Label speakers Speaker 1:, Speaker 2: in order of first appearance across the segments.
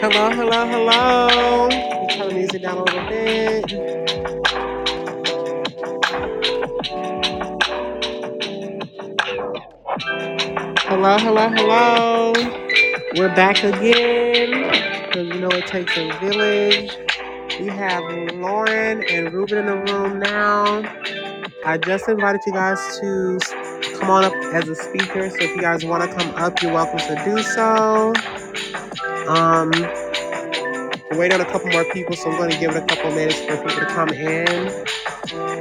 Speaker 1: Hello, hello, hello. Let me Turn the music down a little bit. Hello, hello, hello. We're back again. Because you know it takes a village. We have Lauren and Ruben in the room now. I just invited you guys to come on up as a speaker. So if you guys want to come up, you're welcome to do so. Um, we're waiting on a couple more people, so I'm going to give it a couple minutes for people to come in.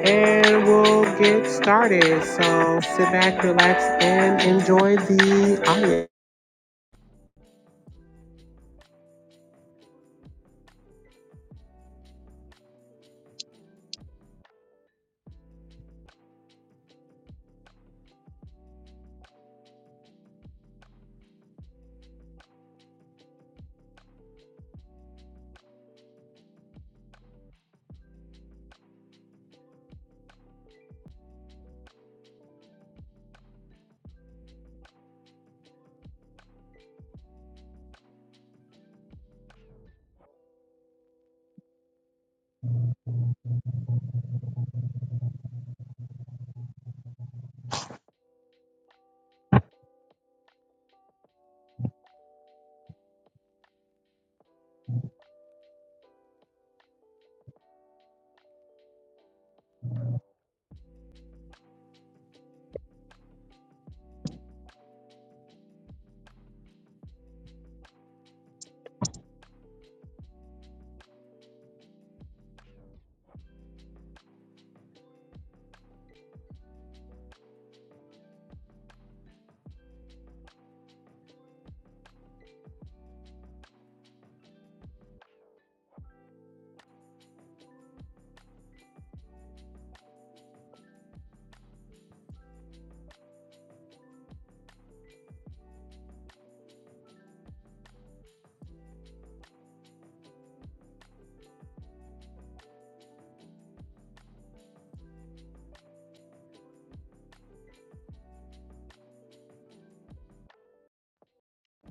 Speaker 1: And we'll get started. So sit back, relax, and enjoy the audio.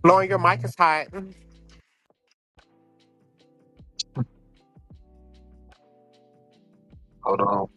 Speaker 1: Blowing your mic is hot. All
Speaker 2: Hold on.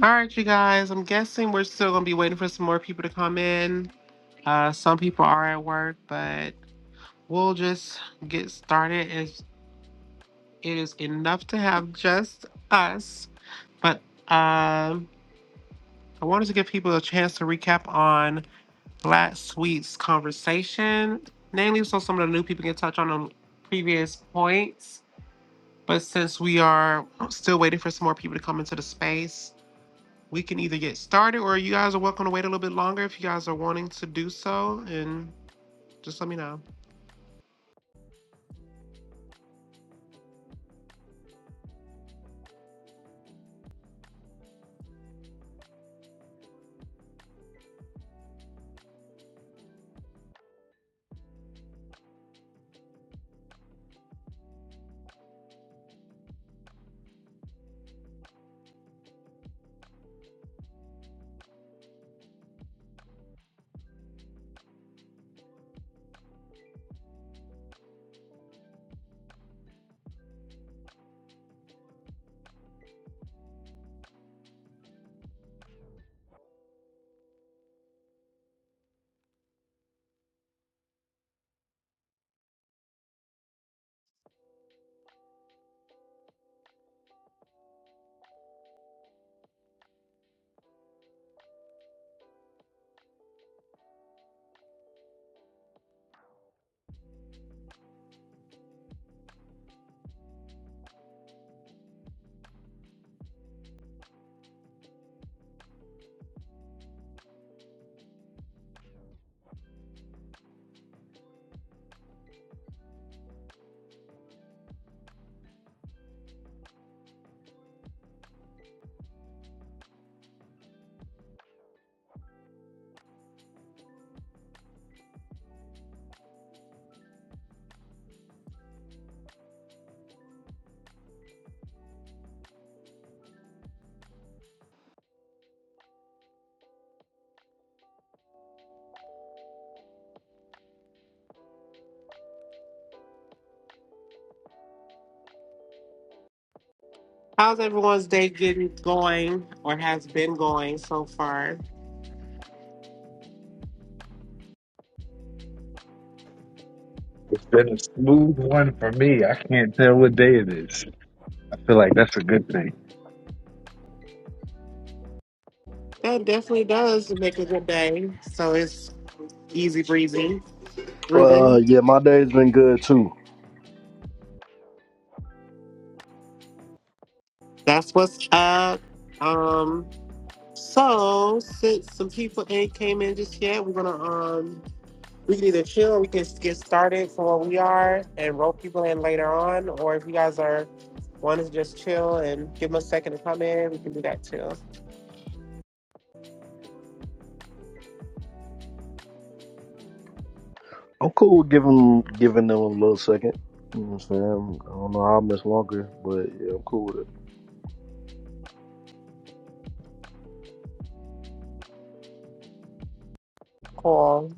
Speaker 1: right, you guys. I'm guessing we're still gonna be waiting for some more people to come in. Uh, some people are at work, but we'll just get started. It, it is enough to have just us. But um, I wanted to give people a chance to recap on Black Sweet's conversation, namely, so some of the new people can touch on the previous points But since we are still waiting for some more people to come into the space, we can either get started or you guys are welcome to wait a little bit longer if you guys are wanting to do so. And just let me know. How's everyone's day getting going or has been going so far?
Speaker 2: It's been a smooth one for me. I can't tell what day it is. I feel like that's a good thing.
Speaker 1: That definitely does make a good day. So it's easy breezy,
Speaker 3: Uh,
Speaker 1: breathing.
Speaker 3: yeah, my day's been good too.
Speaker 1: That's what's up. Um, so since some people ain't came in just yet, we're gonna um we can either chill, we can get started from where we are and rope people in later on, or if you guys are want to just chill and give them a second to come in, we can do that too.
Speaker 3: I'm cool with giving giving them a little second. You know what I'm saying? I don't know how much longer, but yeah, I'm cool with it.
Speaker 1: Cool.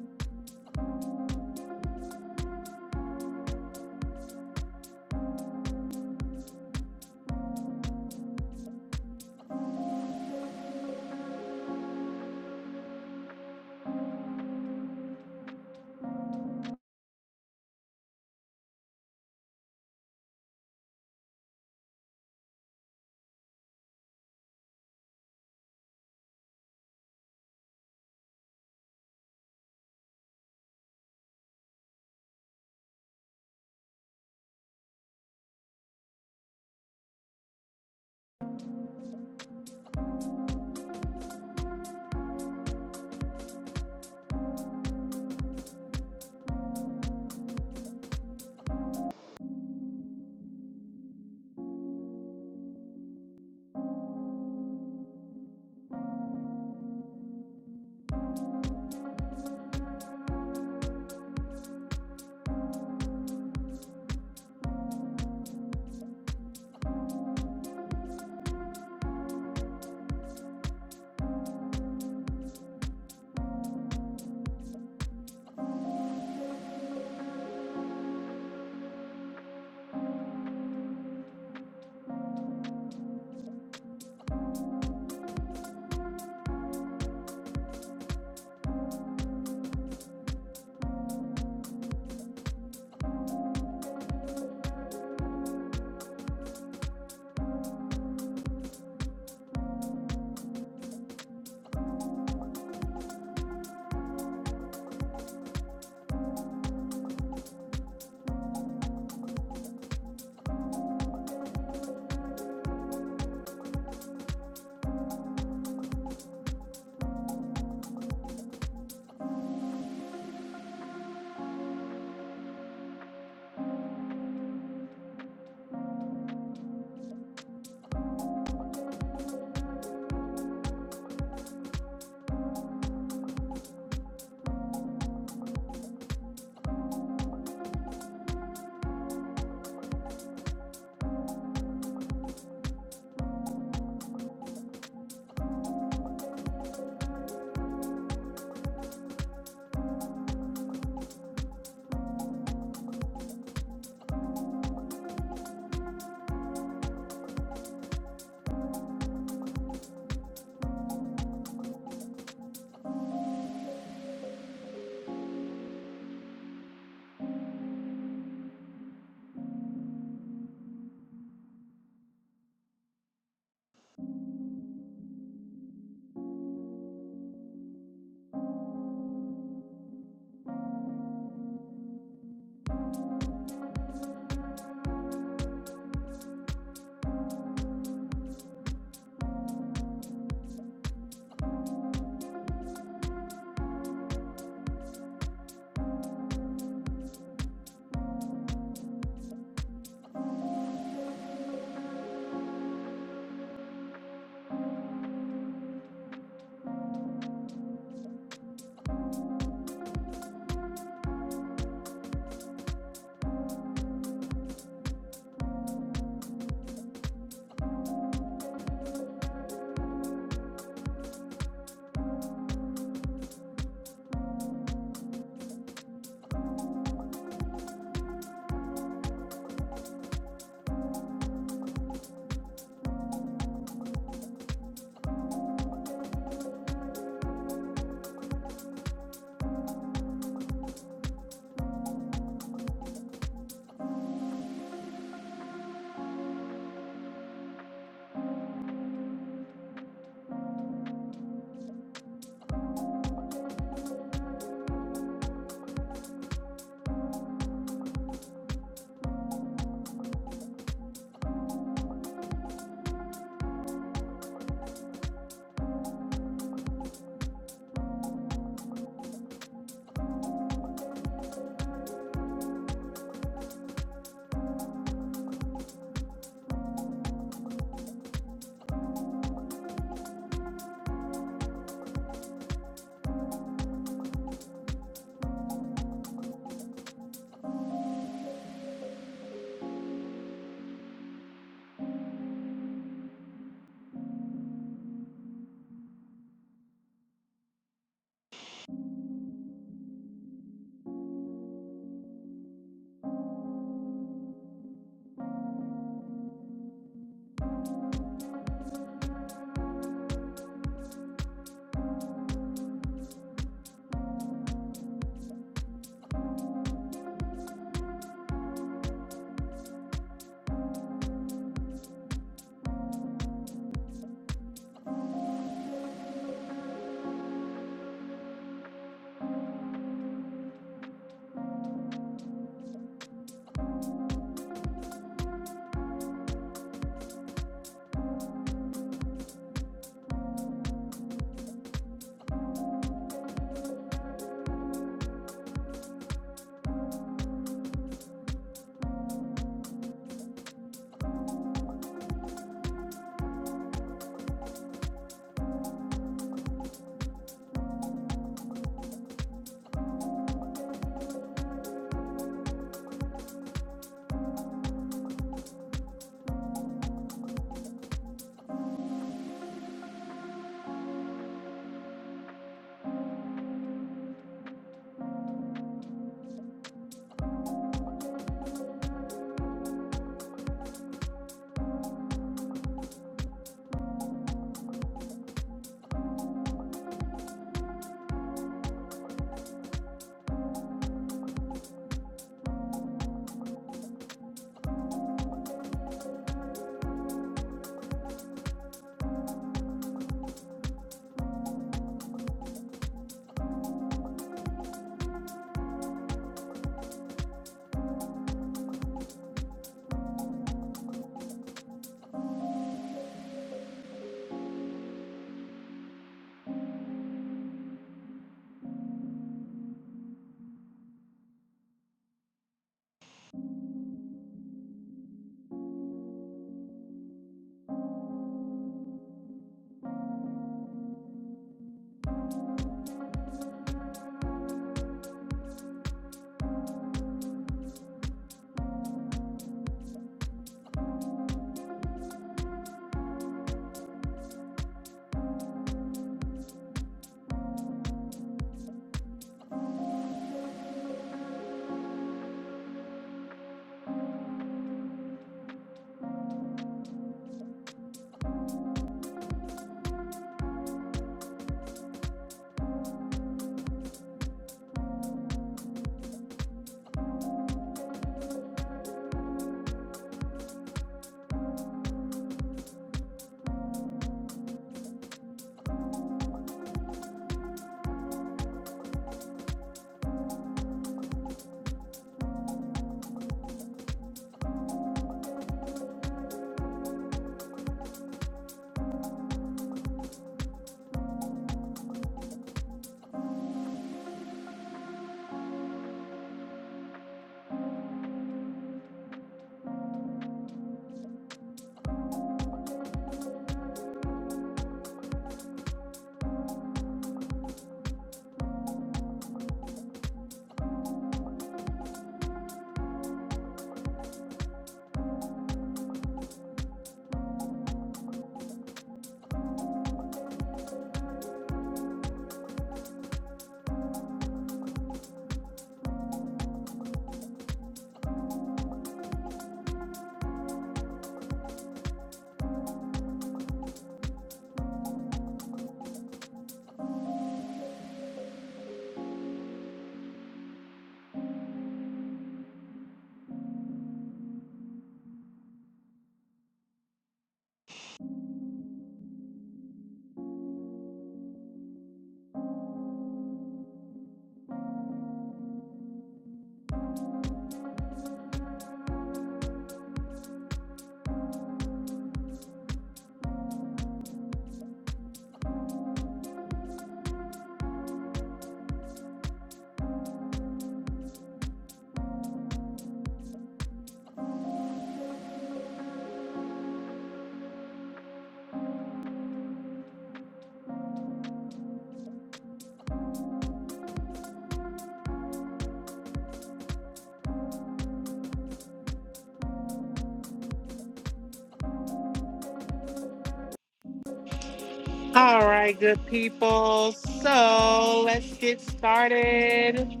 Speaker 1: All right, good people. So let's get started.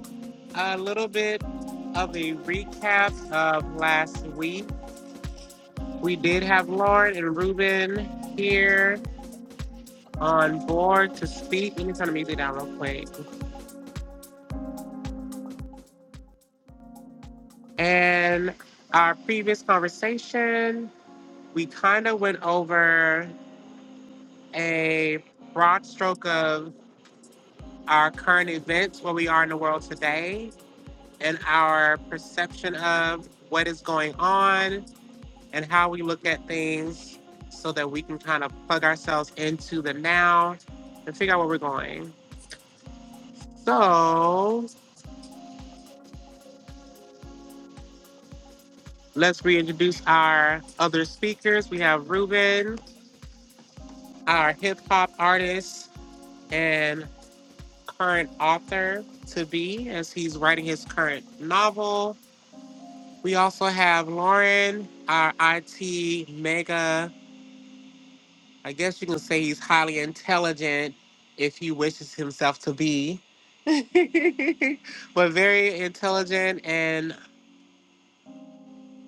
Speaker 1: A little bit of a recap of last week. We did have Lauren and Ruben here on board to speak. Let me turn the music down real quick. And our previous conversation we kind of went over a broad stroke of our current events, where we are in the world today, and our perception of what is going on and how we look at things so that we can kind of plug ourselves into the now and figure out where we're going. So let's reintroduce our other speakers. We have Ruben, our hip hop artist and current author to be as he's writing his current novel. We also have Lauren, our IT mega. I guess you can say he's highly intelligent if he wishes himself to be, but very intelligent and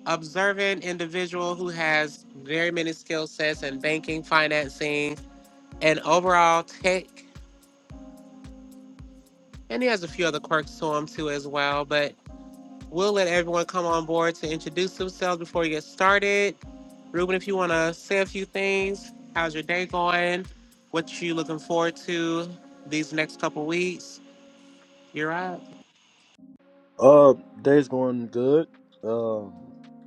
Speaker 1: observant individual who has very many skill sets in banking, financing, and overall tech. And he has a few other quirks to him too as well, but We'll let everyone come on board to introduce themselves before we get started. Ruben, if you want to say a few things, how's your day going? What you looking forward to these next couple weeks? You're up.
Speaker 3: Uh, day's going good. Um,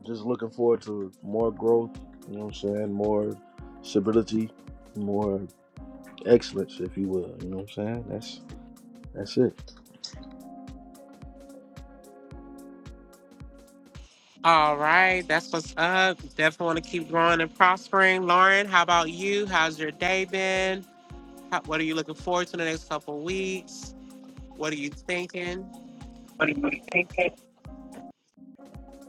Speaker 3: just looking forward to more growth. You know what I'm saying? More stability, more excellence, if you will. You know what I'm saying? That's that's it.
Speaker 1: All right, that's what's up. Definitely want to keep growing and prospering. Lauren, how about you? How's your day been? How, what are you looking forward to in the next couple weeks? What are you thinking?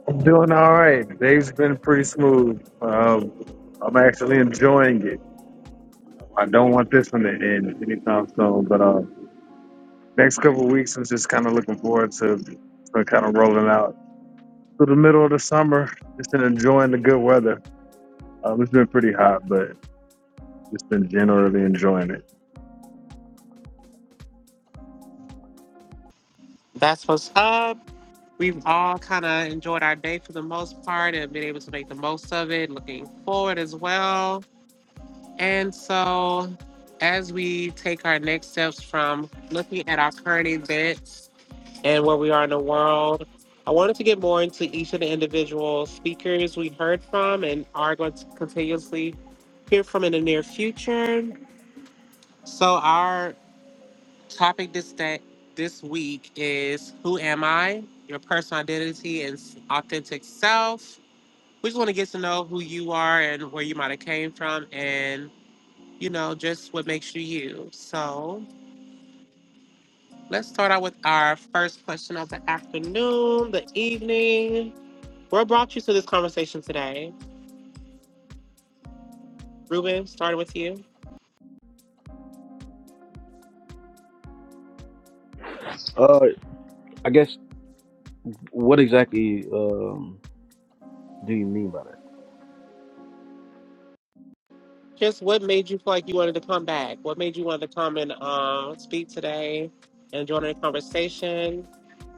Speaker 2: I'm doing all right. Today's been pretty smooth. Um, I'm actually enjoying it. I don't want this one to end anytime soon, but uh, next couple of weeks, I'm just kind of looking forward to, to kind of rolling out through the middle of the summer, just been enjoying the good weather. Um, it's been pretty hot, but just been generally enjoying it.
Speaker 1: That's what's up. We've all kind of enjoyed our day for the most part and been able to make the most of it, looking forward as well. And so, as we take our next steps from looking at our current events and where we are in the world, I wanted to get more into each of the individual speakers we heard from and are going to continuously hear from in the near future. So, our Topic this day, this week is Who Am I? Your personal identity and s- authentic self. We just want to get to know who you are and where you might have came from and, you know, just what makes you you. So let's start out with our first question of the afternoon, the evening. What brought you to this conversation today? Ruben, starting with you.
Speaker 3: Uh, I guess what exactly um do you mean by that?
Speaker 1: Just what made you feel like you wanted to come back? What made you want to come and uh, speak today and join in the conversation?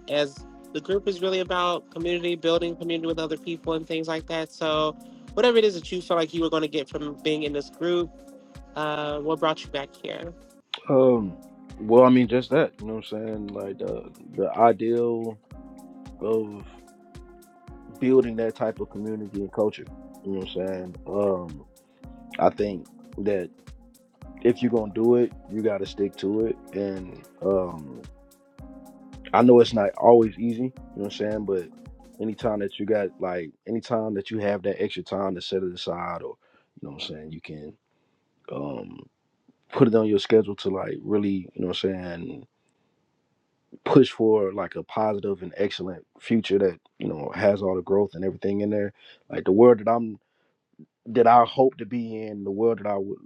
Speaker 1: as the group is really about community building, community with other people, and things like that. So, whatever it is that you felt like you were going to get from being in this group, uh, what brought you back here?
Speaker 3: Um, well, I mean just that. You know what I'm saying? Like the the ideal of building that type of community and culture. You know what I'm saying? Um, I think that if you're gonna do it, you gotta stick to it. And um, I know it's not always easy. You know what I'm saying? But anytime that you got like anytime that you have that extra time to set it aside, or you know what I'm saying, you can um put it on your schedule to like really you know what i'm saying push for like a positive and excellent future that you know has all the growth and everything in there like the world that i'm that I hope to be in, the world that I would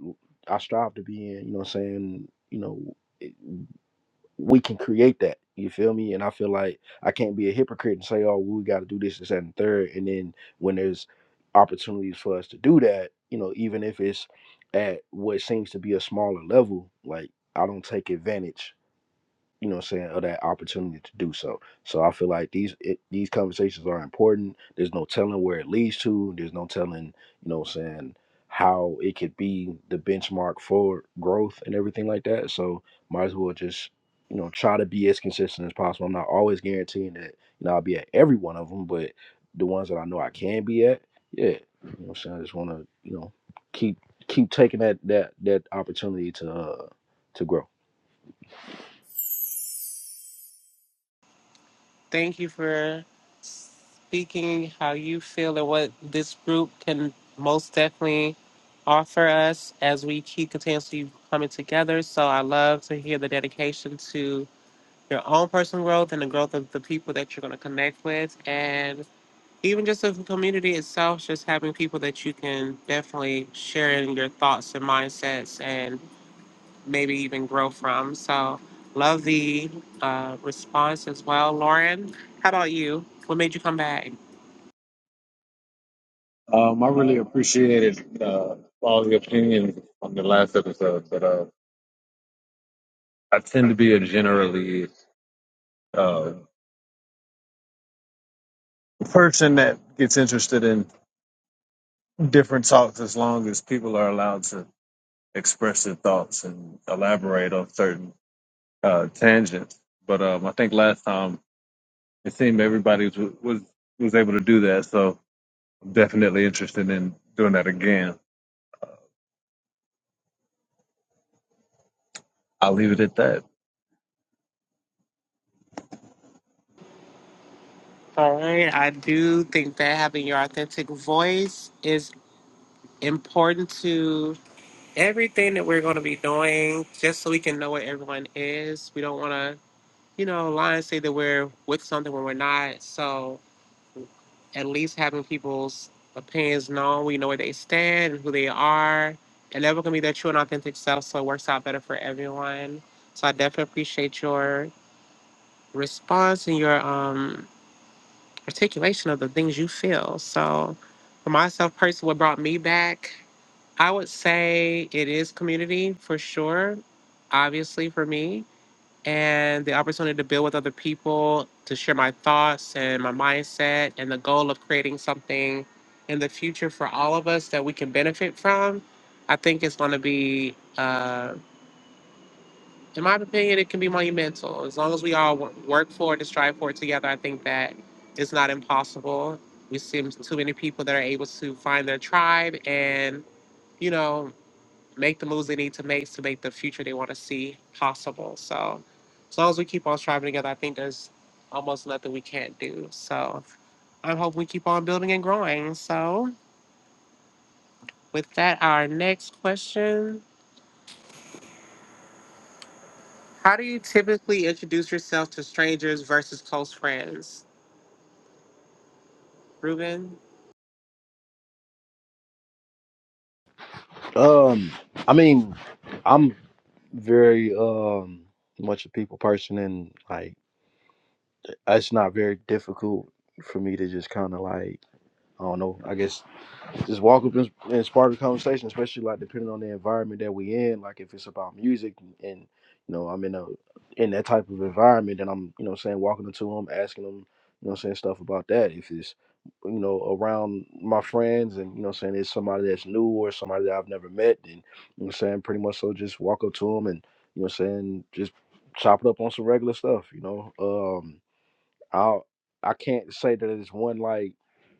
Speaker 3: I strive to be in, you know what I'm saying? You know, it, we can create that. You feel me? And I feel like I can't be a hypocrite and say, oh, we got to do this, this, that, and the third. And then when there's opportunities for us to do that, you know, even if it's at what seems to be a smaller level, like I don't take advantage you know what I'm saying, of that opportunity to do so. So I feel like these it, these conversations are important. There's no telling where it leads to. There's no telling, you know what I'm saying, how it could be the benchmark for growth and everything like that. So might as well just, you know, try to be as consistent as possible. I'm not always guaranteeing that, you know, I'll be at every one of them, but the ones that I know I can be at, yeah. You know what I'm saying? I just want to, you know, keep keep taking that that that opportunity to uh to grow.
Speaker 1: Thank you for speaking how you feel and what this group can most definitely offer us as we keep continuously coming together. So, I love to hear the dedication to your own personal growth and the growth of the people that you're going to connect with. And even just the community itself, just having people that you can definitely share in your thoughts and mindsets and maybe even grow from. So, love the uh, response as well. Lauren, how about you? What made you come back?
Speaker 2: Um, I really appreciated uh, all the opinions on the last episode, but uh, I tend to be a generally uh, person that gets interested in different talks as long as people are allowed to express their thoughts and elaborate on certain uh, tangents. But um, I think last time it seemed everybody was, was was able to do that, so I'm definitely interested in doing that again. I'll leave it at that.
Speaker 1: All right. I do think that having your authentic voice is important to everything that we're going to be doing, just so we can know what everyone is. We don't want to, you know, lie and say that we're with something when we're not. So, at least having people's opinions known. We know where they stand and who they are, and everyone can be their true and authentic self. So it works out better for everyone. So I definitely appreciate your response and your um, articulation of the things you feel. So for myself personally, what brought me back, I would say it is community for sure. Obviously, for me, and the opportunity to build with other people, to share my thoughts and my mindset, and the goal of creating something in the future for all of us that we can benefit from, I think it's going to be, uh, in my opinion, it can be monumental. As long as we all wo- work for it and strive for it together, I think that it's not impossible. We see too many people that are able to find their tribe and, you know, make the moves they need to make to make the future they want to see possible. So as long as we keep on striving together, I think there's almost nothing we can't do. So I hope we keep on building and growing. So with that, our next question. How do you typically introduce yourself to strangers versus close friends? Ruben?
Speaker 3: Um, I mean, I'm very um much a people person, and like it's not very difficult for me to just kind of like I don't know. I guess just walk up and, and spark a conversation, especially like depending on the environment that we in. Like if it's about music and, and, you know I'm in a in that type of environment, then I'm you know what I'm saying walking up to them, asking them you know what I'm saying stuff about that. If it's you know around my friends and you know what I'm saying it's somebody that's new or somebody that I've never met, then you know what I'm saying pretty much so just walk up to them and you know what I'm saying just chop it up on some regular stuff. You know, Um I I can't say that it's one like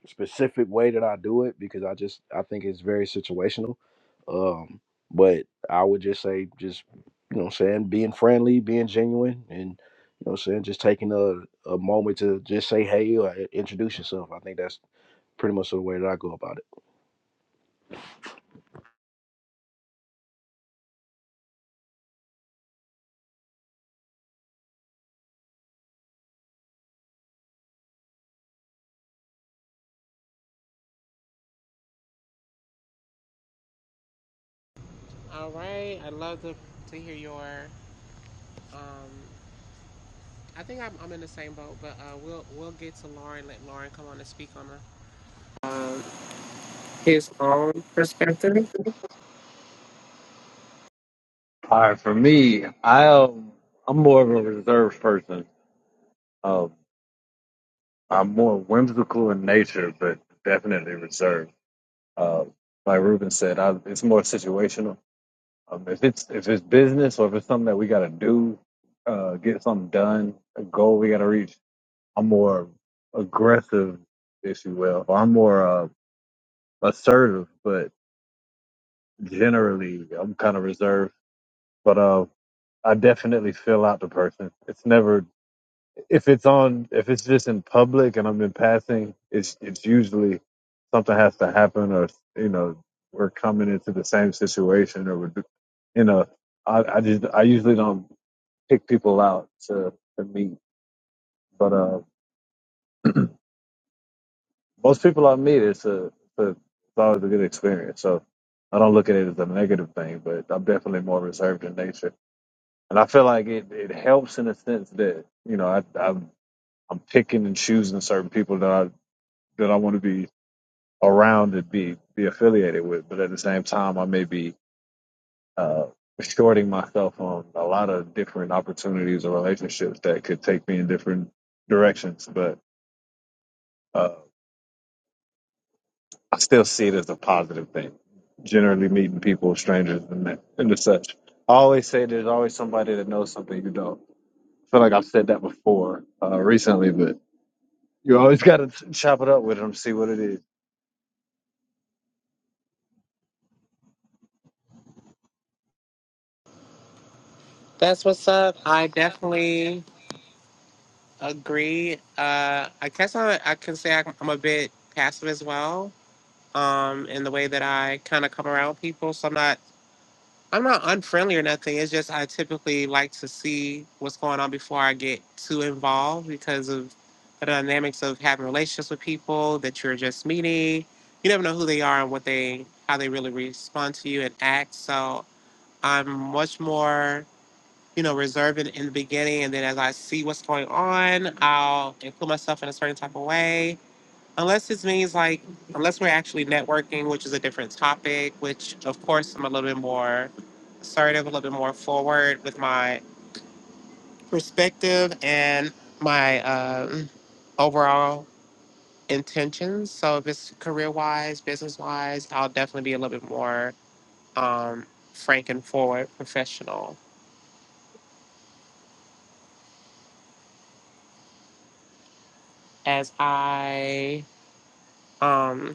Speaker 3: specific way that I do it because I just I think it's very situational. Um, but I would just say just you know what I'm saying being friendly, being genuine, and you know what I'm saying just taking a a moment to just say hey or i- introduce yourself. I think that's pretty much the way that I go about
Speaker 1: All right. I'd love to, to hear your um I think I'm, I'm in the same boat, but uh, we'll we'll get to Lauren. Let Lauren come on and speak on her um, his own perspective.
Speaker 2: All right, for me, I um, I'm more of a reserved person. Um, I'm more whimsical in nature, but definitely reserved. Um, like Ruben said, I, it's more situational. Um, if it's if it's business or if it's something that we got to do, uh, get something done, a goal we got to reach, I'm more aggressive, if you will, or I'm more uh, assertive. But generally, I'm kind of reserved. But uh, I definitely feel out the person. It's never if it's on if it's just in public and I'm in passing, it's it's usually something has to happen or you know we're coming into the same situation or we're do- you know I I just I usually don't pick people out to to meet, but uh most people I meet it's a it's, a, it's always a good experience. So I don't look at it as a negative thing, but I'm definitely more reserved in nature, and I feel like it it helps in a sense that you know I I'm I'm picking and choosing certain people that I that I want to be around and be be affiliated with. But at the same time, I may be uh, shorting myself on a lot of different opportunities or relationships that could take me in different directions. But uh, I still see it as a positive thing. Generally, meeting people, strangers, and that, and the such. I always say there's always somebody that knows something you don't. I feel like I've said that before uh, recently, but you always got to chop it up with them, see what it is.
Speaker 1: That's what's up. I definitely agree. Uh, I guess I, I can say I'm I'm a bit passive as well um, in the way that I kind of come around people. So I'm not I'm not unfriendly or nothing. It's just I typically like to see what's going on before I get too involved because of the dynamics of having relationships with people that you're just meeting. You never know who they are and what they how they really respond to you and act. So I'm much more you know, reserve it in the beginning, and then as I see what's going on, I'll include myself in a certain type of way. Unless it means like, unless we're actually networking, which is a different topic, which of course I'm a little bit more assertive, a little bit more forward with my perspective and my um, overall intentions. So if it's career wise, business wise, I'll definitely be a little bit more um, frank and forward, professional as I. Um,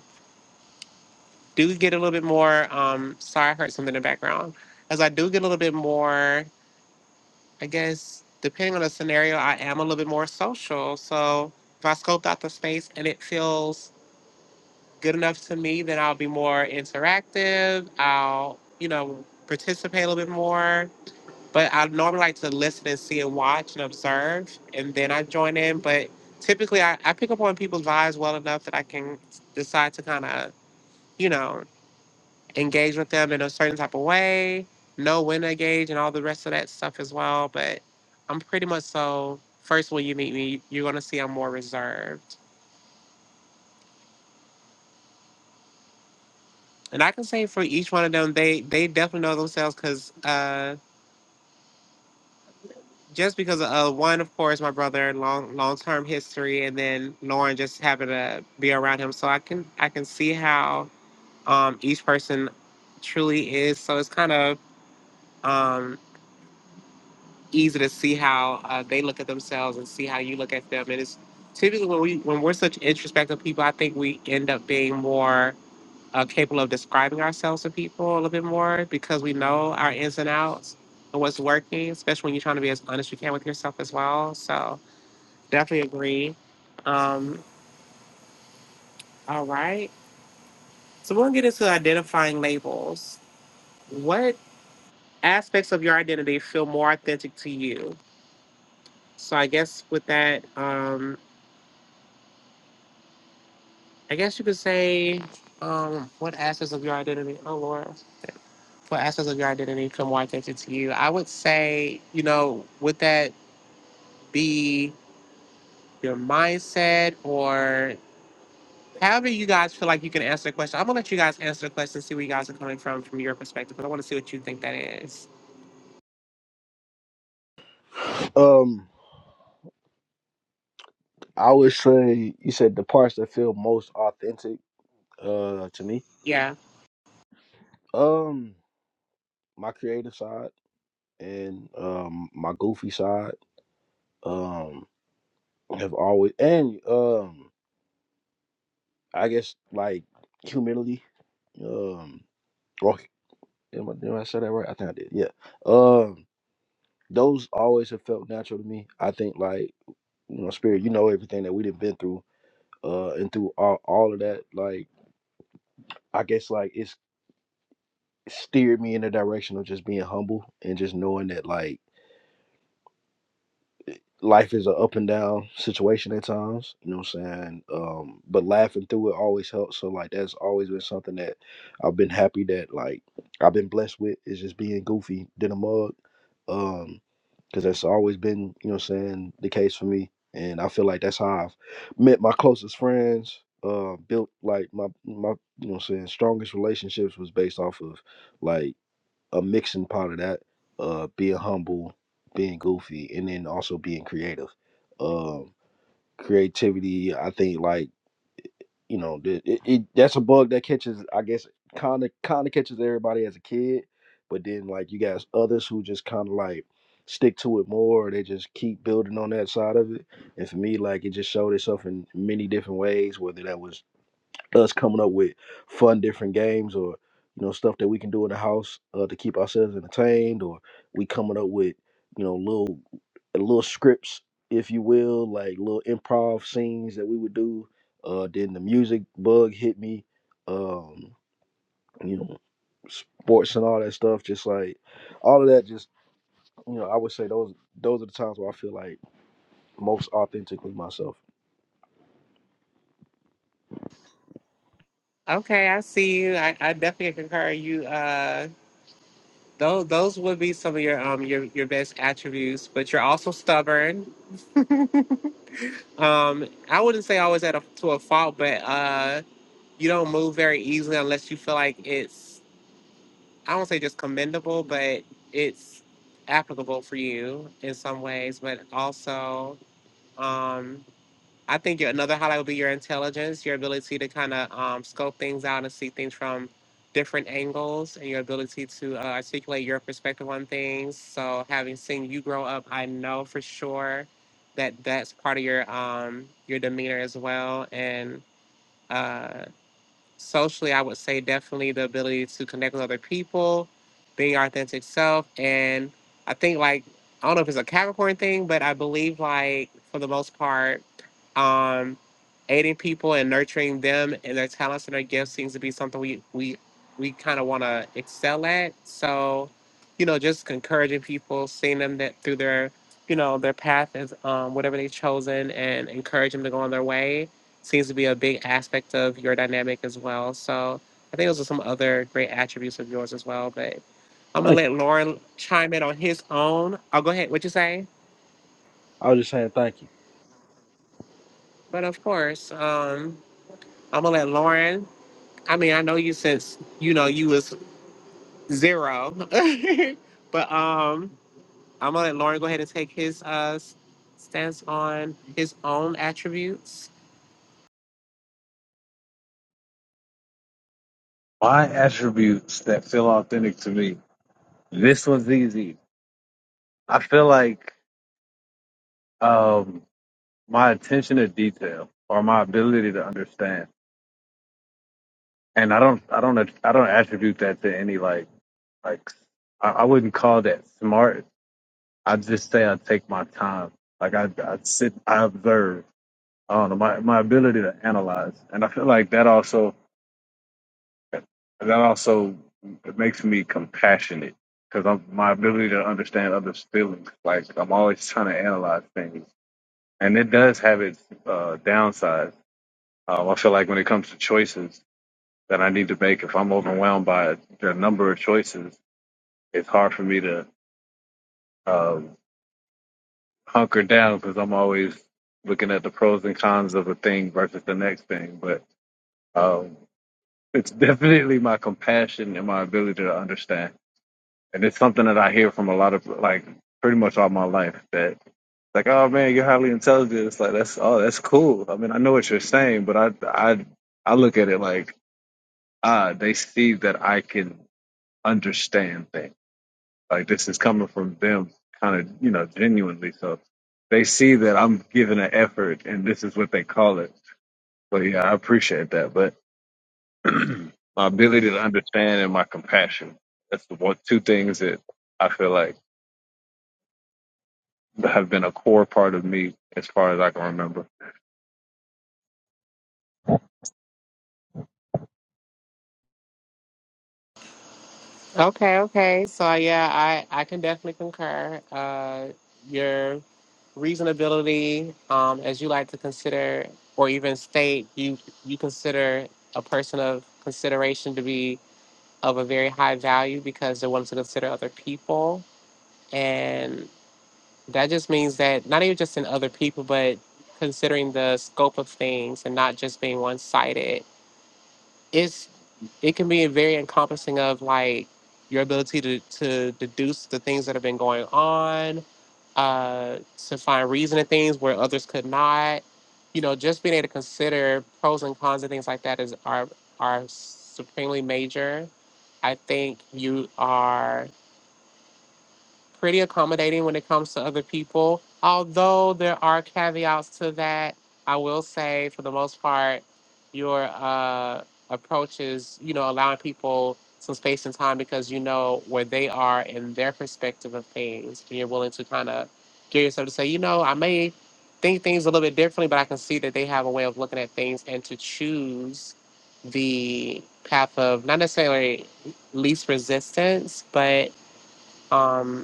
Speaker 1: do get a little bit more. Um, sorry, I heard something in the background. As I do get a little bit more, I guess depending on the scenario, I am a little bit more social. So if I scoped out the space and it feels good enough to me, then I'll be more interactive. I'll you know participate a little bit more. But I normally like to listen and see and watch and observe, and then I join in. But typically, I, I pick up on people's vibes well enough that I can decide to kind of, you know, engage with them in a certain type of way, know when to engage, and all the rest of that stuff as well. But I'm pretty much so. First, when you meet me, you're gonna see I'm more reserved, and I can say for each one of them, they they definitely know themselves because uh, just because of uh, one, of course, my brother, long long term history, and then Lauren just happened to be around him, so I can I can see how um, each person truly is. So it's kind of easy to see how uh, they look at themselves and see how you look at them. And it's typically when we when we're such introspective people, I think we end up being more uh, capable of describing ourselves to people a little bit more because we know our ins and outs and what's working. Especially when you're trying to be as honest you can with yourself as well. So definitely agree. Um, all right, so we're gonna get into identifying labels. What aspects of your identity feel more authentic to you? So I guess with that. Um, I guess you could say, um, what aspects of your identity? Oh Lord, what aspects of your identity come more attention to you? I would say, you know, would that be your mindset or however you guys feel like you can answer the question? I'm gonna let you guys answer the question, see where you guys are coming from from your perspective, but I want to see what you think that is.
Speaker 3: it. Um, I would say you said the parts that feel most authentic uh to me.
Speaker 1: Yeah.
Speaker 3: Um, my creative side and um my goofy side um have always and um I guess like humility um or am I, did I say that right? I think I did. Yeah. Um those always have felt natural to me. I think like you know spirit, you know everything that we've been through uh and through all, all of that like I guess like it's steered me in the direction of just being humble and just knowing that like life is an up and down situation at times, you know what I'm saying? Um, but laughing through it always helps. So like that's always been something that I've been happy that like I've been blessed with is just being goofy than a mug. Um, cause that's always been, you know what I'm saying, the case for me. And I feel like that's how I've met my closest friends, uh, built like my my you know what I'm saying, strongest relationships was based off of like a mixing pot of that, uh, being humble, being goofy, and then also being creative. Um, creativity, I think, like you know, th- it, it, that's a bug that catches, I guess, kind of kind of catches everybody as a kid, but then like you got others who just kind of like stick to it more, or they just keep building on that side of it. And for me, like it just showed itself in many different ways, whether that was us coming up with fun different games or you know stuff that we can do in the house uh, to keep ourselves entertained or we coming up with you know little little scripts if you will like little improv scenes that we would do uh then the music bug hit me um you know sports and all that stuff just like all of that just you know i would say those those are the times where i feel like most authentically myself
Speaker 1: Okay, I see you. I, I definitely concur. You uh those those would be some of your um your, your best attributes, but you're also stubborn. Um, I wouldn't say always at a to a fault, but uh, you don't move very easily unless you feel like it's. I don't say just commendable, but it's applicable for you in some ways, but also. Um, I think your, another highlight would be your intelligence, your ability to kind of um, scope things out and see things from different angles, and your ability to uh, articulate your perspective on things. So, having seen you grow up, I know for sure that that's part of your um, your demeanor as well, and. uh, socially, I would say definitely the ability to connect with other people, being your authentic self. And I think, like, I don't know if it's a Capricorn thing, but I believe, like, for the most part, um, aiding people and nurturing them and their talents and their gifts seems to be something we, we, we kind of want to excel at. So, you know, just encouraging people, seeing them that through their, you know, their path is um, whatever they've chosen and encourage them to go on their way seems to be a big aspect of your dynamic as well. So I think those are some other great attributes of yours as well. But I'm gonna
Speaker 3: Thank you.
Speaker 1: let Lauren chime in on his own. I'll go ahead. What you say?
Speaker 3: I was just saying thank you.
Speaker 1: But of course, um, I'm gonna let Lauren. I mean, I know you since you know you was zero, but um, I'm gonna let Lauren go ahead and take his uh stance on his own attributes.
Speaker 2: My attributes that feel authentic to me. This one's easy I feel like um, my attention to detail or my ability to understand, and I don't, I don't, I don't attribute that to any like, like I, I wouldn't call that smart. I just say I take my time. Like I, I sit, I observe. I don't know my my ability to analyze, and I feel like that also that also it makes me compassionate because I'm my ability to understand others' feelings. Like I'm always trying to analyze things and it does have its uh, downside. Um, I feel like when it comes to choices that I need to make, if I'm overwhelmed by the number of choices, it's hard for me to um, hunker down because I'm always looking at the pros and cons of a thing versus the next thing. But um, it's definitely my compassion and my ability to understand, and it's something that I hear from a lot of like pretty much all my life that Like, oh man, you're highly intelligent. It's like that's oh that's cool. I mean, I know what you're saying, but I I I look at it like ah, they see that I can understand things. Like this is coming from them, kind of you know genuinely. So they see that I'm giving an effort, and this is what they call it. So yeah, I appreciate that. But my ability to understand and my compassion. That's the one two things that I feel like have been a core part of me as far as I can remember.
Speaker 1: Okay, okay. So yeah, I I can definitely concur. Uh, your reasonability, um, as you like to consider or even state, you you consider a person of consideration to be of a very high value because they're willing to consider other people, and that just means that not even just in other people, but considering the scope of things and not just being one sided it can be very encompassing of like your ability to, to deduce the things that have been going on, uh, to find reason in things where others could not. You know, just being able to consider pros and cons and things like that is are are supremely major. I think you are pretty accommodating when it comes to other people. Although there are caveats to that, I will say for the most part, your uh, approach is, you know, allowing people some space and time because you know where they are in their perspective of things. And you're willing to kind of get yourself to say, you know, I may think things a little bit differently, but I can see that they have a way of looking at things and to choose the path of not necessarily least resistance, but um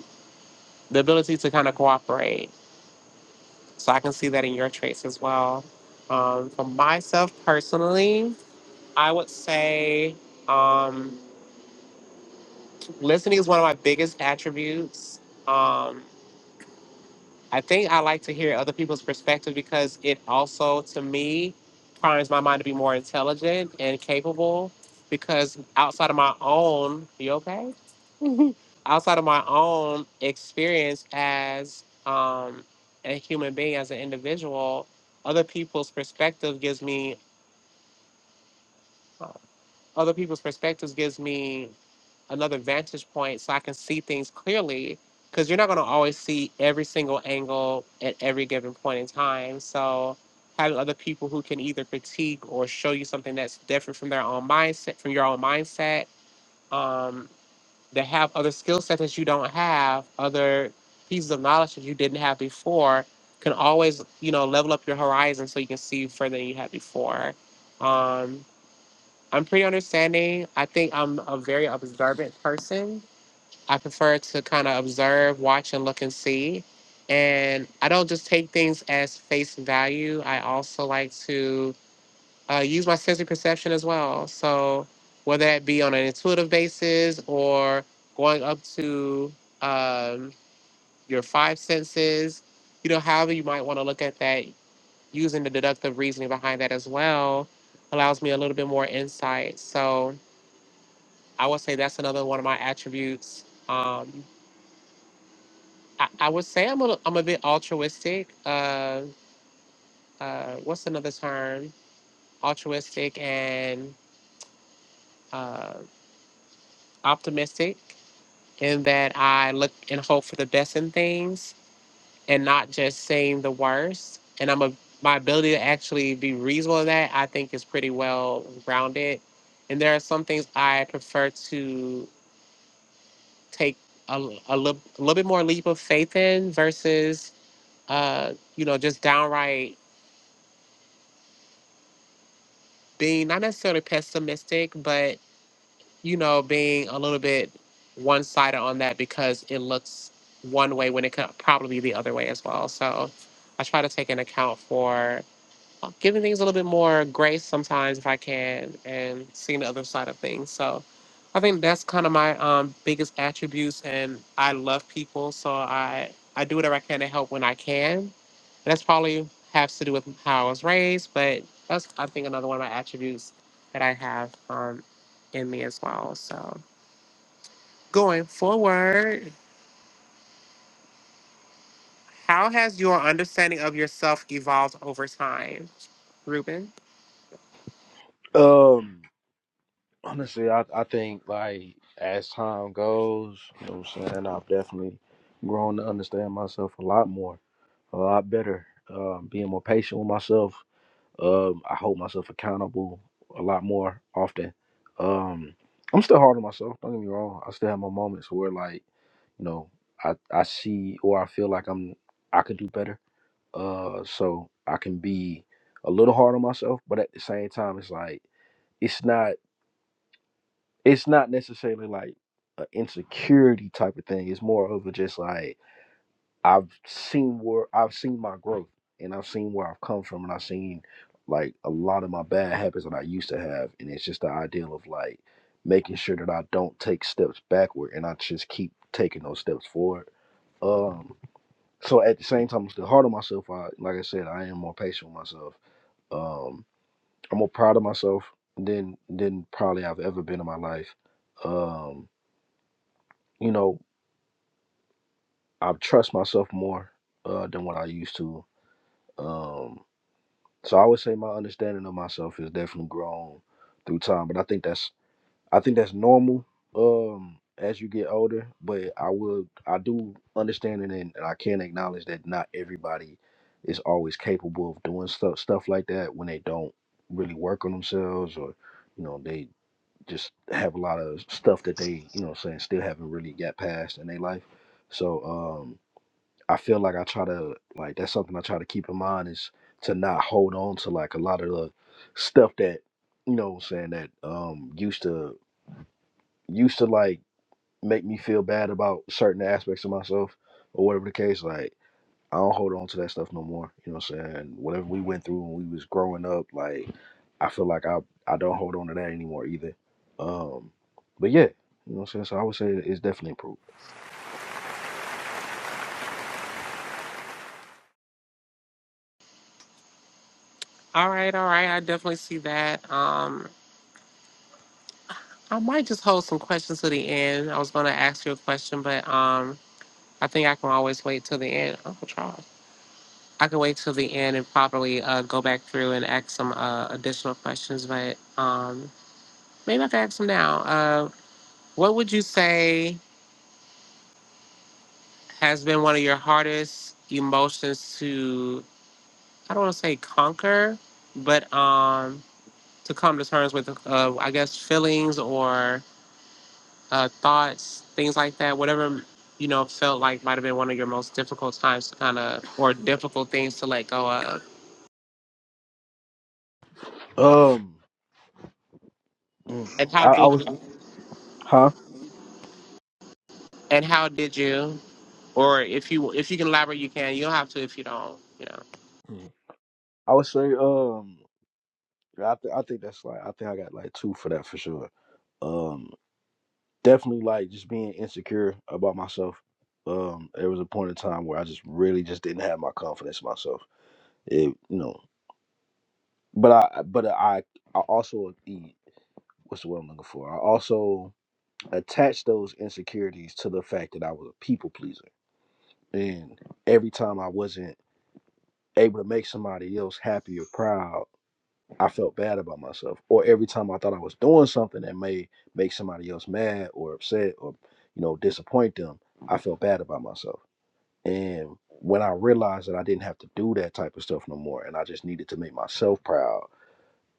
Speaker 1: the ability to kind of cooperate. So I can see that in your traits as well. Um, for myself personally, I would say um, listening is one of my biggest attributes. Um, I think I like to hear other people's perspective because it also, to me, primes my mind to be more intelligent and capable. Because outside of my own, you okay? outside of my own experience as um, a human being, as an individual, other people's perspective gives me uh, other people's perspectives gives me another vantage point, so I can see things clearly. Because you're not going to always see every single angle at every given point in time. So having other people who can either critique or show you something that's different from their own mindset, from your own mindset, um, that have other skill sets that you don't have, other pieces of knowledge that you didn't have before, can always, you know, level up your horizon so you can see further than you had before. Um, I'm pretty understanding. I think I'm a very observant person. I prefer to kind of observe, watch, and look and see. And I don't just take things as face value. I also like to uh, use my sensory perception as well. So whether that be on an intuitive basis or going up to um, your five senses, you know, however you might want to look at that, using the deductive reasoning behind that as well allows me a little bit more insight. So I would say that's another one of my attributes. Um, I, I would say I'm a, I'm a bit altruistic. Uh, uh, what's another term? Altruistic and uh, optimistic and that I look and hope for the best in things and not just saying the worst. And I'm a my ability to actually be reasonable in that I think is pretty well grounded. And there are some things I prefer to take a, a, li- a little bit more leap of faith in versus uh, you know just downright being not necessarily pessimistic, but you know, being a little bit one sided on that because it looks one way when it could probably be the other way as well. So I try to take an account for giving things a little bit more grace sometimes if I can and seeing the other side of things. So I think that's kind of my um, biggest attributes and I love people so I I do whatever I can to help when I can. And that's probably has to do with how I was raised, but that's I think another one of my attributes that I have um, in me as well. So going forward, how has your understanding of yourself evolved over time, Ruben?
Speaker 3: um Honestly, I, I think like as time goes, you know what I'm saying, I've definitely grown to understand myself a lot more, a lot better. Um, being more patient with myself. Um, I hold myself accountable a lot more often. Um, I'm still hard on myself, don't get me wrong. I still have my moments where like, you know, I, I see or I feel like I'm I could do better. Uh so I can be a little hard on myself, but at the same time it's like it's not it's not necessarily like an insecurity type of thing. It's more of a just like I've seen where I've seen my growth and I've seen where I've come from and I've seen like a lot of my bad habits that I used to have and it's just the ideal of like making sure that I don't take steps backward and I just keep taking those steps forward. Um so at the same time I'm still hard on myself. I like I said, I am more patient with myself. Um I'm more proud of myself than than probably I've ever been in my life. Um you know, I trust myself more uh, than what I used to. Um, so I would say my understanding of myself has definitely grown through time. But I think that's I think that's normal um, as you get older. But I will I do understand it and, and I can acknowledge that not everybody is always capable of doing stuff stuff like that when they don't really work on themselves or you know they just have a lot of stuff that they you know what I'm saying still haven't really got past in their life. So um, I feel like I try to like that's something I try to keep in mind is to not hold on to like a lot of the stuff that you know what I'm saying that um used to used to like make me feel bad about certain aspects of myself or whatever the case like I don't hold on to that stuff no more you know what I'm saying whatever we went through when we was growing up like I feel like I I don't hold on to that anymore either um but yeah you know what I'm saying so I would say it's definitely improved
Speaker 1: All right, all right. I definitely see that. Um, I might just hold some questions to the end. I was going to ask you a question, but um, I think I can always wait till the end. Uncle Charles, I can wait till the end and probably uh, go back through and ask some uh, additional questions. But um, maybe I can ask them now. Uh, what would you say has been one of your hardest emotions to? I don't want to say conquer, but um, to come to terms with, uh, I guess, feelings or uh, thoughts, things like that, whatever you know felt like might have been one of your most difficult times to kind of or difficult things to let go of.
Speaker 3: um mm,
Speaker 1: And how
Speaker 3: I, I
Speaker 1: did
Speaker 3: was
Speaker 1: you?
Speaker 3: huh
Speaker 1: And how did you? Or if you if you can elaborate, you can. You don't have to if you don't. You know,
Speaker 3: I would say, um, yeah, I th- I think that's like I think I got like two for that for sure. Um, definitely like just being insecure about myself. Um, there was a point in time where I just really just didn't have my confidence in myself. It, you know, but I but I I also e- what's the word I'm looking for? I also attached those insecurities to the fact that I was a people pleaser, and every time I wasn't able to make somebody else happy or proud I felt bad about myself, or every time I thought I was doing something that may make somebody else mad or upset or you know disappoint them, I felt bad about myself. And when I realized that I didn't have to do that type of stuff no more, and I just needed to make myself proud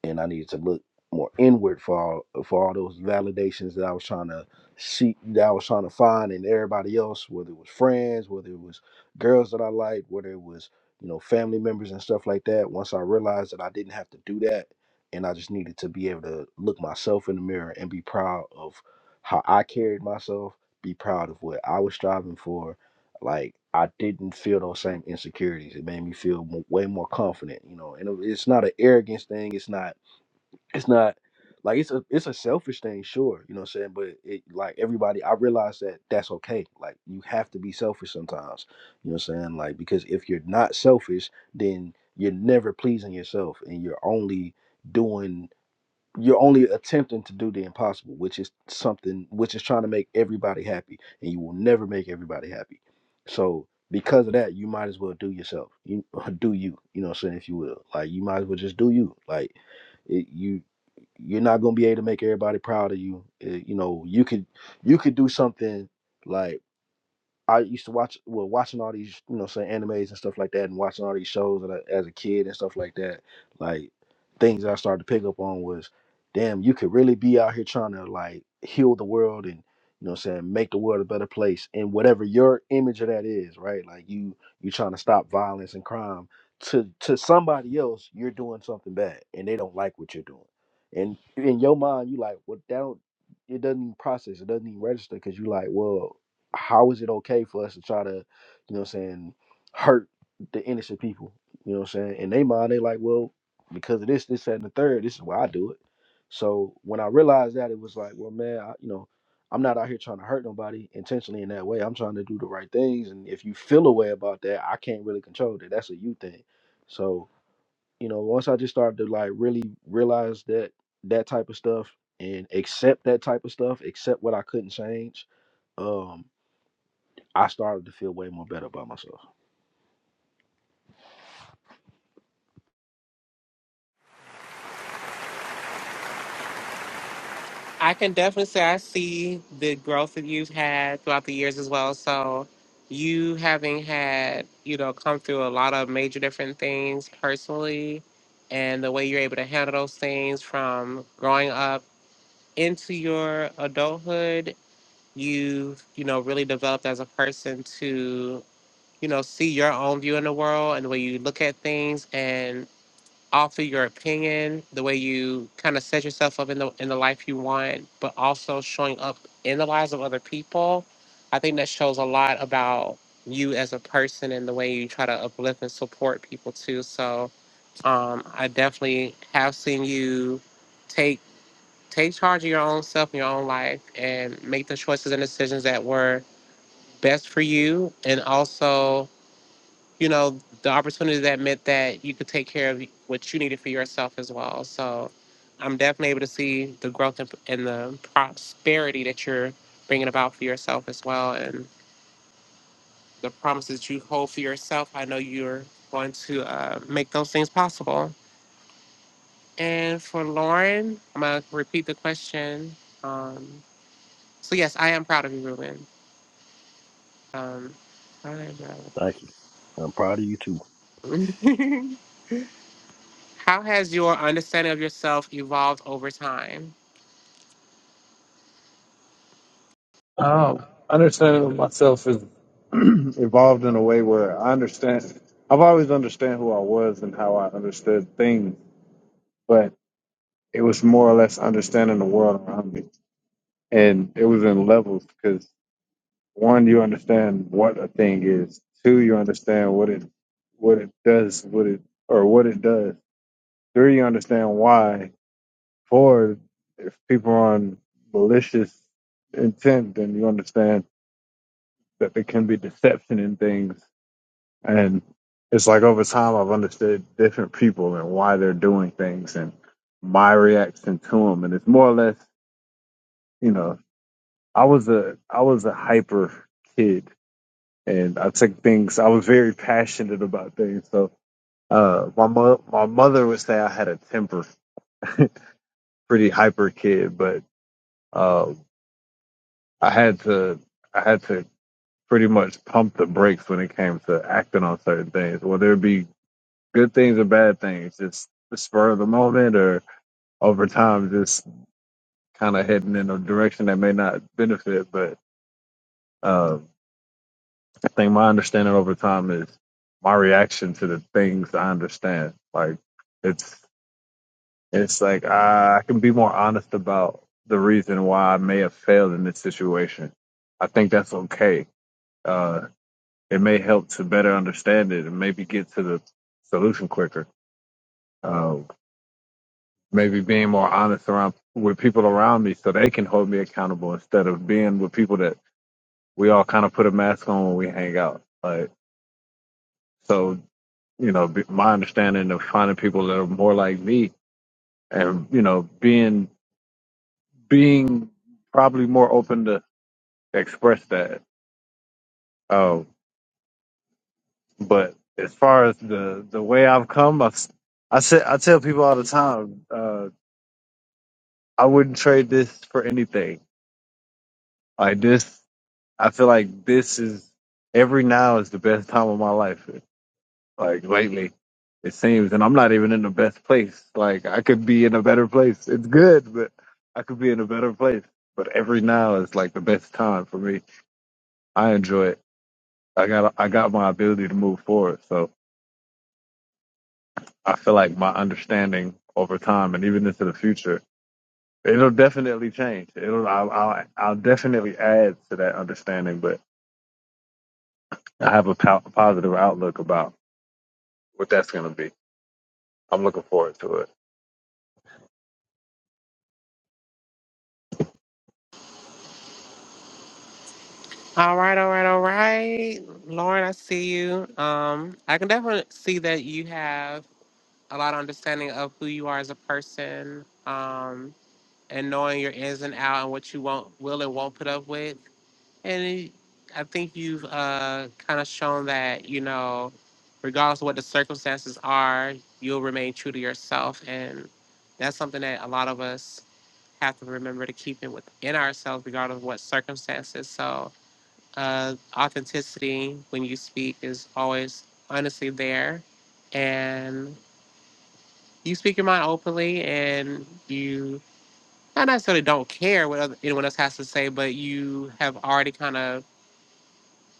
Speaker 3: and I needed to look more inward for all for all those validations that I was trying to seek, that I was trying to find in everybody else, whether it was friends, whether it was girls that I liked, whether it was you know family members and stuff like that. Once I realized that I didn't have to do that, and I just needed to be able to look myself in the mirror and be proud of how I carried myself, be proud of what I was striving for. Like I didn't feel those same insecurities. It made me feel mo- way more confident, you know. And it- it's not an arrogance thing. It's not it's not like it's a it's a selfish thing, sure, you know what I'm saying. But it like everybody, I realize that that's okay. Like you have to be selfish sometimes, you know what I'm saying. Like because if you're not selfish, then you're never pleasing yourself, and you're only doing you're only attempting to do the impossible, which is something which is trying to make everybody happy, and you will never make everybody happy. So because of that, you might as well do yourself. You do you, you know what I'm saying, if you will. Like you might as well just do you. Like it, you you're not gonna be able to make everybody proud of you. Uh, you know, you could you could do something like I used to watch well watching all these you know say animes and stuff like that and watching all these shows that I, as a kid and stuff like that like things I started to pick up on was damn you could really be out here trying to like heal the world and you know what I'm saying make the world a better place and whatever your image of that is right like you you trying to stop violence and crime to to somebody else you're doing something bad and they don't like what you're doing and in your mind you like well that don't it doesn't even process it doesn't even register because you like well how is it okay for us to try to, you know what I'm saying, hurt the innocent people? You know what I'm saying? In their mind, they like, well, because of this, this, that, and the third, this is why I do it. So when I realized that, it was like, well, man, I, you know, I'm not out here trying to hurt nobody intentionally in that way. I'm trying to do the right things. And if you feel a way about that, I can't really control that. That's a you thing. So, you know, once I just started to like really realize that that type of stuff and accept that type of stuff, accept what I couldn't change, um, I started to feel way more better about myself.
Speaker 1: I can definitely say I see the growth that you've had throughout the years as well. So you having had you know come through a lot of major different things personally and the way you're able to handle those things from growing up into your adulthood, you've, you know, really developed as a person to, you know, see your own view in the world and the way you look at things and offer your opinion, the way you kind of set yourself up in the in the life you want, but also showing up in the lives of other people. I think that shows a lot about you as a person and the way you try to uplift and support people too. So um, I definitely have seen you take Take charge of your own self and your own life and make the choices and decisions that were best for you. And also, you know, the opportunity that meant that you could take care of what you needed for yourself as well. So I'm definitely able to see the growth and and the prosperity that you're bringing about for yourself as well. And the promises you hold for yourself, I know you're going to uh, make those things possible. And for Lauren, I'm going to repeat the question. Um, So yes, I am proud of you, Ruben. Um, I am proud
Speaker 3: Thank you. I'm proud of you too.
Speaker 1: of you. How has your understanding of yourself evolved over time?
Speaker 2: Um, understanding of myself is evolved in a way where I understand. I've always understand who I was and how I understood things, but it was more or less understanding the world around me, and it was in levels because one, you understand what a thing is. Two, you understand what it what it does, what it or what it does. Three, you understand why. Four, if people are on malicious intent, then you understand that there can be deception in things And it's like over time, I've understood different people and why they're doing things and my reaction to them. And it's more or less, you know, I was a I was a hyper kid, and I took things. I was very passionate about things. So uh, my mo- my mother would say I had a temper, pretty hyper kid, but uh, I had to I had to pretty much pump the brakes when it came to acting on certain things, whether it be good things or bad things, just the spur of the moment or over time, just kind of heading in a direction that may not benefit. But uh, I think my understanding over time is my reaction to the things I understand. Like it's it's like I, I can be more honest about the reason why I may have failed in this situation. I think that's okay. Uh, it may help to better understand it and maybe get to the solution quicker. Uh, maybe being more honest around with people around me so they can hold me accountable instead of being with people that we all kind of put a mask on when we hang out. Like, so, you know, my understanding of finding people that are more like me and, you know, being, being probably more open to express that. Um, but as far as the, the way I've come, I've, I say, I tell people all the
Speaker 1: All
Speaker 2: time, uh, I wouldn't trade this for anything. Like this, I feel like this is every now is the best time of my life. Like lately, it seems, and I'm not even in the best place. Like I could be in a better place. It's good, but I could be in a better place. But every now is like the best time for me. I enjoy it. I got I got my ability to move forward. So I feel like my understanding over time and even into the future, it'll definitely change. It'll I'll I'll, I'll definitely add to that understanding, but I have a po- positive outlook about what that's gonna be. I'm looking forward to it.
Speaker 1: right, all right, all right. Lauren, I see you. Um, I can definitely see that you have a lot of understanding of who you are as a person, um, and knowing your ins and out and what you won't will and won't put up with. And it- I think you've uh, kind of shown that, you know, regardless of what the circumstances are, you'll remain true to yourself. And that's something that a lot of us have to remember to keep it within ourselves, regardless of what circumstances. So, uh, authenticity when you speak is always honestly there. And you speak your mind openly, and you not necessarily don't care what other, anyone else has to say, but you have already kind of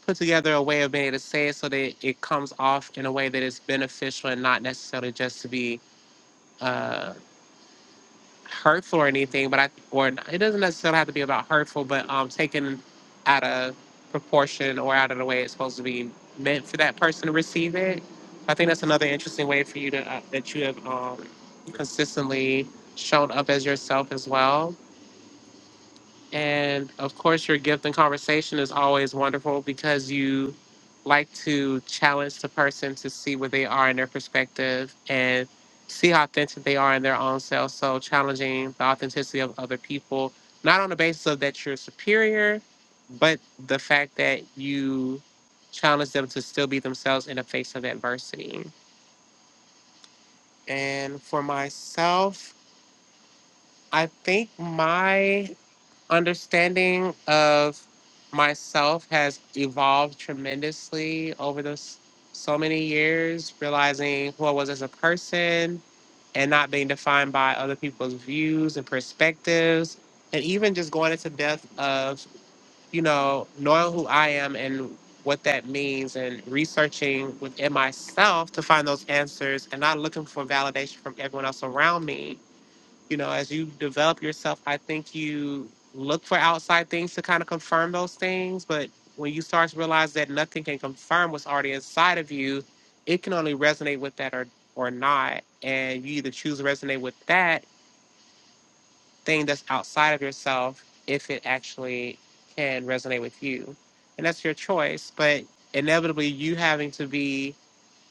Speaker 1: put together a way of being able to say it so that it comes off in a way that is beneficial and not necessarily just to be uh, hurtful or anything. But I or it doesn't necessarily have to be about hurtful, but um, taken out of proportion or out of the way it's supposed to be meant for that person to receive it. I think that's another interesting way for you to uh, that you have um, consistently shown up as yourself as well. And of course, your gift and conversation is always wonderful because you like to challenge the person to see where they are in their perspective and see how authentic they are in their own self. So, challenging the authenticity of other people, not on the basis of that you're superior, but the fact that you challenge them to still be themselves in the face of adversity. And for myself, I think my understanding of myself has evolved tremendously over those so many years realizing who i was as a person and not being defined by other people's views and perspectives and even just going into depth of you know knowing who i am and what that means and researching within myself to find those answers and not looking for validation from everyone else around me you know, as you develop yourself, I think you look for outside things to kind of confirm those things. But when you start to realize that nothing can confirm what's already inside of you, it can only resonate with that or, or not. And you either choose to resonate with that thing that's outside of yourself if it actually can resonate with you. And that's your choice. But inevitably, you having to be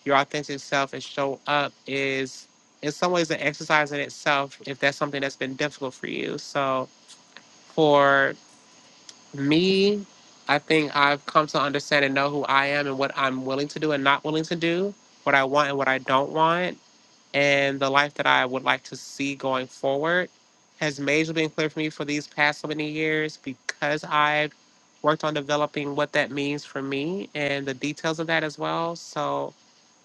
Speaker 1: your authentic self and show up is in some ways an exercise in itself if that's something that's been difficult for you. So for me, I think I've come to understand and know who I am and what I'm willing to do and not willing to do, what I want and what I don't want, and the life that I would like to see going forward has majorly been clear for me for these past so many years because I've worked on developing what that means for me and the details of that as well. So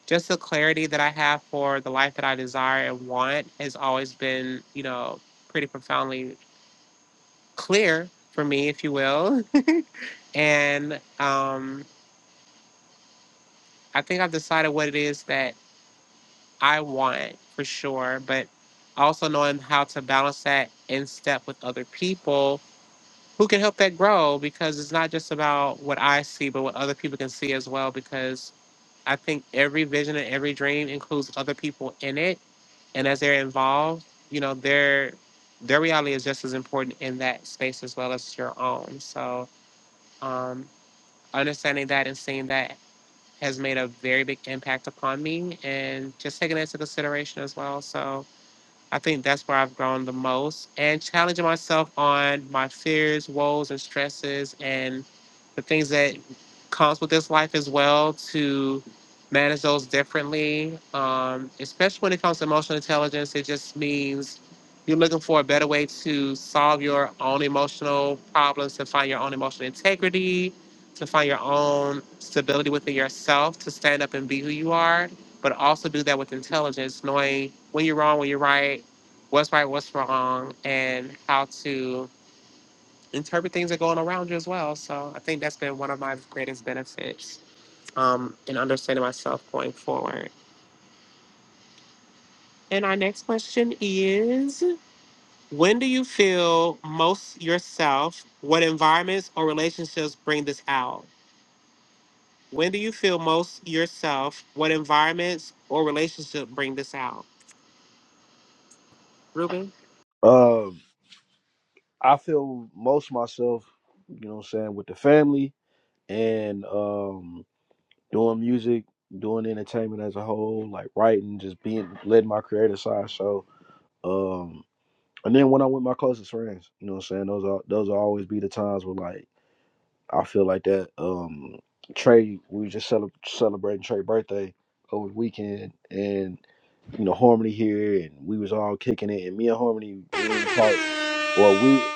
Speaker 1: just the clarity that I have for the life that I desire and want has always been, you know, pretty profoundly clear for me, if you will. And um, I think I've decided what it is that I want for sure, but also knowing how to balance that in step with other people who can help that grow because it's not just about what I see, but what other people can see as well. Because I think every vision and every dream includes other people in it and as they're involved, you know, their their reality is just as important in that space as well as your own. So um, understanding that and seeing that has made a very big impact upon me, and just taking that into consideration as well. So I think that's where I've grown the most and challenging myself on my fears, woes, and stresses, and the things that comes with this life as well to manage those differently. Um, especially when it comes to emotional intelligence, it just means you're looking for a better way to solve your own emotional problems, to find your own emotional integrity, to find your own stability within yourself, to stand up and be who you are but also do that with intelligence, knowing when you're wrong, when you're right, what's right, what's wrong, and how to interpret things that are going around you as well. So I think that's been one of my greatest benefits um, in understanding myself going forward. And our next question is When do you feel most yourself? What environments or relationships bring this out? When do you feel most yourself? What environments or relationship bring this out? Ruben?
Speaker 3: Um, I feel most myself, you know what I'm saying, with the family and um doing music, doing entertainment as a whole, like writing, just being letting my creative side show. Um and then when I'm with my closest friends, you know what I'm saying, those are those will always be the times where like I feel like that. Um Trey, we were just cele- celebrating Trey's birthday over the weekend and. you know Harmony here, and we was all kicking it. And me and Harmony, we ain't talked, or we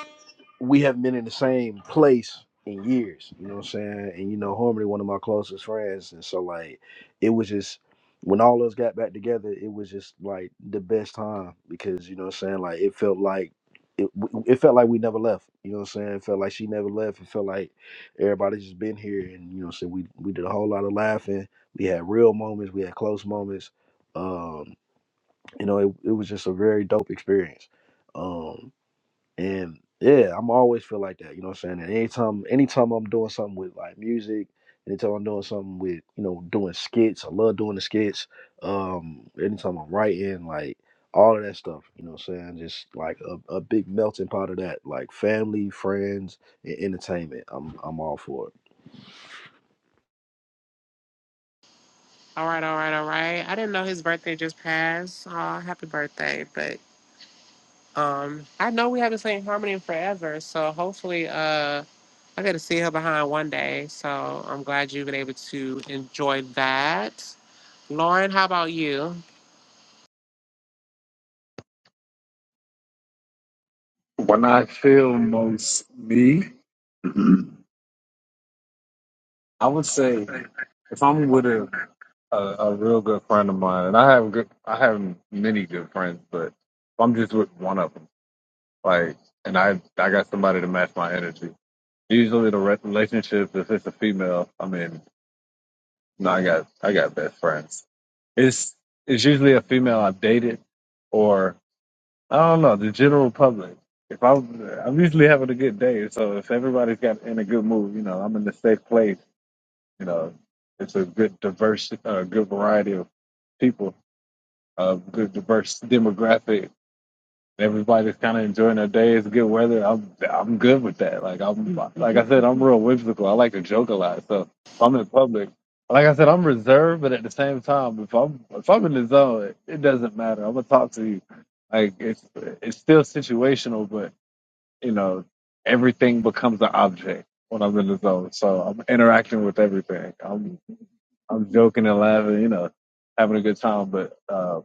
Speaker 3: we haven't been in the same place in years. You know what I'm saying? And you know Harmony, one of my closest friends, and so like it was just when all of us got back together, it was just like the best time because you know what I'm saying. Like it felt like. It, it felt like we never left. You know what I'm saying? It felt like she never left. It felt like everybody just been here and you know what I'm saying we we did a whole lot of laughing. We had real moments, we had close moments. Um, you know, it, it was just a very dope experience. Um, and yeah, I'm always feel like that, you know what I'm saying? And anytime, anytime I'm doing something with like music, anytime I'm doing something with, you know, doing skits, I love doing the skits. Um, anytime I'm writing, like all of that stuff, you know what I'm saying? Just like a, a big melting pot of that, like family, friends, and entertainment. I'm, I'm all for
Speaker 1: All right, all right, all right. I didn't know his birthday just passed. Oh, happy birthday. But um I know we haven't seen Harmony in forever, so hopefully uh I got to see her behind one day. So I'm glad you've been able to enjoy that. Lauren, how about you?
Speaker 2: When I feel most me, I would say if I'm with a, a a real good friend of mine, and I have good, I have many good friends, but if I'm just with one of them, like, and I I got somebody to match my energy. Usually, the re- relationship, if it's a female, I mean, no, I got I got best friends. It's it's usually a female I've dated, or I don't know the general public. If I was- I'm usually having a good day, so if everybody's got in a good mood, you know, I'm in a safe place. You know, it's a good diverse, uh, good variety of people, uh, good diverse demographic. Everybody's kind of enjoying their day. It's good weather. I'm I'm good with that. Like I'm like I said, I'm real whimsical. I like to joke a lot. So if I'm in public, like I said, I'm reserved, but at the same time, if I'm if I'm in the zone, it, it doesn't matter. I'm gonna talk to you. Like it's it's still situational, but you know everything becomes an object when I'm in the zone. So I'm interacting with everything. I'm I'm joking and laughing. You know, having a good time, but. uh,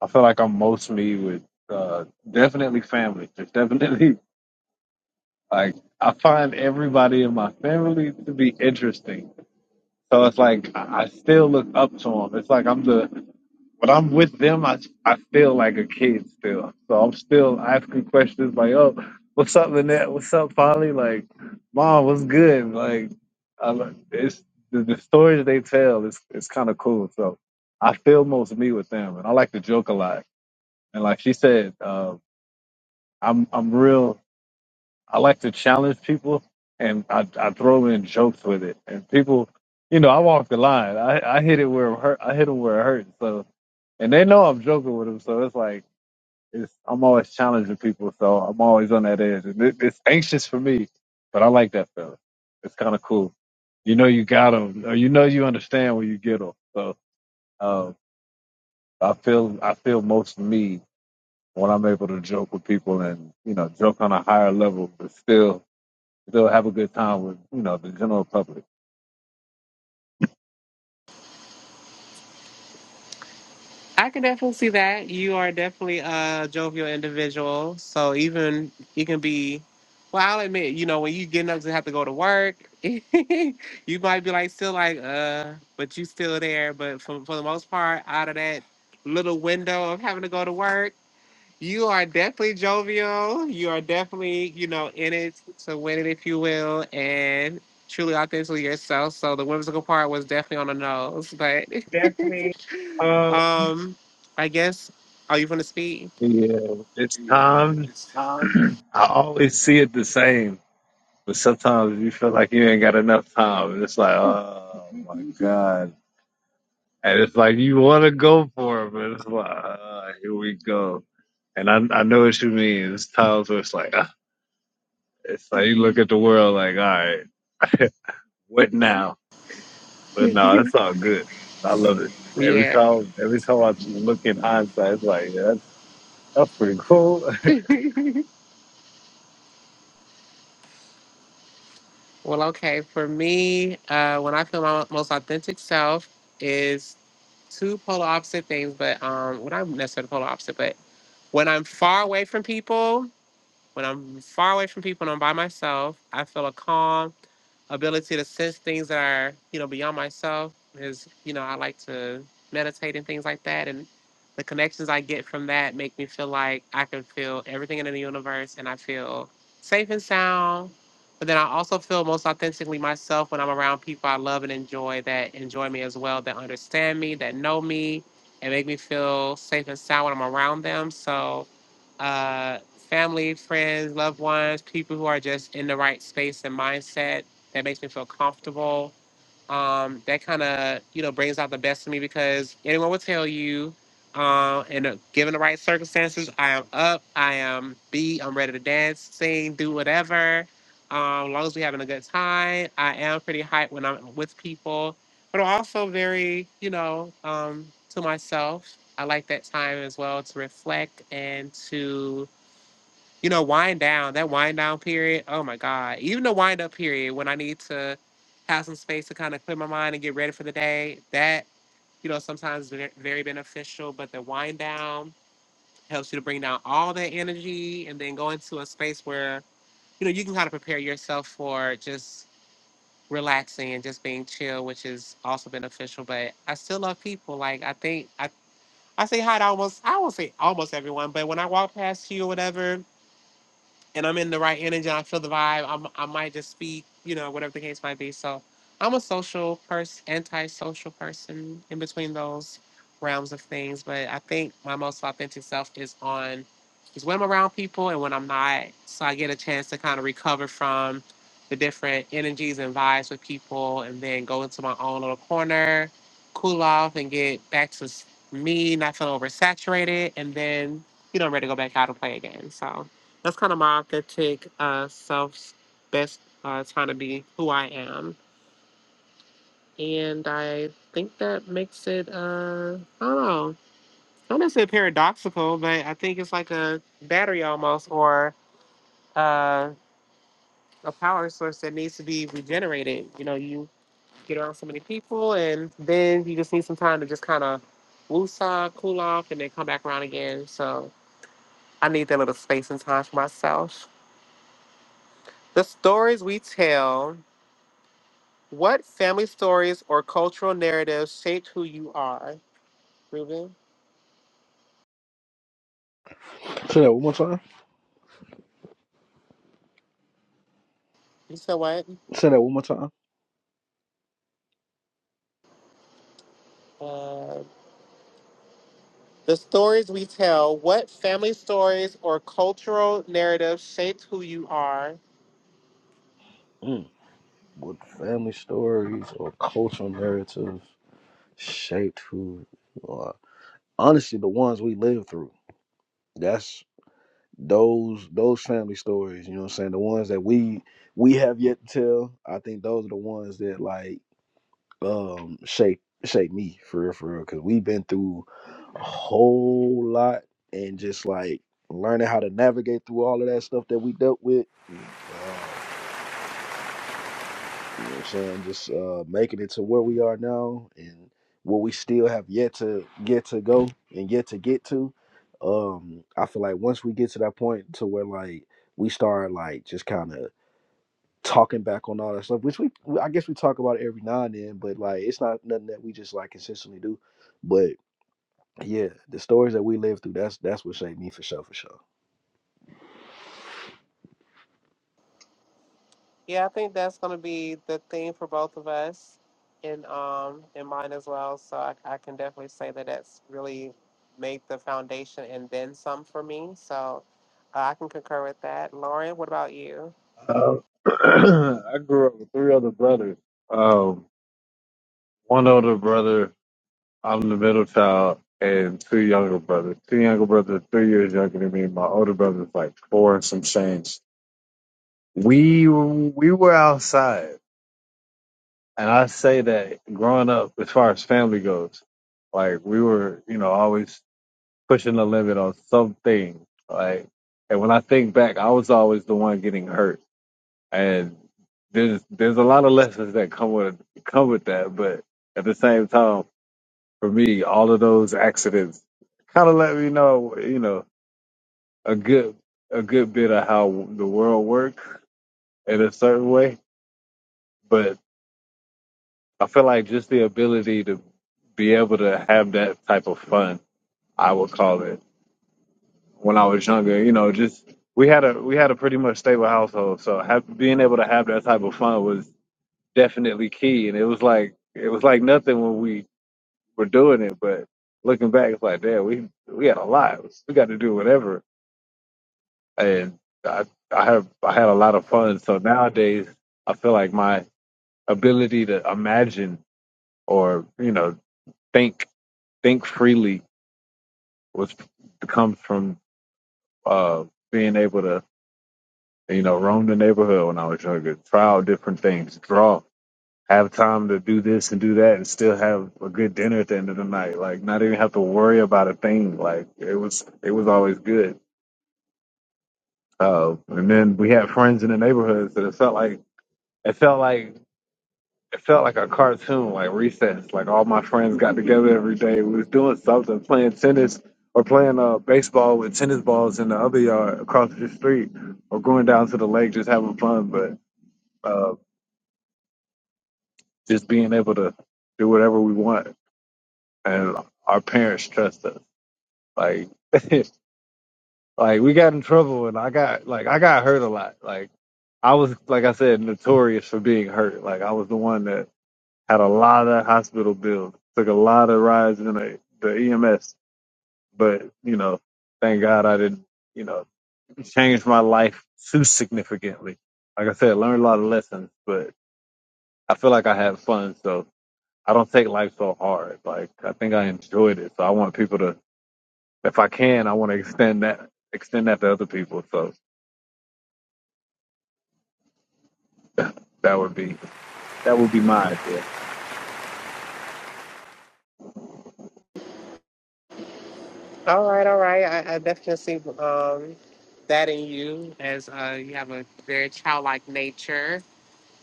Speaker 2: I feel like I'm mostly with uh, definitely family. There's definitely like I find everybody in my family to be interesting. So it's like I I still look up to them. It's like I'm the when I'm with them, I I feel like a kid still. So I'm still asking questions like, "Oh, what's up, Lynette? What's up, Polly? Like, Mom, what's good?" Like, I, lo- it's the, the stories they tell. It's it's kind of cool. So I feel most me with them, and I like to joke a lot. And like she said. uh, I'm I'm real. I like to challenge people, and I I throw in jokes with it. And people, you know, I walk the line. I I hit it where it hurt. I hit them where it hurts. So, and they know I'm joking with them. So it's like it's I'm always challenging people. So I'm always on that edge, and it, it's anxious for me. But I like that feeling. It's kind of cool. You know, you got them, or you know, you understand when you get them. So um, I feel I feel most me when I'm able to joke with people and you know joke on a higher level, but still They'll have a good time with, you know, the general public.
Speaker 1: I can definitely see that. You are definitely a jovial individual. So even you can be, well, I'll admit, you know, when you getting up to have to go to work, you might be like, still like, uh, but you still there. But for, for the most part, out of that little window of having to go to work, you are definitely jovial. You are definitely, you know, in it to win it, if you will, and truly authentically yourself. So the whimsical part was definitely on the nose, but.
Speaker 2: Uh,
Speaker 1: Um, I guess. Are you going to speak?
Speaker 2: Yeah, it's time. I always see it the same, but sometimes you feel like you ain't got enough time, and it's like, oh my god, and it's like you want to go for it, but it's like, uh, here we go. And I I know what you mean. It's times where it's like, uh, it's like you look at the world like, all right, what now? But no, it's all good. I love it. Every
Speaker 1: Yeah.
Speaker 2: time, every time I look in hindsight, it's like, yeah, that's, that's pretty cool
Speaker 1: Well, okay. For me, uh, when I feel my most authentic self is two polar opposite things, but um, well, not necessarily polar opposite, but when I'm far away from people, when I'm far away from people and I'm by myself, I feel a calm ability to sense things that are you know beyond myself is you know i like to meditate and things like that and the connections i get from that make me feel like i can feel everything in the universe and i feel safe and sound but then i also feel most authentically myself when i'm around people i love and enjoy that enjoy me as well that understand me that know me and make me feel safe and sound when i'm around them so uh, family friends loved ones people who are just in the right space and mindset that makes me feel comfortable. Um, that kind of you know brings out the best in me because anyone will tell you, uh, and uh, given the right circumstances, I am up, I am beat, I'm ready to dance, sing, do whatever. Um, as long as we're having a good time, I am pretty hyped when I'm with people, but I'm also very you know um, to myself. I like that time as well to reflect and to you know, wind down, that wind down period, oh my God. Even the wind up period when I need to have some space to kind of clear my mind and get ready for the day, that, you know, sometimes ve- very beneficial. But the wind down helps you to bring down all that energy and then go into a space where, you know, you can kind of prepare yourself for just relaxing and just being chill, which is also beneficial. But I still love people. Like I think I I say hi to almost I won't say almost everyone, but when I walk past you or whatever, and I'm in the right energy, I feel the vibe, I'm, I might just speak, you know, whatever the case might be. So I'm a social person, anti-social person in between those realms of things. But I think my most authentic self is on, is when I'm around people and when I'm not. So I get a chance to kind of recover from the different energies and vibes with people and then go into my own little corner, cool off and get back to s- me, not feeling oversaturated. And then, you know, I'm ready to go back out and play again. So that's kind of my authentic uh, self, best uh, trying to be who I am. And I think that makes it, uh, I don't know, not necessarily paradoxical, but I think it's like a battery almost or uh, a power source that needs to be regenerated. You know, you get around so many people and then you just need some time to just kind of woosah, cool off, and then come back around again. So I need that little space and time for myself. The stories we tell What family stories or cultural narratives shape who you are? Ruben,
Speaker 3: it. Say that one more time.
Speaker 1: you said what?
Speaker 3: Say that one more time.
Speaker 1: Uh, the stories we tell. What family stories or cultural narratives shape who you are?
Speaker 3: Mm. With family stories or cultural narratives. shaped who you Honestly, the ones we lived through. That's those those family stories, you know what I'm saying? The ones that we we have yet to tell. I think those are the ones that like um shape shape me for real for real. Cause we've been through a whole lot and just like learning how to navigate through all of that stuff that we dealt with. Mm, Um You know what I'm saying? Just uh, making it to where we are now and what we still have yet to get to go and yet to get to. Um, I feel like once we get to that point to where like we start like just kind of talking back on all that stuff, which we we- I guess we talk about it every now and then, but like it's not nothing that we just like consistently do. But yeah, the stories that we live through, that's that's what shaped me for sure, for sure.
Speaker 1: Yeah, I think that's going to be the theme for both of us, and um, and mine as well. So I, I can definitely say that that's really made the foundation and then some for me. So uh, I can concur with that. Lauren, what about you?
Speaker 2: Um, I grew up with three other brothers. Um, one older brother, I'm the middle child, and two younger brothers. Two younger brothers, are three years younger than me. My older brother's like four and some change. We we were outside, and I say that growing up, as far as family goes, like we were, you know, always pushing the limit on something. Like, and when I think back, I was always the one getting hurt and there's there's a lot of lessons that come with come with that, but at the same time, for me, all of those accidents kind of let me know, you know, a good a good bit of how the world works in a certain way. But I feel like just the ability to be able to have that type of fun, I would call it, when I was younger, you know, just we had a we had a pretty much stable household, so have, being able to have that type of fun was definitely key. And it was like it was like nothing when we were doing it, but looking back, it's like damn, we we had a lot. We got to do whatever, and I I have I had a lot of fun. So nowadays, I feel like my ability to imagine or you know think think freely was comes from uh being able to you know roam the neighborhood when I was younger, try out different things, draw have time to do this and do that and still have a good dinner at the end of the night. Like not even have to worry about a thing. Like it was it was always good. Uh, and then we had friends in the neighborhoods that it felt like it felt like it felt like a cartoon, like recess. Like all my friends got together every day. We was doing something, playing tennis or playing uh, baseball with tennis balls in the other yard across the street, or going down to the lake just having fun. But uh, just being able to do whatever we want, and our parents trust us. Like, like we got in trouble, and I got like I got hurt a lot. Like I was, like I said, notorious for being hurt. Like I was the one that had a lot of hospital bills, took a lot of rides in the the EMS. But you know, thank God I didn't, you know, change my life too significantly. Like I said, learned a lot of lessons, but I feel like I had fun, so I don't take life so hard. Like I think I enjoyed it, so I want people to, if I can, I want to extend that extend that to other people. So That would be that would be my idea.
Speaker 1: All right, all right. I, I definitely see um, that in you as uh, you have a very childlike nature,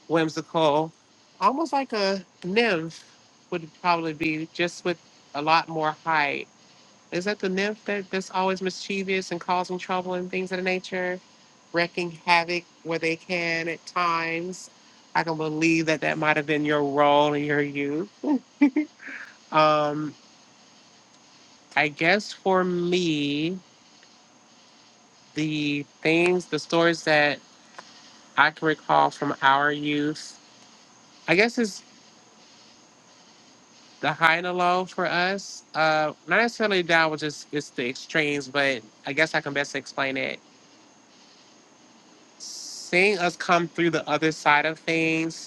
Speaker 1: whimsical, almost like a nymph would probably be, just with a lot more height. Is that the nymph that, that's always mischievous and causing trouble and things of the nature, wrecking havoc where they can at times? I can believe that that might have been your role in your youth. Um, I guess for me, the things, the stories that I can recall from our youth, I guess it's the high and the low for us. Uh, not necessarily down, which is it's the extremes, but I guess I can best explain it. Seeing us come through the other side of things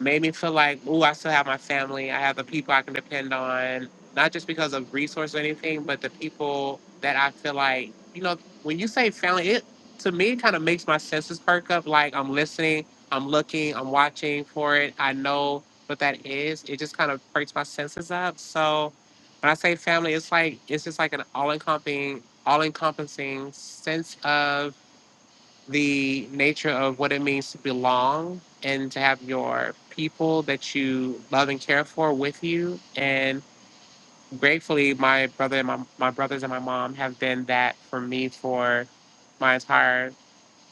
Speaker 1: made me feel like, ooh, I still have my family. I have the people I can depend on, not just because of resource or anything, but the people that I feel like, you know, when you say family, it to me kind of makes my senses perk up. Like I'm listening, I'm looking, I'm watching for it. I know what that is. It just kind of perks my senses up. So when I say family, it's like it's just like an all encompassing, all encompassing sense of the nature of what it means to belong and to have your people that you love and care for with you. And gratefully, my brother and my, my brothers and my mom have been that for me for my entire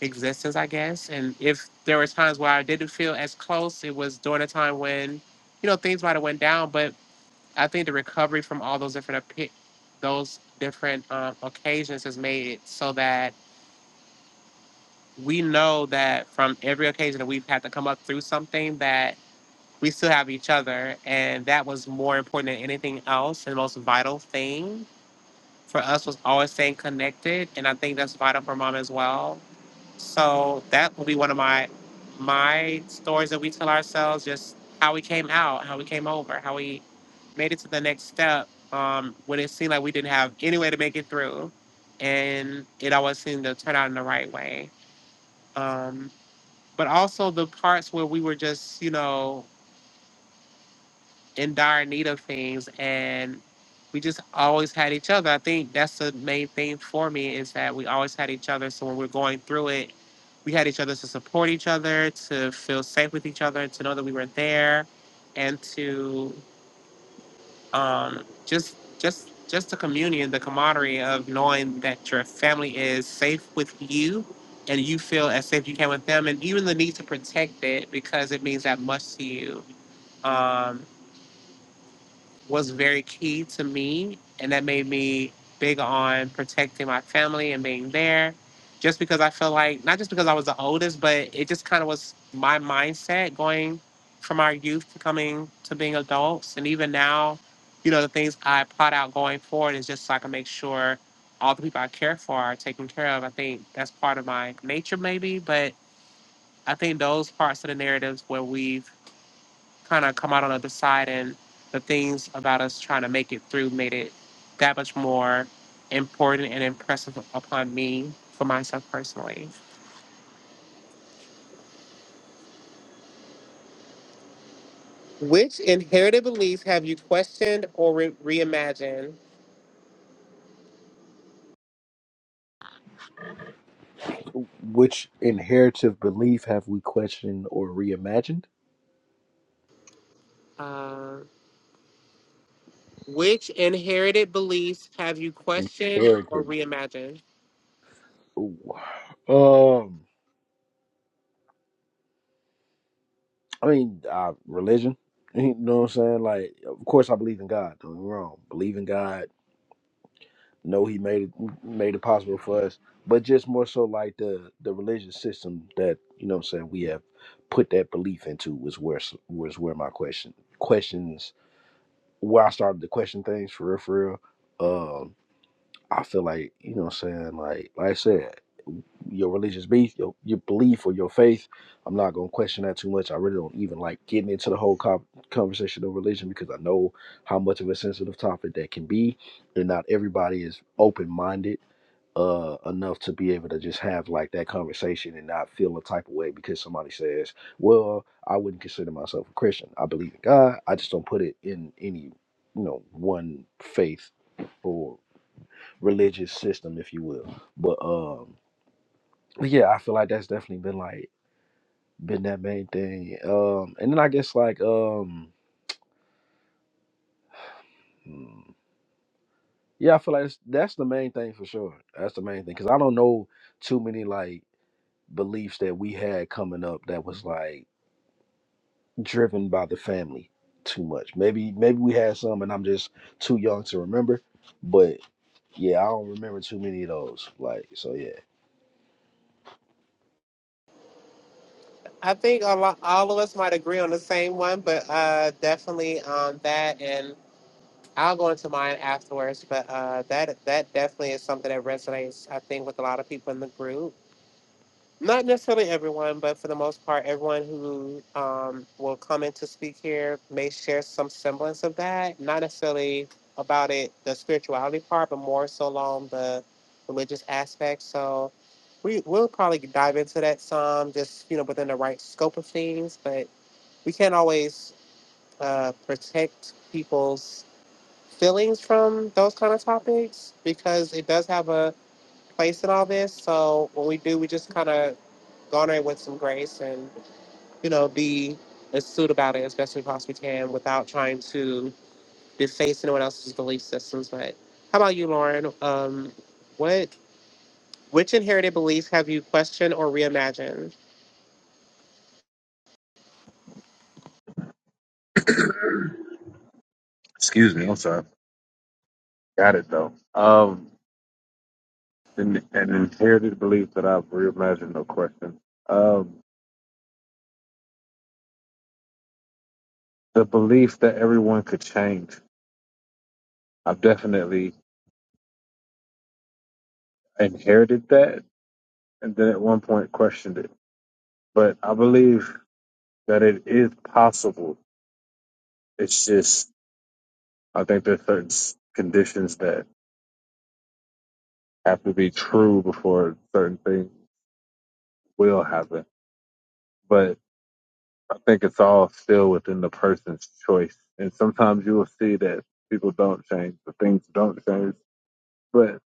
Speaker 1: existence, I guess. And if there were times where I didn't feel as close, it was during a time when, you know, things might have went down. But I think the recovery from all those different, opi- those different um, occasions has made it so that we know that from every occasion that we've had to come up through something that we still have each other and that was more important than anything else and the most vital thing for us was always staying connected and i think that's vital for mom as well so that will be one of my my stories that we tell ourselves just how we came out how we came over how we made it to the next step um, when it seemed like we didn't have any way to make it through and it always seemed to turn out in the right way um, but also the parts where we were just, you know, in dire need of things and we just always had each other. I think that's the main thing for me is that we always had each other. So when we're going through it, we had each other to support each other, to feel safe with each other, to know that we were there, and to um, just just just the communion, the camaraderie of knowing that your family is safe with you, and you feel as safe you can with them, and even the need to protect it because it means that much to you. Um, was very key to me. And that made me big on protecting my family and being there. Just because I felt like, not just because I was the oldest, but it just kind of was my mindset going from our youth to coming to being adults. And even now, you know, the things I plot out going forward is just so I can make sure all the people I care for are taken care of. I think that's part of my nature, maybe, but I think those parts of the narratives where we've kind of come out on the other side and the things about us trying to make it through made it that much more important and impressive upon me for myself personally. Which inherited beliefs have you questioned or re- reimagined?
Speaker 3: Which inheritive belief have we questioned or reimagined?
Speaker 1: Uh, which inherited beliefs have you questioned or
Speaker 3: Inherited.
Speaker 1: reimagined?
Speaker 3: Ooh. Um, I mean, uh, religion. You know what I'm saying? Like, of course, I believe in God. Don't get me wrong. Believe in God. Know He made it made it possible for us. But just more so like the the religious system that you know what I'm saying we have put that belief into was where s- was where my question questions where I started to question things for real for real. Um, I feel like you know what I'm saying. Like like I said. your religious belief, your your belief or your faith. I'm not gonna question that too much. I really don't even like getting into the whole co- conversation of religion because I know how much of a sensitive topic that can be, and not everybody is open minded uh enough to be able to just have like that conversation and not feel a type of way because somebody says, "Well, I wouldn't consider myself a Christian. I believe in God. I just don't put it in any, you know, one faith or religious system, if you will." But um but yeah, I feel like that's definitely been like been that main thing. Um, and then I guess like um, hmm, yeah, I feel like that's, that's the main thing for sure. That's the main thing because I don't know too many like beliefs that we had coming up that was like driven by the family too much. Maybe maybe we had some, and I'm just too young to remember. But yeah, I don't remember too many of those. Like so, yeah,
Speaker 1: I think a lot, all of us might agree on the same one, but uh, definitely on that. And I'll go into mine afterwards, but uh, that that definitely is something that resonates, I think, with a lot of people in the group. Not necessarily everyone, but for the most part, everyone who um, will come in to speak here may share some semblance of that. Not necessarily about it, the spirituality part, but more so along the religious aspect. So we will probably dive into that some, just you know, within the right scope of things. But we can't always uh, protect people's feelings from those kind of topics because it does have a place in all this. So when we do, we just kind of garner it with some grace and, you know, be astute about it as best we possibly can without trying to deface anyone else's belief systems. But how about you, Lauren? Um, what which inherited beliefs have you questioned or reimagined?
Speaker 2: Excuse me, I'm sorry. Got it though. Um, an, an inherited belief that I've reimagined. No question. Um, the belief that everyone could change. I've definitely inherited that, and then at one point questioned it. But I believe that it is possible. It's just I think there's certain s- conditions that have to be true before certain things will happen. But I think it's all still within the person's choice. And sometimes you will see that people don't change, the things don't change. But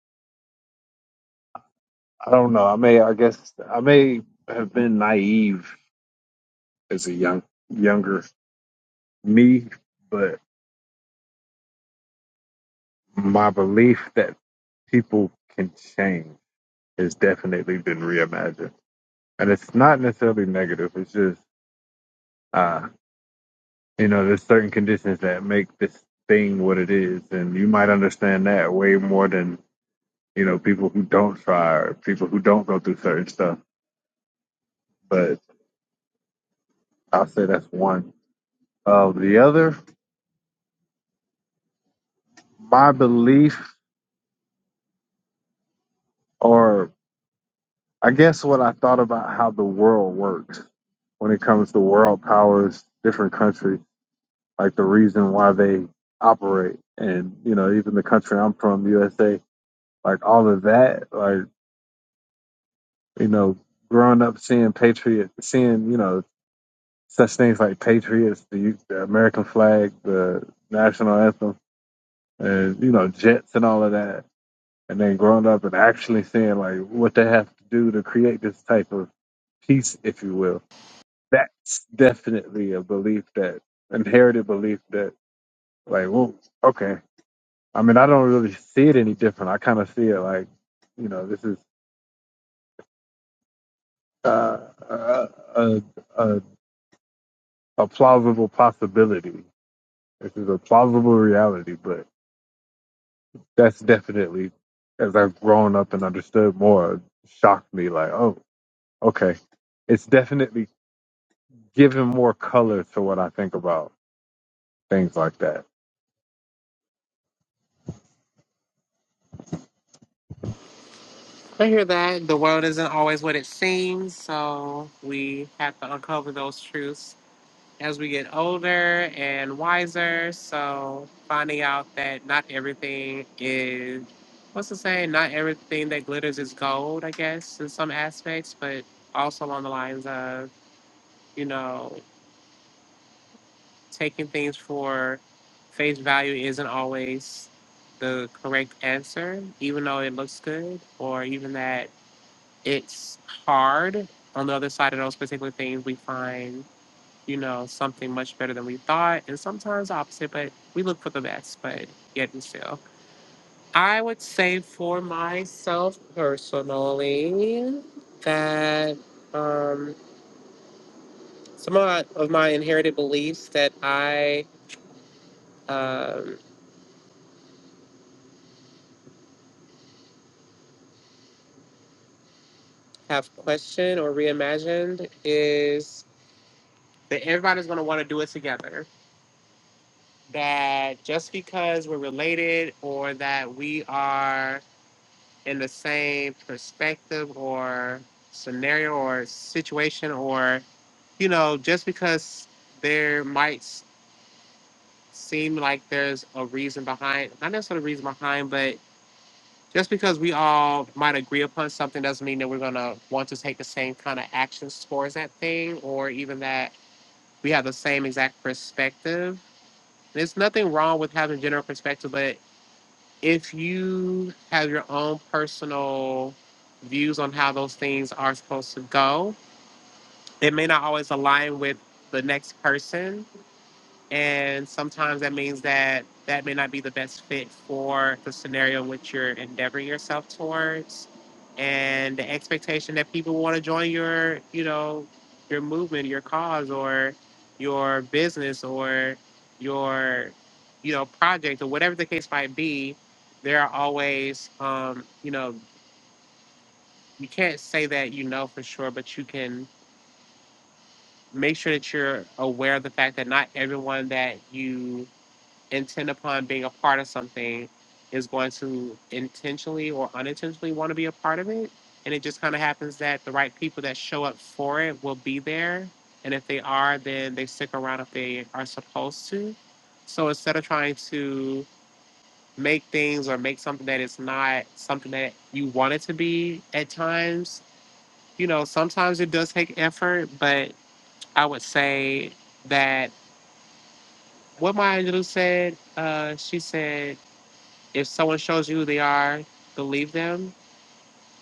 Speaker 2: I don't know. I may, I guess, I may have been naive as a young, younger me, but my belief that people can change has definitely been reimagined. And it's not necessarily negative. It's just, uh, you know, there's certain conditions that make this thing what it is. And you might understand that way more than you know, people who don't try or people who don't go through certain stuff. But I'll say that's one. Um, the other, my belief, or I guess what I thought about how the world works when it comes to world powers, different countries, like the reason why they operate. And, you know, even the country I'm from, USA, like all of that, like, you know, growing up seeing Patriot, seeing, you know, such things like Patriots, the, the American flag, the national anthem and you know jets and all of that and then growing up and actually seeing like what they have to do to create this type of piece, if you will that's definitely a belief that inherited belief that like well okay i mean i don't really see it any different i kind of see it like you know this is uh, a, a, a, a plausible possibility this is a plausible reality but that's definitely as i've grown up and understood more shocked me like oh Okay. It's definitely giving more color to what I think about things like that.
Speaker 1: I hear that the world isn't always what it seems, so we have to uncover those truths as we get older and wiser. So finding out that not everything is what's the saying? Not everything that glitters is gold, I guess, in some aspects, but also along the lines of, you know, taking things for face value isn't always the correct answer, even though it looks good, or even that it's hard. On the other side of those particular things, we find you know, something much better than we thought, and sometimes opposite, but we look for the best, but yet and still. I would say for myself personally that um, some of my, of my inherited beliefs that I um, have questioned or reimagined is that everybody's going to want to do it together. That just because we're related or that we are in the same perspective or scenario or situation or you know just because there might s- seem like there's a reason behind not necessarily a reason behind but just because we all might agree upon something doesn't mean that we're going to want to take the same kind of actions towards that thing or even that we have the same exact perspective there's nothing wrong with having general perspective but if you have your own personal views on how those things are supposed to go, it may not always align with the next person and sometimes that means that that may not be the best fit for the scenario which you're endeavoring yourself towards and the expectation that people want to join your you know your movement your cause or your business or your you know project or whatever the case might be there are always um you know you can't say that you know for sure but you can make sure that you're aware of the fact that not everyone that you intent upon being a part of something is going to intentionally or unintentionally want to be a part of it. And it just kind of happens that the right people that show up for it will be there. And if they are, then they stick around if they are supposed to. So instead of trying to make things or make something that is not something that you want it to be at times, you know, sometimes it does take effort, but I would say that what Maya Angelou said, uh, she said, if someone shows you who they are, believe them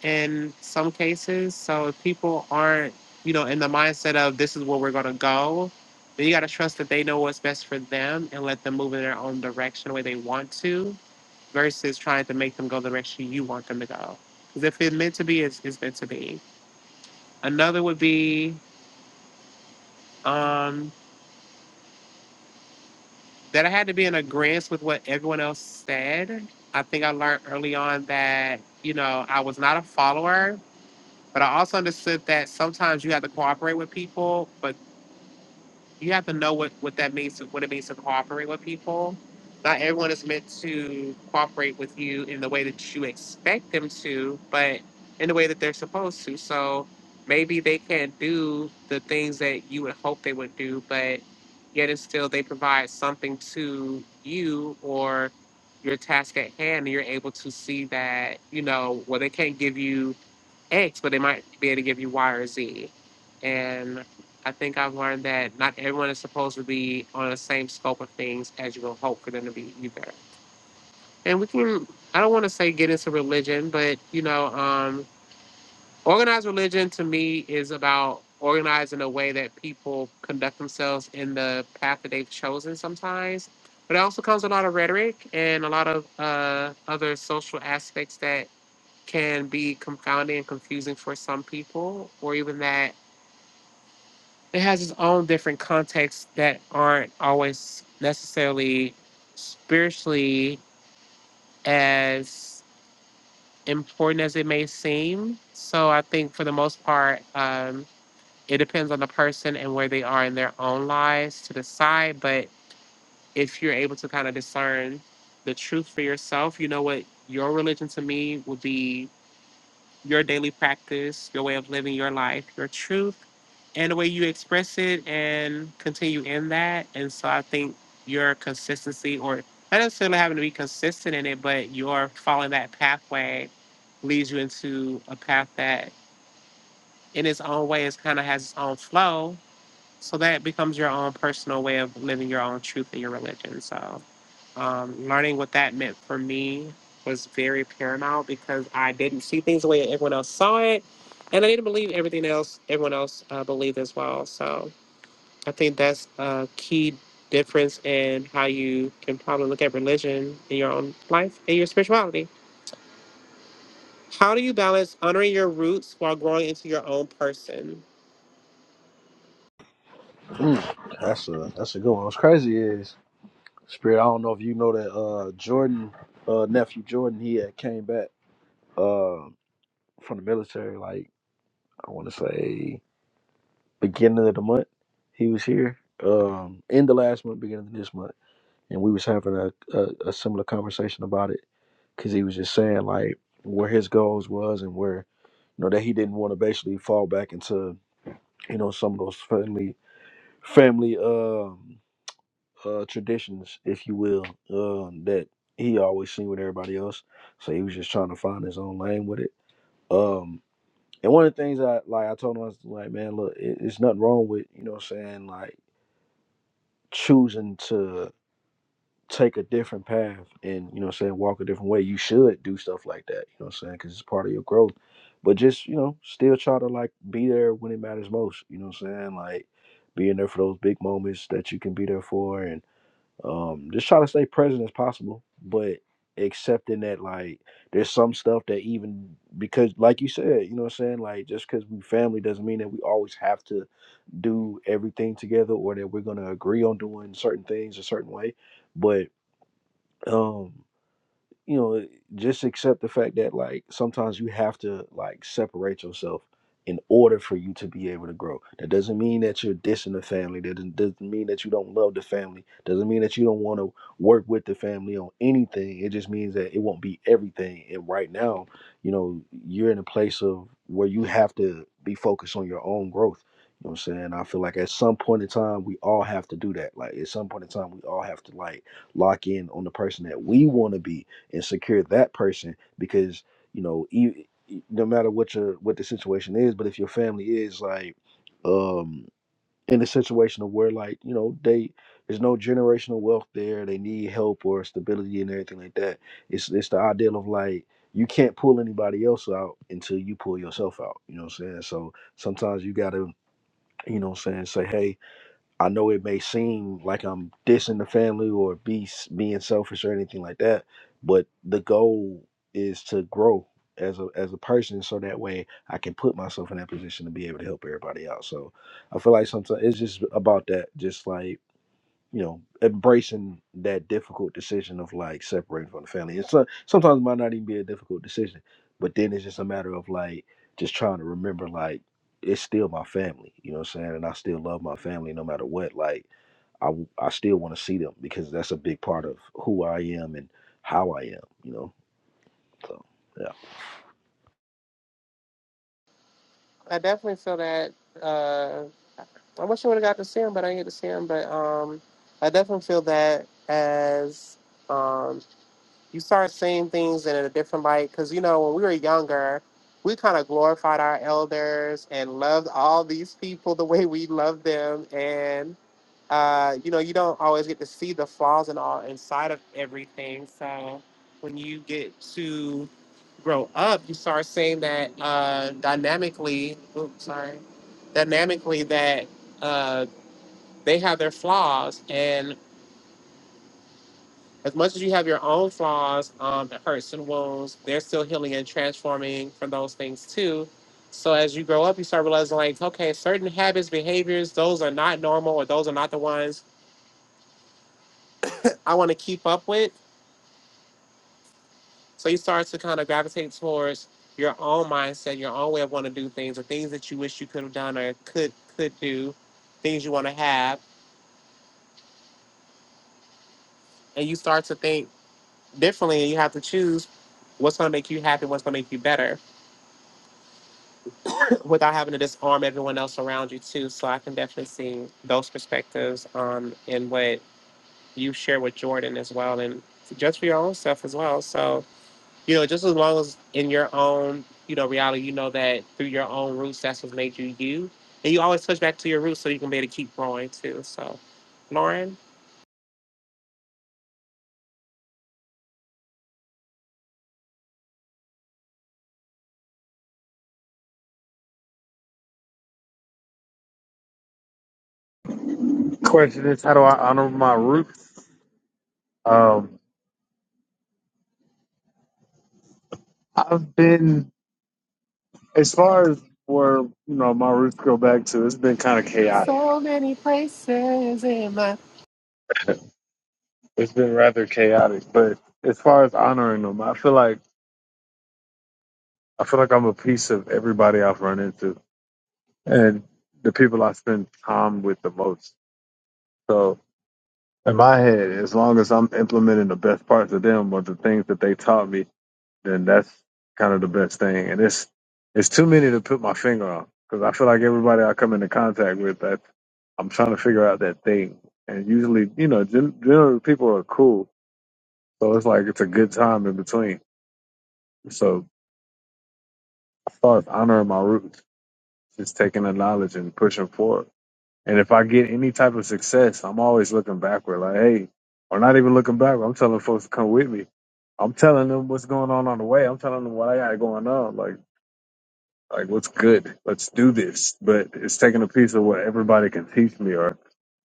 Speaker 1: in some cases. So if people aren't, you know, in the mindset of this is where we're gonna go, then you gotta trust that they know what's best for them and let them move in their own direction the way they want to, versus trying to make them go the direction you want them to go. Because if it's meant to be, it's, it's meant to be. Another would be um, that I had to be in agreement with what everyone else said. I think I learned early on that, you know, I was not a follower But I also understood that sometimes you have to cooperate with people, but you have to know what, what that means, what it means to cooperate with people. Not everyone is meant to cooperate with you in the way that you expect them to, but in the way that they're supposed to. So maybe they can't do the things that you would hope they would do, but yet and still they provide something to you or your task at hand and you're able to see that, you know, well they can't give you X, but they might be able to give you Y or Z. And I think I've learned that not everyone is supposed to be on the same scope of things as you would hope for them to be either. And we can, I don't want to say get into religion, but you know, um, organized religion to me is about organizing a way that people conduct themselves in the path that they've chosen sometimes. But it also comes with a lot of rhetoric and a lot of uh, other social aspects that can be confounding and confusing for some people, or even that it has its own different contexts that aren't always necessarily spiritually as important as it may seem. So I think for the most part, um, it depends on the person and where they are in their own lives to decide. But if you're able to kind of discern the truth for yourself, you know what your religion to me would be your daily practice, your way of living your life, your truth, and the way you express it and continue in that. And so I think your consistency, or not necessarily having to be consistent in it, but your following that pathway leads you into a path that in its own way is kind of has its own flow so that becomes your own personal way of living your own truth in your religion. So, um, learning what that meant for me was very paramount because I didn't see things the way everyone else saw it, and I didn't believe everything else everyone else uh, believed as well. So, I think that's a key difference in how you can probably look at religion in your own life and your spirituality. How do you balance honoring your roots while growing into your own person?
Speaker 3: Mm, that's a that's a good one. What's crazy is. Spirit, I don't know if you know that uh Jordan, uh nephew Jordan, he had came back uh from the military like I wanna say beginning of the month. He was here. Um in the last month, beginning of this month. And we was having a, a, a similar conversation about it because he was just saying like where his goals was and where you know that he didn't want to basically fall back into you know some of those family family um uh traditions, if you will, um, that he always seen with everybody else. So he was just trying to find his own lane with it. Um, and one of the things I like, I told him I was like, man, look, it, it's nothing wrong with you know what I'm saying, like choosing to take a different path and you know what I'm saying walk a different way. You should do stuff like that, you know what I'm saying, because it's part of your growth. But just you know, still try to like be there when it matters most. You know what I'm saying, like being there for those big moments that you can be there for and um just try to stay present as possible but accepting that like there's some stuff that even because like you said you know what i'm saying like just because we family doesn't mean that we always have to do everything together or that we're going to agree on doing certain things a certain way but um you know, just accept the fact that like sometimes you have to like separate yourself in order for you to be able to grow. That doesn't mean that you're dissing the family. That doesn't doesn't mean that you don't love the family. Doesn't mean that you don't want to work with the family on anything. It just means that it won't be everything. And right now, you know, you're in a place of where you have to be focused on your own growth. You know what I'm saying? I feel like at some point in time we all have to do that. Like at some point in time we all have to like lock in on the person that we want to be and secure that person because you know e e, no matter what your what the situation is but if your family is like um in a situation of where like you know they there's no generational wealth there they need help or stability and everything like that it's it's the ideal of like you can't pull anybody else out until you pull yourself out you know what i'm saying so sometimes you gotta you know what i'm saying say hey I know it may seem like I'm dissing the family or be being selfish or anything like that, but the goal is to grow as a as a person, so that way I can put myself in that position to be able to help everybody out. So I feel like sometimes it's just about that, just like you know embracing that difficult decision of like separating from the family It's so, sometimes it might not even be a difficult decision but then it's just a matter of like just trying to remember like it's still my family you know what i'm saying and i still love my family no matter what like i, w- I still want to see them because that's a big part of who i am and how i am you know so yeah
Speaker 1: I definitely feel that. Uh, I wish I would have got to see him, but I didn't get to see him. But um, I definitely feel that as um, you start seeing things in a different light, because you know when we were younger, we kind of glorified our elders and loved all these people the way we loved them, and uh, you know, you don't always get to see the flaws and all inside of everything. So when you get to grow up, you start seeing that uh, dynamically. Oops, sorry. Dynamically, that uh, they have their flaws, and as much as you have your own flaws, um, it hurts and wounds. They're still healing and transforming from those things too. So as you grow up, you start realizing like, okay, certain habits, behaviors, those are not normal, or those are not the ones I want to keep up with So you start to kind of gravitate towards your own mindset, your own way of wanting to do things, or things that you wish you could have done or could could do, things you want to have, and you start to think differently. And you have to choose what's going to make you happy, what's going to make you better, without having to disarm everyone else around you too. So I can definitely see those perspectives um, in what you share with Jordan as well, and just for your own stuff as well. So. You know, just as long as in your own, you know, reality, you know that through your own roots, that's what made you you. And you always touch back to your roots so you can be able to keep growing too. So, Lauren?
Speaker 2: Question is, how do I honor my roots? Um, I've been, as far as where you know my roots go back to, it's been kind of chaotic.
Speaker 1: So many places in my.
Speaker 2: It's been rather chaotic, but as far as honoring them, I feel like I feel like I'm a piece of everybody I've run into and the people I spend time with the most. So in my head, as long as I'm implementing the best parts of them or the things that they taught me, then that's kind of the best thing. And it's it's too many to put my finger on because I feel like everybody I come into contact with, that I'm trying to figure out that thing. And usually, you know, gen- generally people are cool, so it's like it's a good time in between. So I start honoring my roots, just taking the knowledge and pushing forward. And if I get any type of success, I'm always looking backward, like hey, or not even looking backward. I'm telling folks to come with me. I'm telling them what's going on on the way. I'm telling them what I got going on. Like Like, what's good? Let's do this. But it's taking a piece of what everybody can teach me or,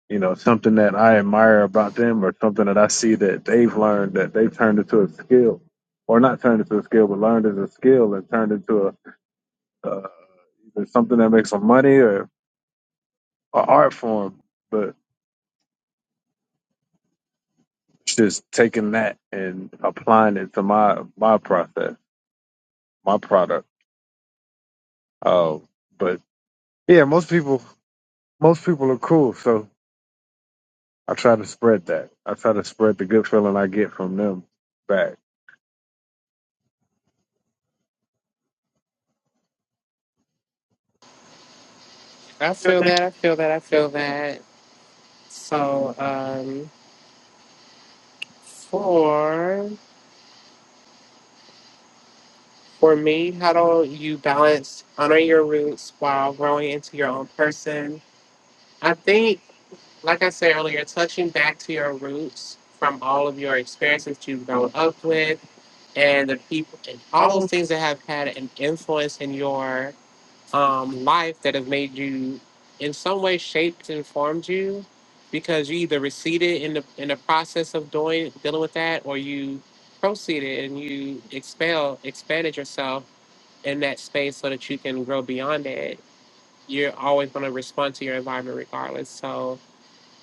Speaker 2: you know, something that I admire about them or something that I see that they've learned that they've turned into a skill or not turned into a skill, but learned as a skill and turned into a, uh, either something that makes some money or an art form. But it's just taking that and applying it to my, my process, my product. Uh, but yeah, most people, most people are cool. So I try to spread that. I try to spread the good feeling I get from them back.
Speaker 1: I feel
Speaker 2: like it
Speaker 1: that, I feel that, I feel
Speaker 2: does that.
Speaker 1: that. So,
Speaker 2: So,
Speaker 1: um,
Speaker 2: for
Speaker 1: for. For
Speaker 2: for
Speaker 1: me,
Speaker 2: me,
Speaker 1: how
Speaker 2: I
Speaker 1: do
Speaker 2: don't
Speaker 1: you
Speaker 2: balance.
Speaker 1: balance
Speaker 2: I know
Speaker 1: honoring your
Speaker 2: you're really
Speaker 1: roots while
Speaker 2: while
Speaker 1: growing
Speaker 2: growing
Speaker 1: into your
Speaker 2: your
Speaker 1: own
Speaker 2: own person.
Speaker 1: person? I
Speaker 2: I
Speaker 1: think
Speaker 2: think,
Speaker 1: like
Speaker 2: like
Speaker 1: I
Speaker 2: I
Speaker 1: said
Speaker 2: said
Speaker 1: earlier,
Speaker 2: earlier,
Speaker 1: touching
Speaker 2: touching back
Speaker 1: back to
Speaker 2: to your
Speaker 1: your
Speaker 2: roots
Speaker 1: roots from
Speaker 2: from all
Speaker 1: all
Speaker 2: of
Speaker 1: of your
Speaker 2: your experiences
Speaker 1: experiences that
Speaker 2: you
Speaker 1: you've grown
Speaker 2: grow
Speaker 1: up
Speaker 2: up with
Speaker 1: with and
Speaker 2: and
Speaker 1: the
Speaker 2: the people,
Speaker 1: people and all
Speaker 2: all
Speaker 1: those
Speaker 2: of
Speaker 1: things that have had an influence in your um, life that have made you in some way shaped and formed you because you either receded in the in the process of doing dealing with that or you proceeded and you expel expanded yourself in that space so that you can grow beyond it. You're always going to respond to your environment regardless. So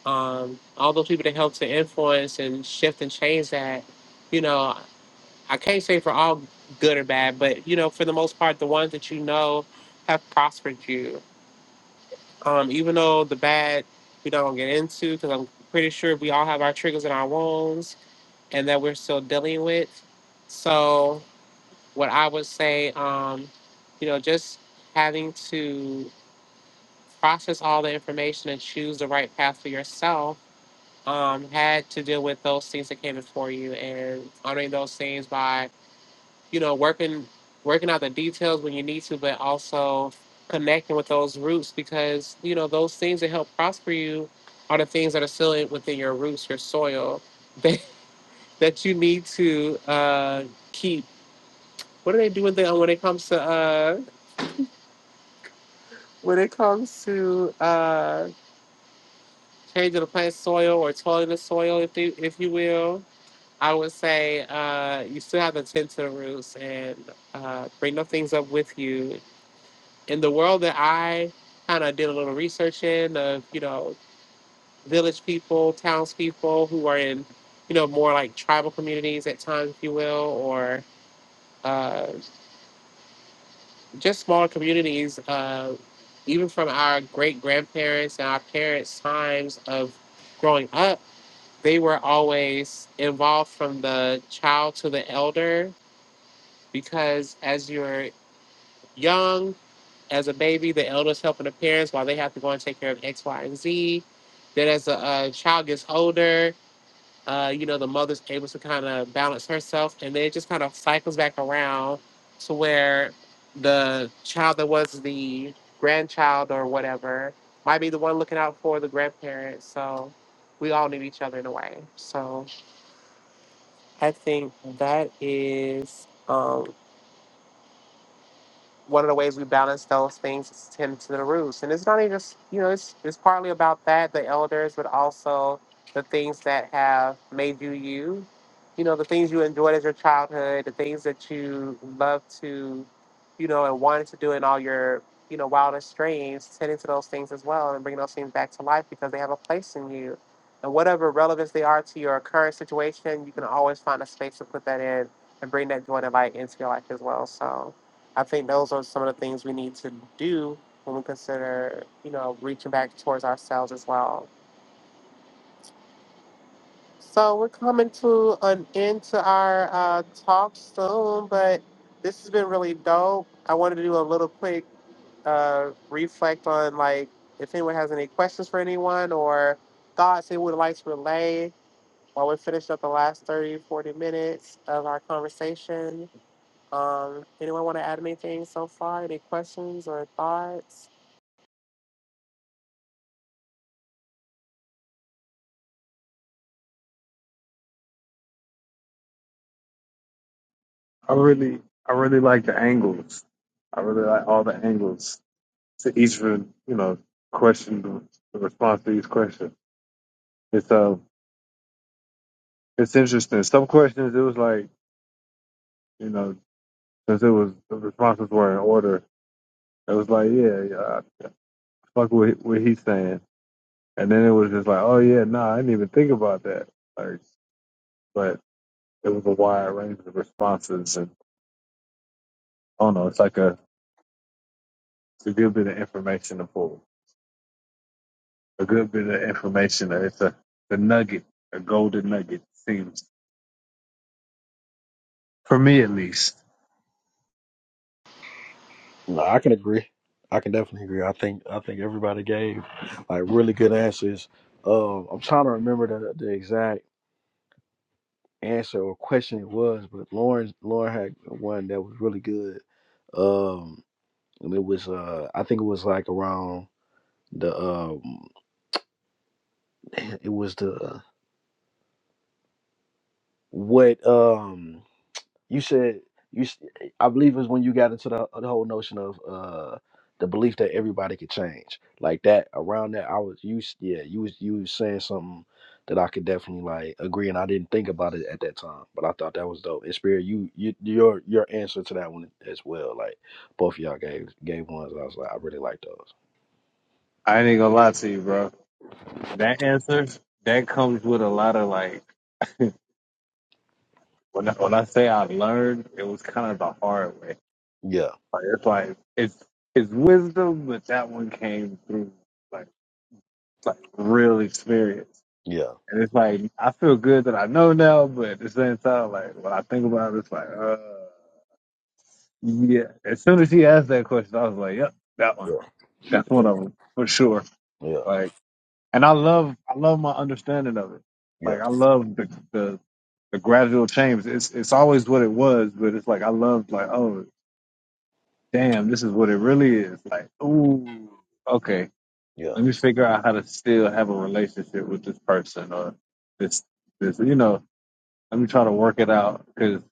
Speaker 1: um, all those people that helped to influence and shift and change that, you know, I can't say for all good or bad, but you know, for the most part, the ones that you know have prospered you. Um, even though the bad we don't get into, because I'm pretty sure we all have our triggers and our wounds, and that we're still dealing with. So, what I would say, um, you know, just having to process all the information and choose the right path for yourself um, had to deal with those things that came before you and honoring those things by, you know, working working out the details when you need to, but also connecting with those roots because, you know, those things that help prosper you are the things that are still in- within your roots, your soil, that, that you need to uh, keep. What do they do with that when it comes to uh, when it comes to uh, changing the plant soil or toiling the soil, if they, if you will? I would say uh, you still have to tend to the roots and uh, bring those things up with you. In the world that I kind of did a little research in, of you know, village people, townspeople who are in, you know, more like tribal communities at times, if you will, or uh, just smaller communities, uh, even from our great grandparents and our parents' times of growing up, they were always involved from the child to the elder because as you're young, as a baby, the elders helping the parents while they have to go and take care of X, Y, and Z. Then as a uh, child gets older, uh, you know, the mother's able to kind of balance herself, and then it just kind of cycles back around to where the child that was the grandchild or whatever might be the one looking out for the grandparents. So we all need each other in a way. So I think that is. um, one of the ways we balance those things is tend to the roots. And it's not even just, you know, it's, it's partly about that, the elders, but also the things that have made you you. You know, the things you enjoyed as your childhood, the things that you love to, you know, and wanted to do in all your, you know, wildest dreams, tending to those things as well and bringing those things back to life because they have a place in you. And whatever relevance they are to your current situation, you can always find a space to put that in and bring that joy and light into your life as well. So, I think those are some of the things we need to do when we consider, you know, reaching back towards ourselves as well. So we're coming to an end to our uh, talk soon, but this has been really dope. I wanted to do a little quick uh, reflect on like if anyone has any questions for anyone or thoughts they would like to relay while we finish up the last 30, 40 minutes of our conversation. Um, anyone want to add anything so far? Any questions or thoughts?
Speaker 2: I really, I really like the angles. I really like all the angles to each, of you know, question, the response to each question. It's uh, it's interesting. Some questions, it was like, you know, since it was the responses were in order, it was like, yeah, yeah, I fuck with what he's saying, and then it was just like, oh yeah, nah, I didn't even think about that. Like, but it was a wide range of responses, and I don't know, it's like a, it's a good bit of information to pull, a good bit of information. It's a the nugget, a golden nugget seems for me at least.
Speaker 3: No, I can agree. I can definitely agree. I think I think everybody gave like really good answers. Um, I'm trying to remember the, the exact. answer or question it was, but Lauren Lauren had one that was really good. Um, and it was uh, I think it was like around the um, it was the what um. you said you s- i believe it was when you got into the, uh, the whole notion of uh the belief that everybody could change like that around that i was you s- yeah you was you was saying something that i could definitely like agree and i didn't think about it at that time but i thought that was dope and spirit you, you your your answer to that one as well like both of y'all gave gave ones i was like i really like those
Speaker 2: I ain't gonna lie to you, bro. That answer that comes with a lot of like. When I, when I say I learned, it was kind of the hard way.
Speaker 3: yeah
Speaker 2: Like it's like it's it's wisdom, but that one came through like like real experience.
Speaker 3: yeah
Speaker 2: And it's like I feel good that I know now, but at the same time, like when I think about it, it's like uh yeah. As soon as he asked that question, I was like, yep, that
Speaker 3: yeah
Speaker 2: one. That's
Speaker 3: yeah
Speaker 2: one of them for sure.
Speaker 3: yeah
Speaker 2: Like, and I love I love my understanding of it.
Speaker 3: yeah
Speaker 2: Like I love the the the gradual change. It's it's always what it was, but it's like I love like oh. damn, this is what it really is. Like, ooh, okay, let me figure out how to still have a relationship with this person or this, this, you know, let me try to work it out because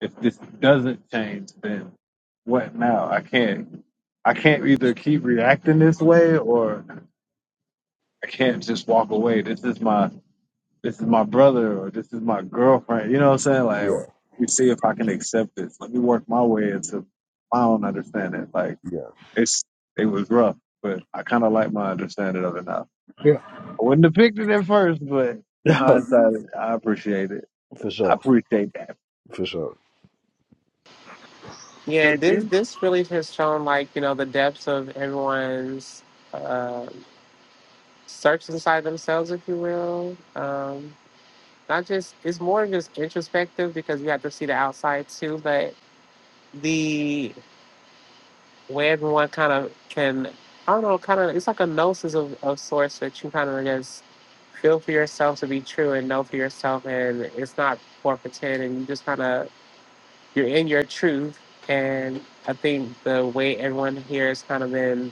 Speaker 2: if this doesn't change, then what now? I can't, I can't either keep reacting this way or I can't just walk away. This is my, this is my brother or this is my girlfriend. You know what I'm saying? Like,
Speaker 3: yeah
Speaker 2: let me see if I can accept this. Let me work my way into my own understanding. Like,
Speaker 3: yeah
Speaker 2: it's it was rough, but I kind of like my understanding of it now.
Speaker 3: yeah
Speaker 2: I wouldn't have picked it at first, but
Speaker 3: yeah
Speaker 2: hindsight, I appreciate it.
Speaker 3: for
Speaker 2: I
Speaker 3: sure
Speaker 2: appreciate that.
Speaker 3: for sure
Speaker 1: Yeah,
Speaker 2: And
Speaker 1: this
Speaker 2: then,
Speaker 1: this really has shown like you know the depths of everyone's uh, search inside themselves, if you will. Um, not just it's more just introspective because you have to see the outside too, but the way everyone kind of can I don't know, kind of it's like a gnosis of of sorts that you kind of just feel for yourself to be true and know for yourself, and it's not for pretend, and you just kind of you're in your truth and I think the way everyone here has kind of been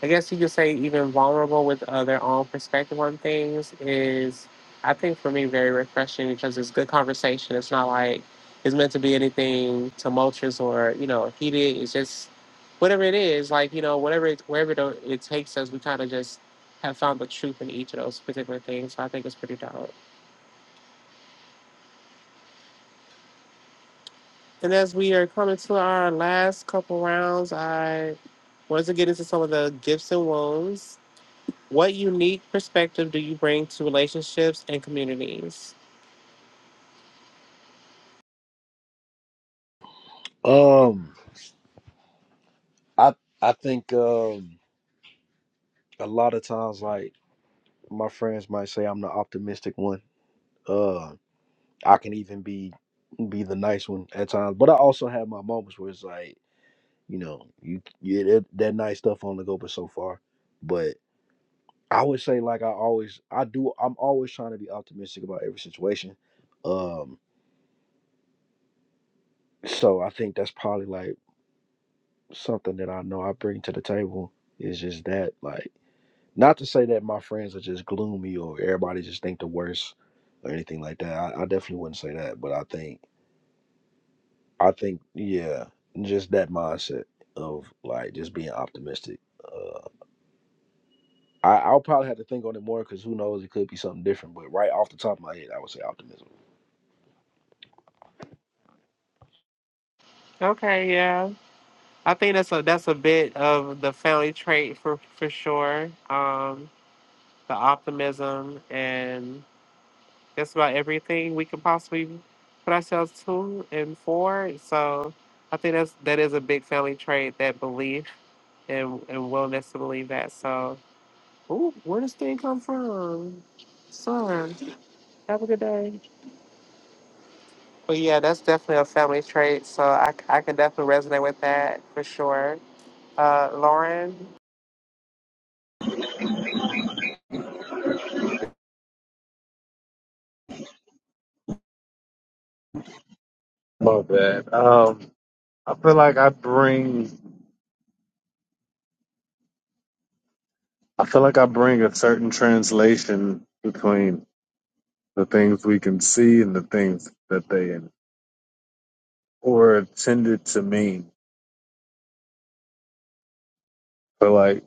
Speaker 1: I guess you could say even vulnerable with uh, their own perspective on things is, I think for me, very refreshing because it's good conversation. It's not like it's meant to be anything tumultuous or you know heated. It's just whatever it is, like you know whatever it, wherever it, it takes us, we kind of just have found the truth in each of those particular things. So I think it's pretty dope. And as we are coming to our last couple rounds, I wanted to get into some of the gifts and wounds What unique perspective do you bring to relationships and communities?
Speaker 3: um I I think um, a lot of times, like my friends might say, I'm the optimistic one. Uh, I can even be be the nice one at times, but I also have my moments where it's like, you know, you, you that, that nice stuff only go but so far. But I would say, like I always, I do. I'm always trying to be optimistic about every situation. Um, so I think that's probably like something that I know I bring to the table is just that, like. Not to say that my friends are just gloomy or everybody just think the worst or anything like that. I, I definitely wouldn't say that, but I think I think yeah, just that mindset of like just being optimistic. Uh, I, I'll probably have to think on it more because who knows, it could be something different. But right off the top of my head, I would say optimism.
Speaker 1: Okay, yeah. I think that's a that's a bit of the family trait for for sure. Um, the optimism and just about everything we can possibly put ourselves to and for. So I think that's that is a big family trait, that belief and and willingness to believe that. So ooh, where does thing come from? Son, have a good day. But yeah, that's definitely a family trait. So I, I can definitely resonate with that for sure. Uh, Lauren,
Speaker 2: my bad. Um, I feel like I bring, I feel like I bring a certain translation between the things we can see and the things that they were intended to mean. But like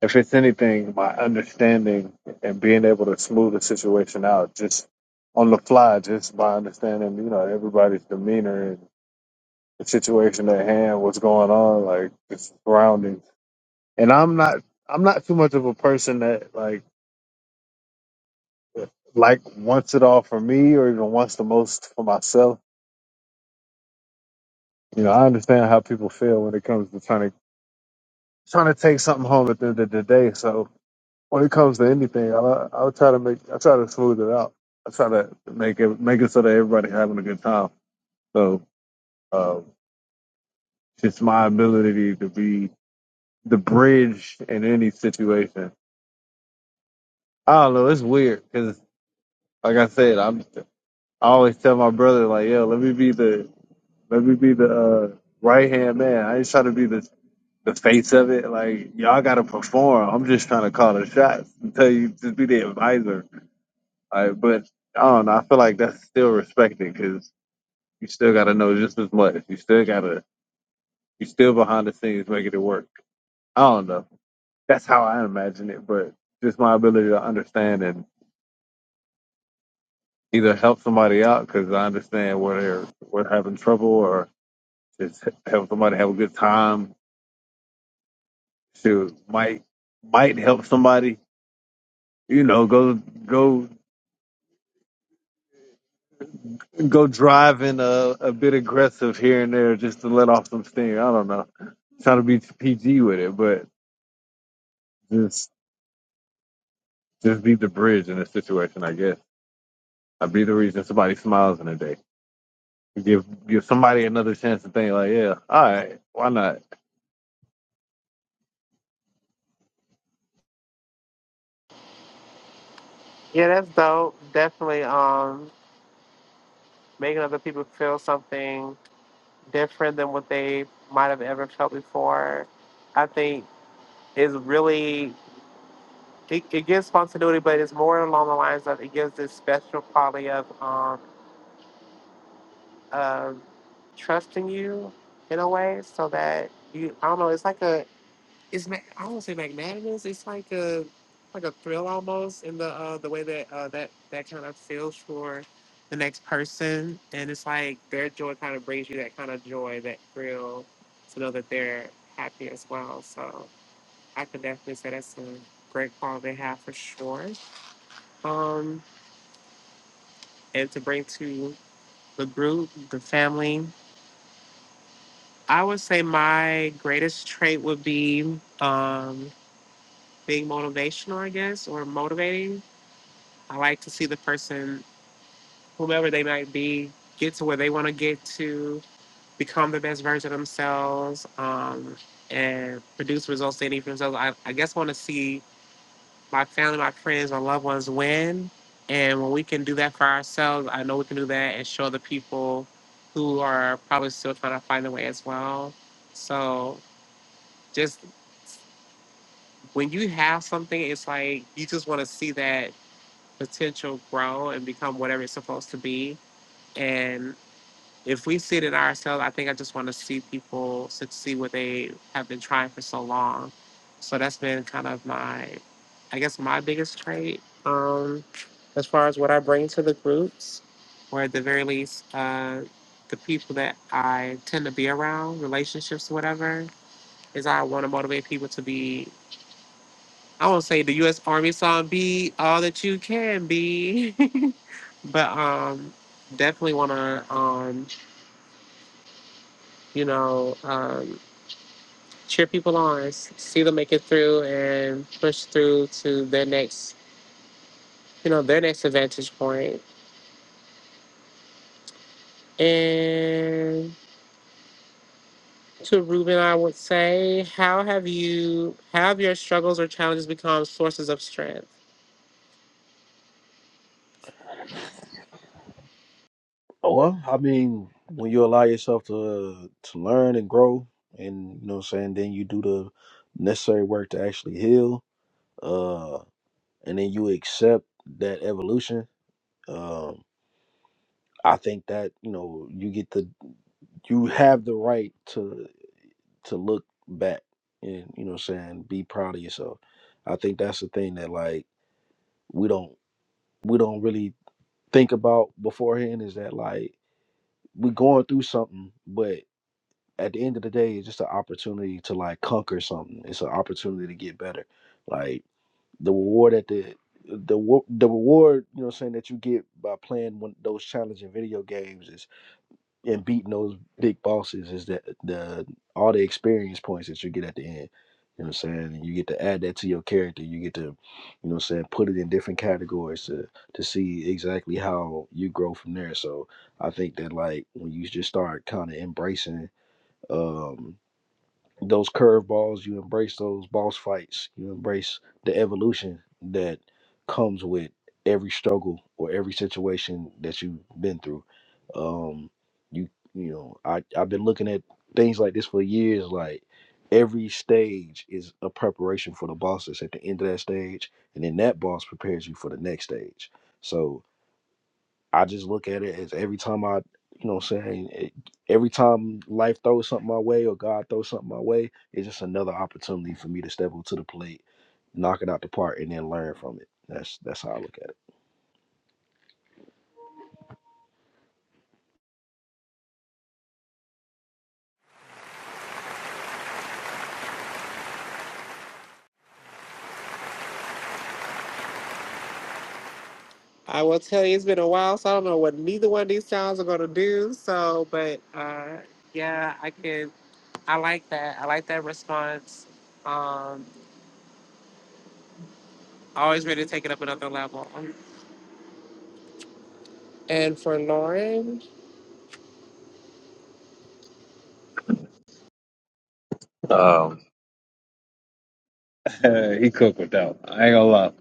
Speaker 2: If it's anything, my understanding and being able to smooth the situation out just on the fly, just by understanding, you know, everybody's demeanor and the situation at hand, what's going on, like the surroundings. And I'm not, I'm not too much of a person that like, like wants it all for me or even wants the most for myself. You know, I understand how people feel when it comes to trying to trying to take something home at the end of the day. So when it comes to anything, I I try to make I try to smooth it out. I try to make it make it so that everybody's having a good time. So um, it's my ability to be the bridge in any situation. I don't know. It's weird because, like I said, I'm I always tell my brother like, yo, let me be the let me be the uh, right hand man. I ain't trying to be the the face of it. Like y'all got to perform. I'm just trying to call the shots and tell you just be the advisor I, but I don't know. I feel like that's still respected because you still got to know just as much. You still got to, you still behind the scenes making it work. I don't know. That's how I imagine it, but just my ability to understand and either help somebody out because I understand where they're, where they're having trouble or just help somebody have a good time. Shoot, might, might help somebody, you know, go, go go driving a, a bit aggressive here and there just to let off some steam. I don't know. Trying to be PG with it, but just just be the bridge in a situation, I guess. I be the reason somebody smiles in a day. Give give somebody another chance to think like, yeah, all right, why not?
Speaker 1: yeah, that's dope. Definitely um, making other people feel something different than what they might have ever felt before. I think is really, it, it gives spontaneity, but it's more along the lines of it gives this special quality of um, of trusting you in a way so that you, I don't know, it's like a, it's ma- I don't say magnanimous. It's like a like a thrill almost in the uh, the way that uh, that that kind of feels for the next person, and it's like their joy kind of brings you that kind of joy, that thrill, to know that they're happy as well. So I could definitely say that's a great quality they have for sure, um, and to bring to the group, the family. I would say my greatest trait would be um, being motivational, I guess, or motivating I like to see the person, whomever they might be, get to where they want to get to, become the best version of themselves, um, and produce results they need for themselves. I, I guess want to see my family, my friends, my loved ones win. And when we can do that for ourselves, I know we can do that and show the people who are probably still trying to find their way as well. So just when you have something, it's like you just want to see that potential grow and become whatever it's supposed to be and if we see it in ourselves, I think I just want to see people succeed what they have been trying for so long. So that's been kind of my, I guess, my biggest trait um, as far as what I bring to the groups, or at the very least, uh, the people that I tend to be around, relationships, whatever, is I want to motivate people to be. I won't say the U.S. Army song "Be All That You Can Be," but um, definitely want to, um, you know. Um, cheer people on, see them make it through and push through to their next, you know, their next vantage point. And to Ruben, I would say, how have you, have your struggles or challenges become sources of strength?
Speaker 3: Oh, well, I mean, when you allow yourself to to learn and grow, and you know what I'm saying, then you do the necessary work to actually heal, uh, and then you accept that evolution. Um, I think that you know you get the you have the right to to look back and you know what I'm saying be proud of yourself. I think that's the thing that like we don't we don't really think about beforehand is that like we're going through something, but at the end of the day, it's just an opportunity to like conquer something. It's an opportunity to get better. Like the reward at the the wo- the reward, you know, what I'm saying that you get by playing one, those challenging video games is and beating those big bosses is that the all the experience points that you get at the end. You know what I'm saying? And you get to add that to your character. You get to, you know what I'm saying, put it in different categories to to see exactly how you grow from there. So I think that like when you just start kind of embracing um those curveballs, you embrace those boss fights, you embrace the evolution that comes with every struggle or every situation that you've been through. Um, you you know, I I've been looking at things like this for years. Like every stage is a preparation for the boss that's at the end of that stage, and then that boss prepares you for the next stage. So I just look at it as every time I, you know, what I'm saying it, every time life throws something my way or God throws something my way, it's just another opportunity for me to step up to the plate, knock it out the park, and then learn from it. That's that's how I look at it.
Speaker 1: I will tell you, it's been a while, so I don't know what neither one of these sounds are going to do. So, but uh, yeah, I can. I like that. I like that response. Um, always ready to take it up another level. And for Lauren,
Speaker 2: Um, he cooked without. I ain't gonna lie.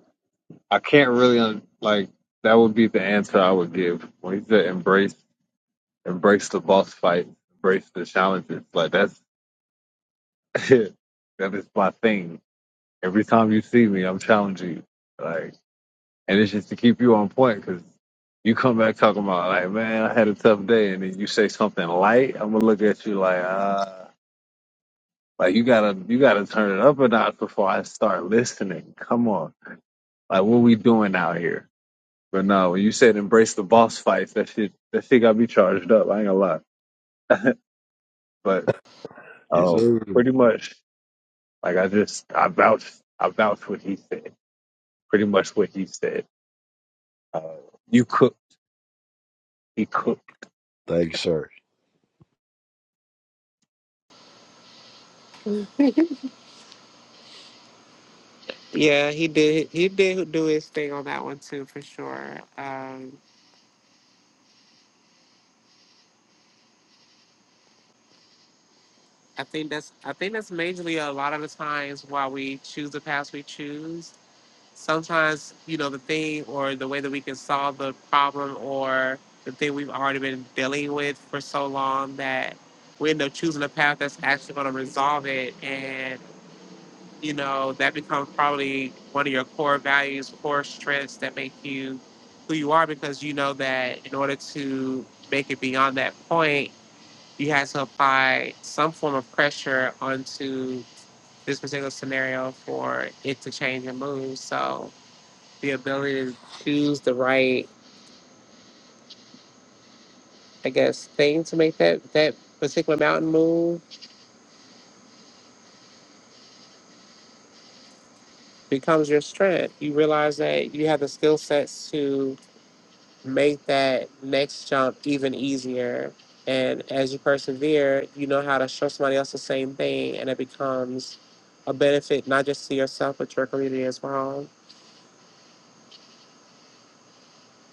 Speaker 2: I can't really un- like that would be the answer I would give when he said embrace embrace the boss fight, embrace the challenges. Like that's that is my thing Every time you see me, I'm challenging you. Like, and it's just to keep you on point because you come back talking about like, man, I had a tough day, and then you say something light. I'm gonna look at you like, uh, like you gotta you gotta turn it up a notch before I start listening. Come on, like what we doing out here? But no, when you said embrace the boss fights, that shit that shit got me charged up. I ain't gonna lie, but
Speaker 3: Yes,
Speaker 2: um, pretty
Speaker 3: sir.
Speaker 2: much like I just I vouched I vouched what he said. Pretty much what he said. Uh, you cook. He
Speaker 3: Thank you, sir.
Speaker 1: Yeah, he did. He did do his thing on that one too, for sure. Um, I think that's. I think that's majorly a lot of the times why we choose the paths we choose. Sometimes, you know, the thing or the way that we can solve the problem or the thing we've already been dealing with for so long that we end up choosing a path that's actually going to resolve it. and. you know, that becomes probably one of your core values, core strengths that make you who you are because you know that in order to make it beyond that point, you had to apply some form of pressure onto this particular scenario for it to change and move. So the ability to choose the right, I guess, thing to make that that particular mountain move becomes your strength. You realize that you have the skill sets to make that next jump even easier. And as you persevere, you know how to show somebody else the same thing, and it becomes a benefit not just to yourself but your community as well.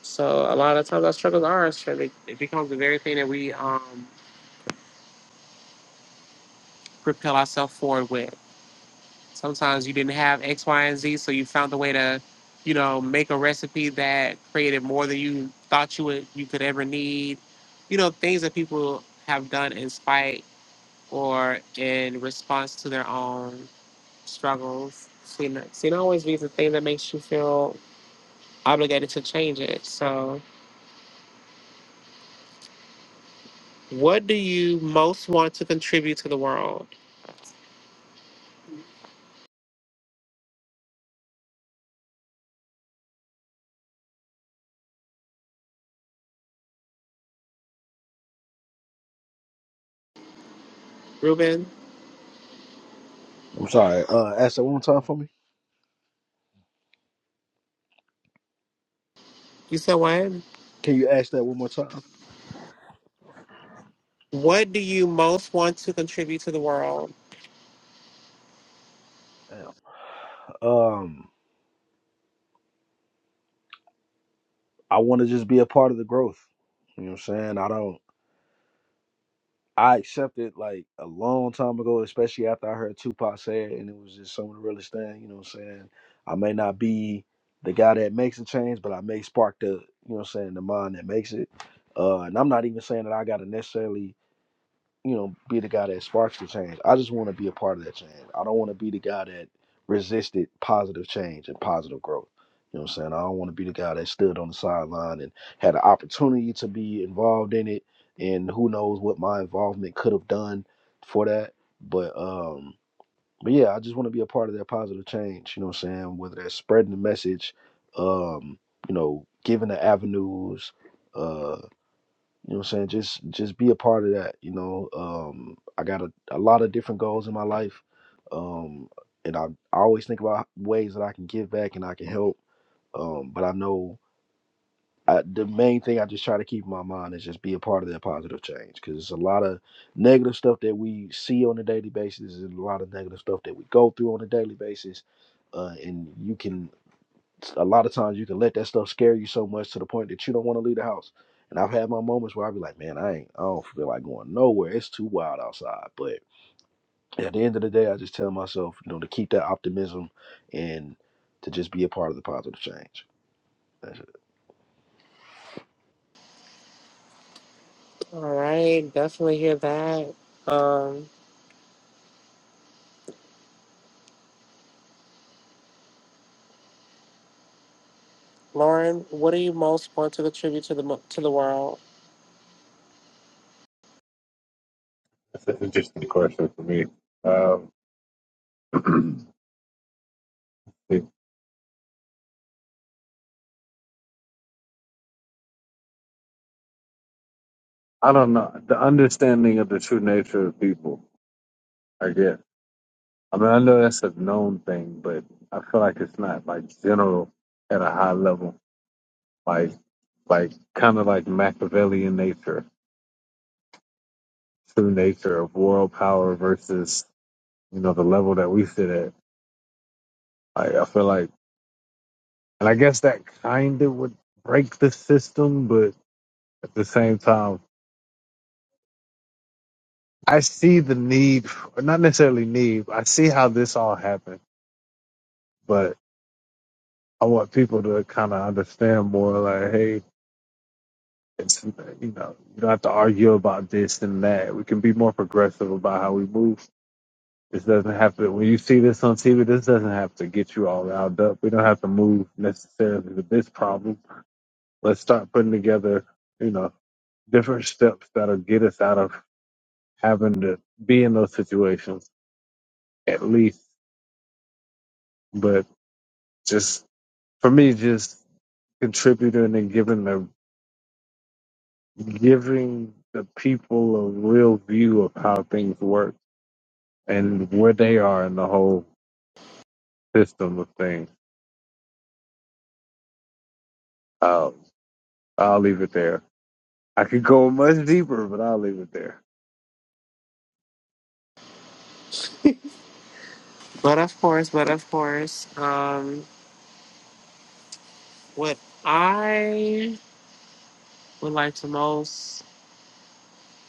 Speaker 1: So a lot of times our struggles are our strength. It it becomes the very thing that we um, propel ourselves forward with. Sometimes you didn't have X, Y, and Z, so you found a way to, you know, make a recipe that created more than you thought you would you could ever need. You know, things that people have done in spite or in response to their own struggles. Sin, sin always be the thing that makes you feel obligated to change it. So, what do you most want to contribute to the world? Ruben,
Speaker 3: I'm sorry. Uh, ask that one more time for me.
Speaker 1: you said what?
Speaker 3: Can you ask that one more time?
Speaker 1: What do you most want to contribute to the world?
Speaker 3: Damn. Um, I want to just be a part of the growth. You know what I'm saying? I don't. I accepted like a long time ago, especially after I heard Tupac say it, and it was just some of the realest thing. You know what I'm saying? I may not be the guy that makes a change, but I may spark the, you know what I'm saying, the mind that makes it. Uh, and I'm not even saying that I got to necessarily you know, be the guy that sparks the change. I just want to be a part of that change. I don't want to be the guy that resisted positive change and positive growth. You know what I'm saying? I don't want to be the guy that stood on the sideline and had an opportunity to be involved in it and who knows what my involvement could have done for that. But um but yeah, I just want to be a part of that positive change, you know what I'm saying? Whether that's spreading the message, um, you know, giving the avenues, uh, you know what I'm saying? Just just be a part of that. You know, um, I got a, a lot of different goals in my life. Um, and I, I always think about ways that I can give back and I can help. Um, but I know I, the main thing I just try to keep in my mind is just be a part of that positive change because it's a lot of negative stuff that we see on a daily basis and a lot of negative stuff that we go through on a daily basis. Uh, and you can a lot of times you can let that stuff scare you so much to the point that you don't want to leave the house. And I've had my moments where i be like, man, I ain't, I don't feel like going nowhere. It's too wild outside. But at the end of the day, I just tell myself, you know, to keep that optimism and to just be a part of the positive change.
Speaker 1: All right, definitely hear that. Um, Lauren, what do you most want to contribute to the mo- to the world?
Speaker 2: That's an interesting question for me. Um, I don't know the understanding of the true nature of people. I guess. I mean, I know that's a known thing, but I feel like it's not like general at a high level. Like, like kind of like Machiavellian nature, true nature of world power versus you know the level that we sit at. Like, I feel like, and I guess that kind of would break the system, but at the same time. I see the need, not necessarily need, but I see how this all happened, but I want people to kind of understand more like, hey, it's, you know, you don't have to argue about this and that. We can be more progressive about how we move. This doesn't have to, when you see this on TV, this doesn't have to get you all riled up. We don't have to move necessarily to this problem. Let's start putting together, you know, different steps that'll get us out of having to be in those situations at least. But just for me, just contributing and giving the giving the people a real view of how things work and where they are in the whole system of things. Uh, I'll leave it there. I could go much deeper, but I'll leave it there.
Speaker 1: But of course, but of course, um, what I would like to most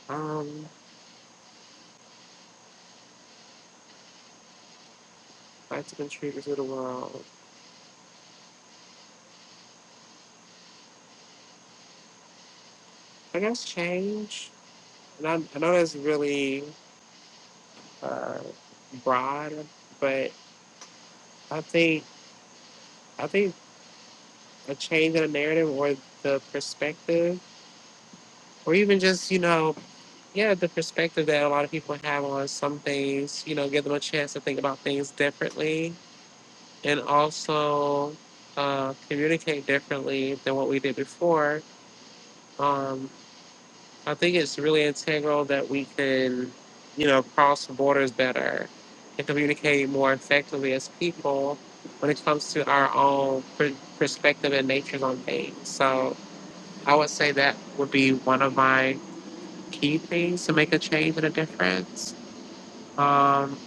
Speaker 1: Um, I'd like to contribute to the world. I guess change. And I, I know that's really uh, broad, but I think I think a change in a narrative or the perspective, or even just you know, yeah, the perspective that a lot of people have on some things. You know, give them a chance to think about things differently, and also uh, communicate differently than what we did before. Um, I think it's really integral that we can, you know, cross borders better and communicate more effectively as people when it comes to our own per- perspective and natures on things. So I would say that would be one of my key things to make a change and a difference. Um,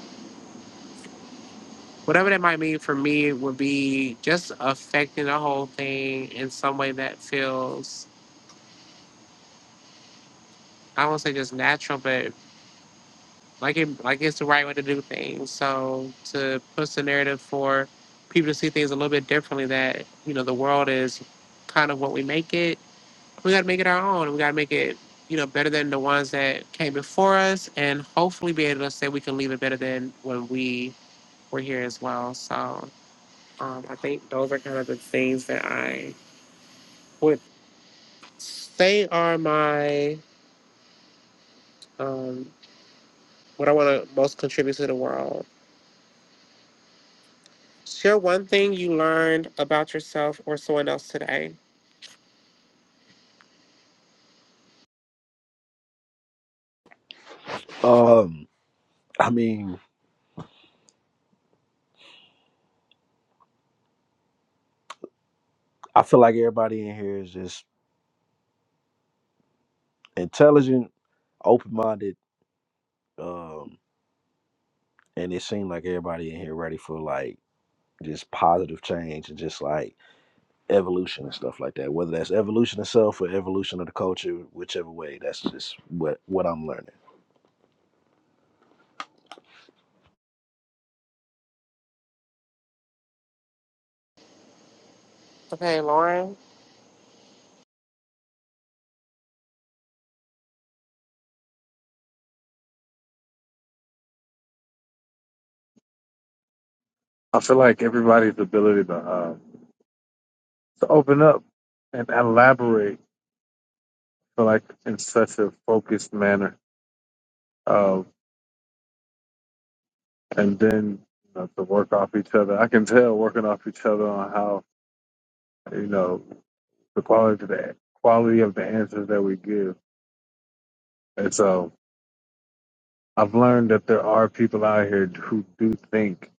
Speaker 1: whatever that might mean for me would be just affecting the whole thing in some way that feels, I won't say just natural, but Like it, like it's the right way to do things. So to push the narrative for people to see things a little bit differently, that you know the world is kind of what we make it. We got to make it our own. We got to make it you know better than the ones that came before us, and hopefully be able to say we can leave it better than when we were here as well. So um, I think those are kind of the things that I would say are my um, what I want to most contribute to the world. Share one thing you learned about yourself or someone else today.
Speaker 3: Um, I mean, I feel like everybody in here is just intelligent, open minded, um, and it seemed like everybody in here ready for like just positive change and just like evolution and stuff like that. Whether that's evolution itself or evolution of the culture, whichever way, that's just what what I'm learning.
Speaker 1: Okay, Lauren,
Speaker 2: I feel like everybody's ability to uh, to open up and elaborate, feel like in such a focused manner, uh, and then you know, to work off each other. I can tell working off each other on how you know. the quality of the quality of the answers that we give. And so I've learned that there are people out here who do think,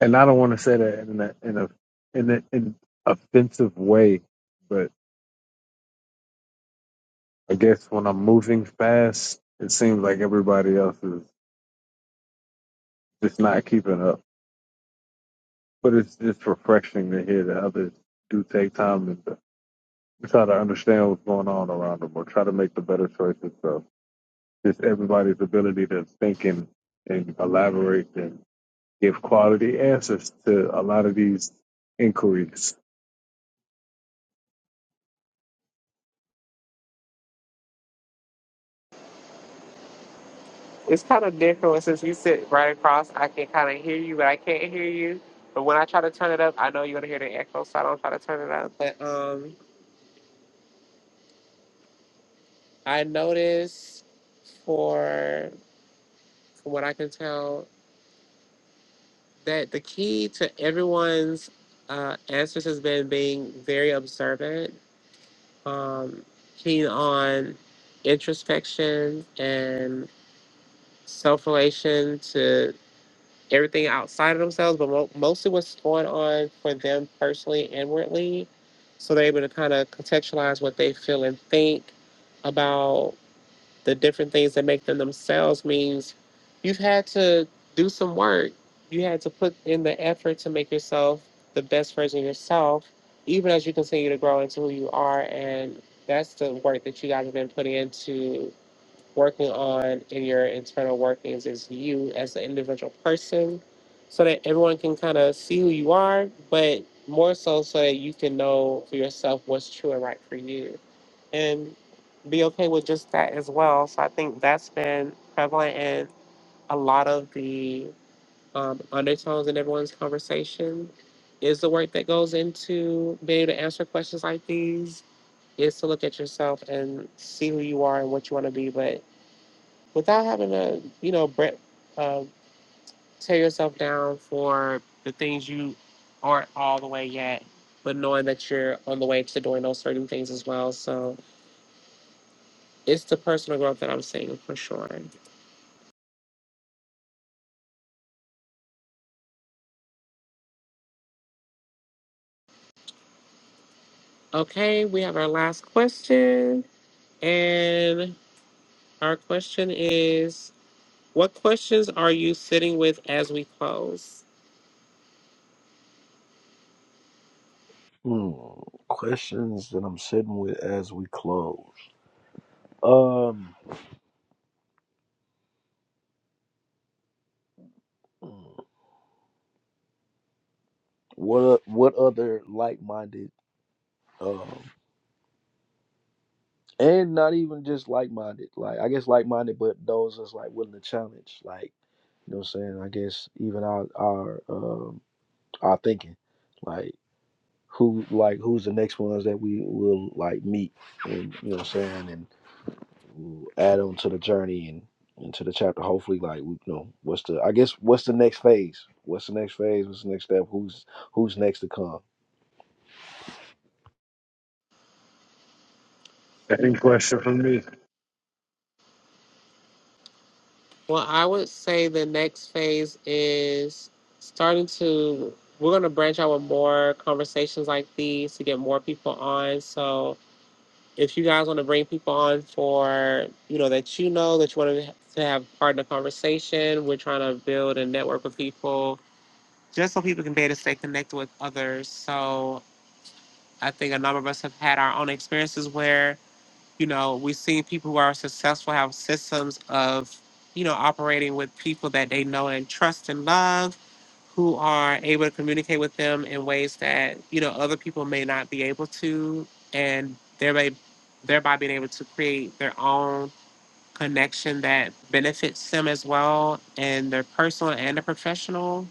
Speaker 2: and I don't want to say that in a in a in an in offensive way, but I guess when I'm moving fast, it seems like everybody else is just not keeping up. But it's just refreshing to hear that others do take time and to try to understand what's going on around them or try to make the better choices. So just everybody's ability to think and, and elaborate and give quality answers to a lot of these inquiries.
Speaker 1: it's kind of different since you sit right across. I can kind of hear you, but I can't hear you. But when I try to turn it up, I know you're gonna hear the echo, so I don't try to turn it up. But um, I noticed, for from what I can tell, that the key to everyone's uh, answers has been being very observant, um, keen on introspection and self relation to everything outside of themselves, but mo- mostly what's going on for them personally, inwardly. So they're able to kind of contextualize what they feel and think about the different things that make them themselves means you've had to do some work. You had to put in the effort to make yourself the best version of yourself, even as you continue to grow into who you are. And that's the work that you guys have been putting into working on in your internal workings is you as an individual person so that everyone can kind of see who you are, but more so so that you can know for yourself what's true and right for you and be okay with just that as well. So I think that's been prevalent in a lot of the um, undertones in everyone's conversation is the work that goes into being able to answer questions like these is to look at yourself and see who you are and what you want to be, but without having to, you know, bre- uh, tear yourself down for the things you aren't all the way yet, but knowing that you're on the way to doing those certain things as well. So it's the personal growth that I'm seeing for sure. Okay, we have our last question. And our question is What questions are you sitting with as we close?
Speaker 3: Hmm. Questions that I'm sitting with as we close. Um, what o- what other like minded, um, and not even just like minded, like I guess like minded, but those that's like willing to challenge, like you know what I'm saying. I guess even our our um our thinking, like who like who's the next ones that we will like meet, and you know what I'm saying, and we'll add on to the journey and into the chapter. Hopefully, like we you know what's the I guess what's the next phase? What's the next phase? What's the next step? Who's who's next to come?
Speaker 2: Any question from me?
Speaker 1: Well, I would say the next phase is starting to, we're going to branch out with more conversations like these to get more people on. So if you guys want to bring people on for, you know, that you know that you want to to have part in the conversation, we're trying to build a network of people just so people can be able to stay connected with others. So I think a number of us have had our own experiences where you know, we've seen people who are successful have systems of, you know, operating with people that they know and trust and love, who are able to communicate with them in ways that, you know, other people may not be able to, and thereby, thereby being able to create their own connection that benefits them as well in their personal and their professional.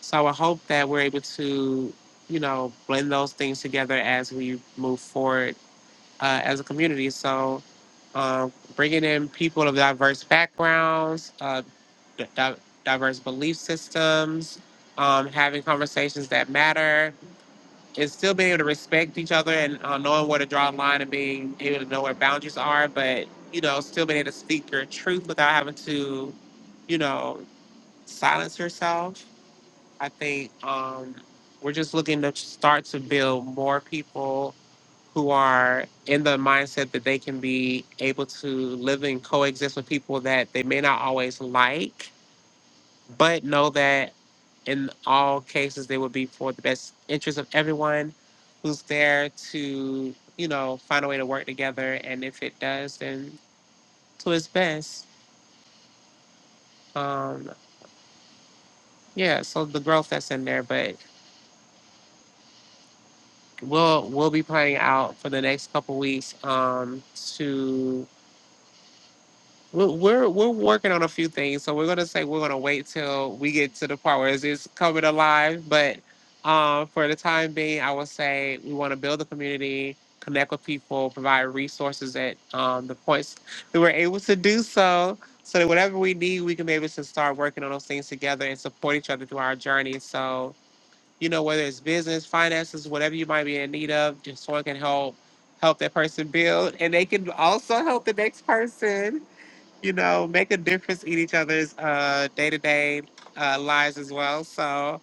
Speaker 1: So I would hope that we're able to, you know, blend those things together as we move forward uh, as a community. So um, bringing in people of diverse backgrounds, uh, di- di- diverse belief systems, um, having conversations that matter, and still being able to respect each other and uh, knowing where to draw a line and being able to know where boundaries are, but you know, still being able to speak your truth without having to, you know, silence yourself. I think um, we're just looking to start to build more people who are in the mindset that they can be able to live and coexist with people that they may not always like, but know that in all cases they would be for the best interest of everyone who's there to, you know, find a way to work together. And if it does, then to its best. Um, yeah, so the growth that's in there, but we'll we'll be playing out for the next couple weeks um, to We're, we're we're working on a few things, so we're gonna say we're gonna wait till we get to the part where it's it's coming alive. But um, for the time being, I would say we want to build a community, connect with people, provide resources at um, the points that we're able to do so, so that whatever we need, we can be able to start working on those things together and support each other through our journey. So you know, whether it's business, finances, whatever you might be in need of, just someone can help help that person build, and they can also help the next person you know, make a difference in each other's uh, day-to-day uh, lives as well. So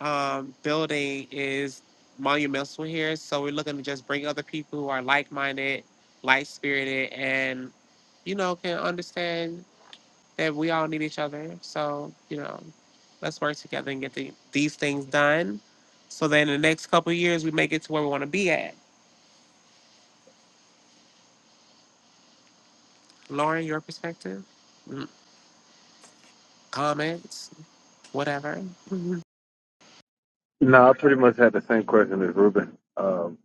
Speaker 1: um, building is monumental here. So we're looking to just bring other people who are like-minded, like-spirited, and, you know, can understand that we all need each other. So, you know, let's work together and get the, these things done. So then in the next couple of years, we make it to where we want to be at. Lauren, your perspective, Mm, comments, whatever.
Speaker 2: No, I pretty much had the same question as Ruben, um,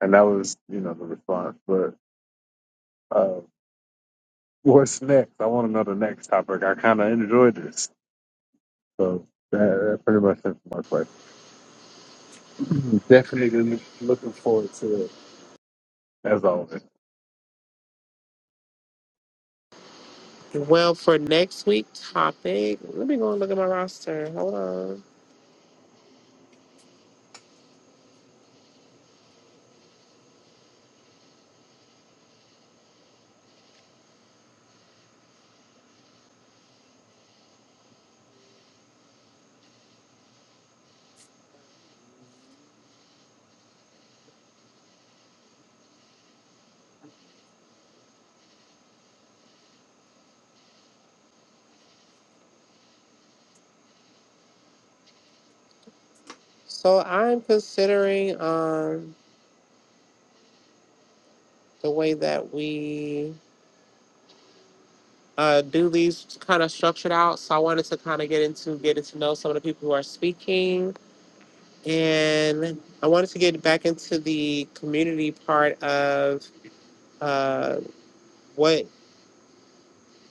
Speaker 2: and that was you know the response. But uh, what's next? I want to know the next topic. I kind of enjoyed this, so that, that pretty much answers my question. Definitely looking forward to it as always.
Speaker 1: Well, for next week topic, let me go and look at my roster. Hold on. So I'm considering um the way that we uh do these kind of structured out. So I wanted to kind of get into getting to know some of the people who are speaking, and I wanted to get back into the community part of uh what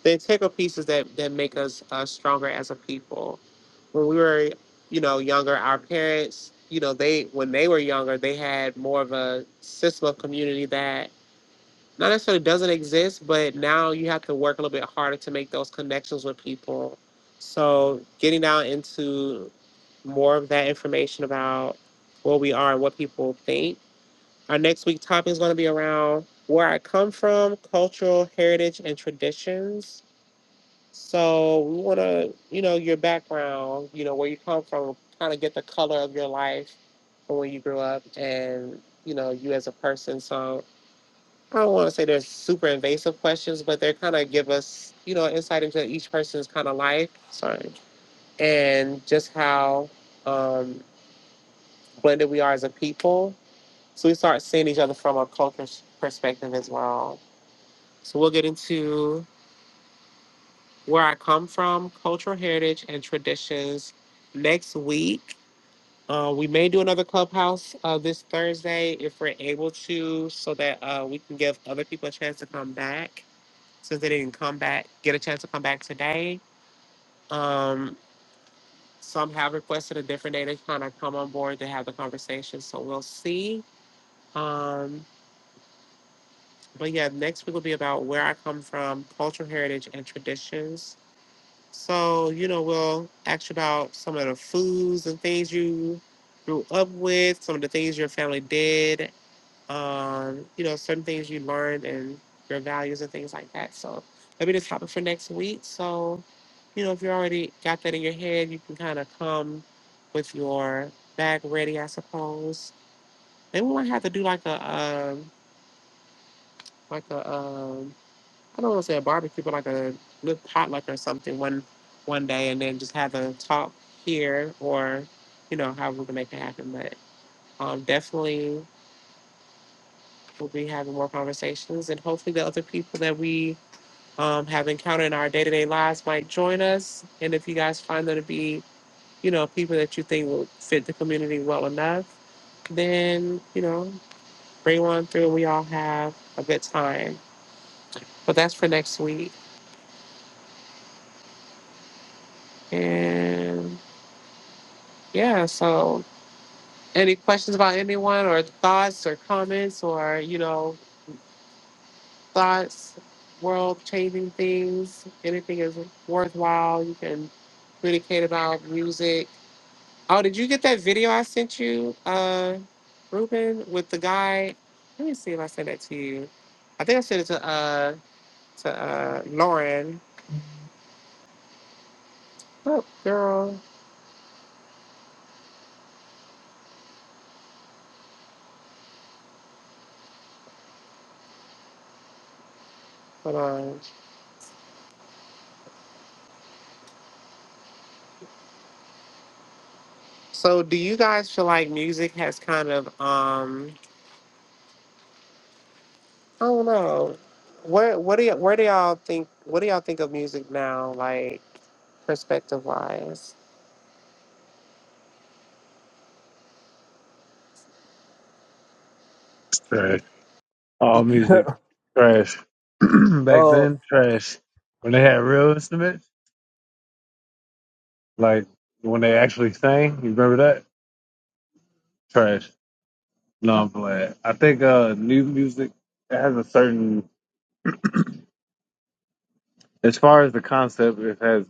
Speaker 1: the integral pieces that that make us uh, stronger as a people. When we were, you know, younger, our parents, you know, they when they were younger, they had more of a system of community that not necessarily doesn't exist, but now you have to work a little bit harder to make those connections with people. So getting down into more of that information about what we are and what people think. Our next week topic is going to be around where I come from, cultural heritage and traditions so we want to, you know, your background, you know, where you come from, kind of get the color of your life from when you grew up and, you know, you as a person. So I don't want to say they're super invasive questions, but they kind of give us, you know, insight into each person's kind of life. Sorry. And just how um, blended we are as a people. So we start seeing each other from a culture s- perspective as well. So we'll get into where I come from, cultural heritage and traditions. Next week, uh, we may do another clubhouse uh, this Thursday if we're able to, so that uh, we can give other people a chance to come back since they didn't come back, get a chance to come back today. Um, some have requested a different day to kind of come on board to have the conversation, so we'll see. Um, but yeah, next week will be about where I come from, cultural heritage and traditions So, you know, we'll ask you about some of the foods and things you grew up with, some of the things your family did, um, you know, certain things you learned and your values and things like that. So that'll be the topic for next week. So, you know, if you already got that in your head, you can kind of come with your bag ready, I suppose. Maybe we might have to do like a um, like a um, I don't want to say a barbecue, but like a little potluck or something one one day, and then just have a talk here, or you know, how we can make it happen. But um, definitely, we'll be having more conversations, and hopefully, the other people that we um, have encountered in our day to day lives might join us. And if you guys find them to be, you know, people that you think will fit the community well enough, then you know, bring one through, we all have a good time. But that's for next week, and yeah, so. Any questions about anyone or thoughts or comments or, you know, thoughts, world changing things? Anything is worthwhile you can communicate about music. Oh, did you get that video I sent you, uh, Ruben, with the guy? Let me see if I sent that to you. I think I sent it to uh to uh Lauren. Oh, girl. Hold on. So do you guys feel like music has kind of um I don't know. What what do y- where do y'all think what do y'all think of music now, like perspective wise?
Speaker 2: Trash. All music trash. Back
Speaker 3: Uh
Speaker 2: then, trash. When they had real instruments, like when they actually sang. You remember that? Trash. No, I'm glad. I think uh, new music it has a certain, as far as the concept, it has.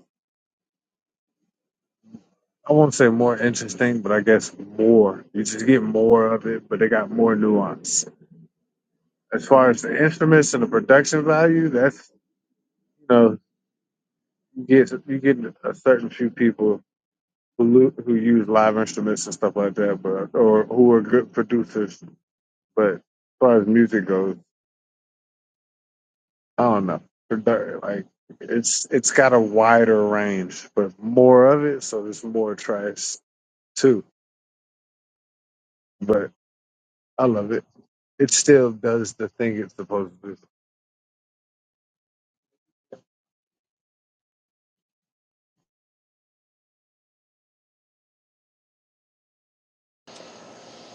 Speaker 2: I won't say more interesting, but I guess more. You just get more of it, but they got more nuance. As far as the instruments and the production value, that's you know you get you get a certain few people who lu- who use live instruments and stuff like that, but or who are good producers. But as far as music goes. I don't know. They're- Like it's it's got a wider range, but more of it, so there's more trash too. But I love it. It still does the thing it's supposed to do.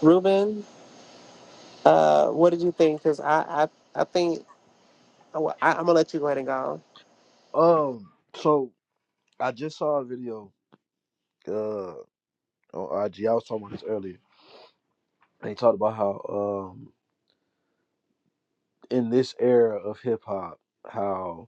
Speaker 1: Ruben, uh, what did you think? Because I, I I think oh, I, I'm gonna let you go ahead and go.
Speaker 3: um so I just saw a video uh on IG. I was talking about this earlier. They talked about how um in this era of hip hop, how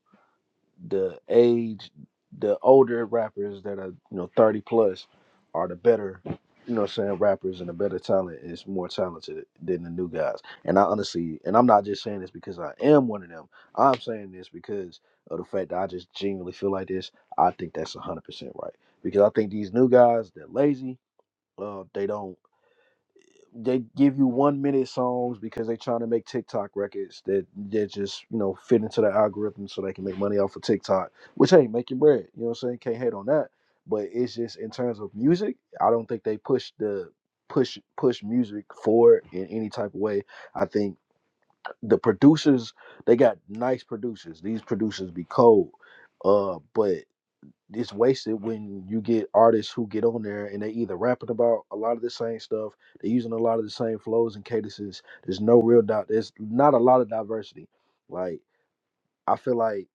Speaker 3: the age, the older rappers that are, you know, 30 plus are the better, you know what I'm saying, rappers and the better talent is more talented than the new guys. And I honestly, and I'm not just saying this because I am one of them. I'm saying this because of the fact that I just genuinely feel like this. I think that's 100% right. Because I think these new guys, they're lazy. Uh, they don't they give you one minute songs because they're trying to make TikTok records that that just you know fit into the algorithm so they can make money off of TikTok, which ain't making bread. You know what I'm saying? Can't hate on that. But it's just in terms of music, I don't think they push the push push music forward in any type of way. I think the producers they got nice producers. These producers be cold, uh, but it's wasted when you get artists who get on there and they either rapping about a lot of the same stuff, they're using a lot of the same flows and cadences. There's no real doubt. There's not a lot of diversity. Like I feel like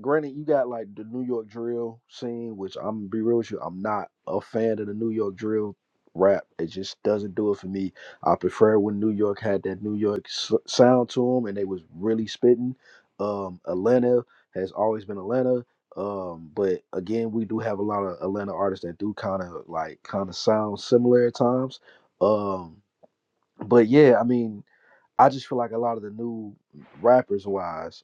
Speaker 3: granted, you got like the New York drill scene, which I'm gonna be real with you, I'm not a fan of the New York drill rap. It just doesn't do it for me. I prefer when New York had that New York s- sound to them, and they was really spitting. Um, Atlanta has always been Atlanta. Um, but again, we do have a lot of Atlanta artists that do kind of like kind of sound similar at times. Um, but yeah, I mean, I just feel like a lot of the new rappers wise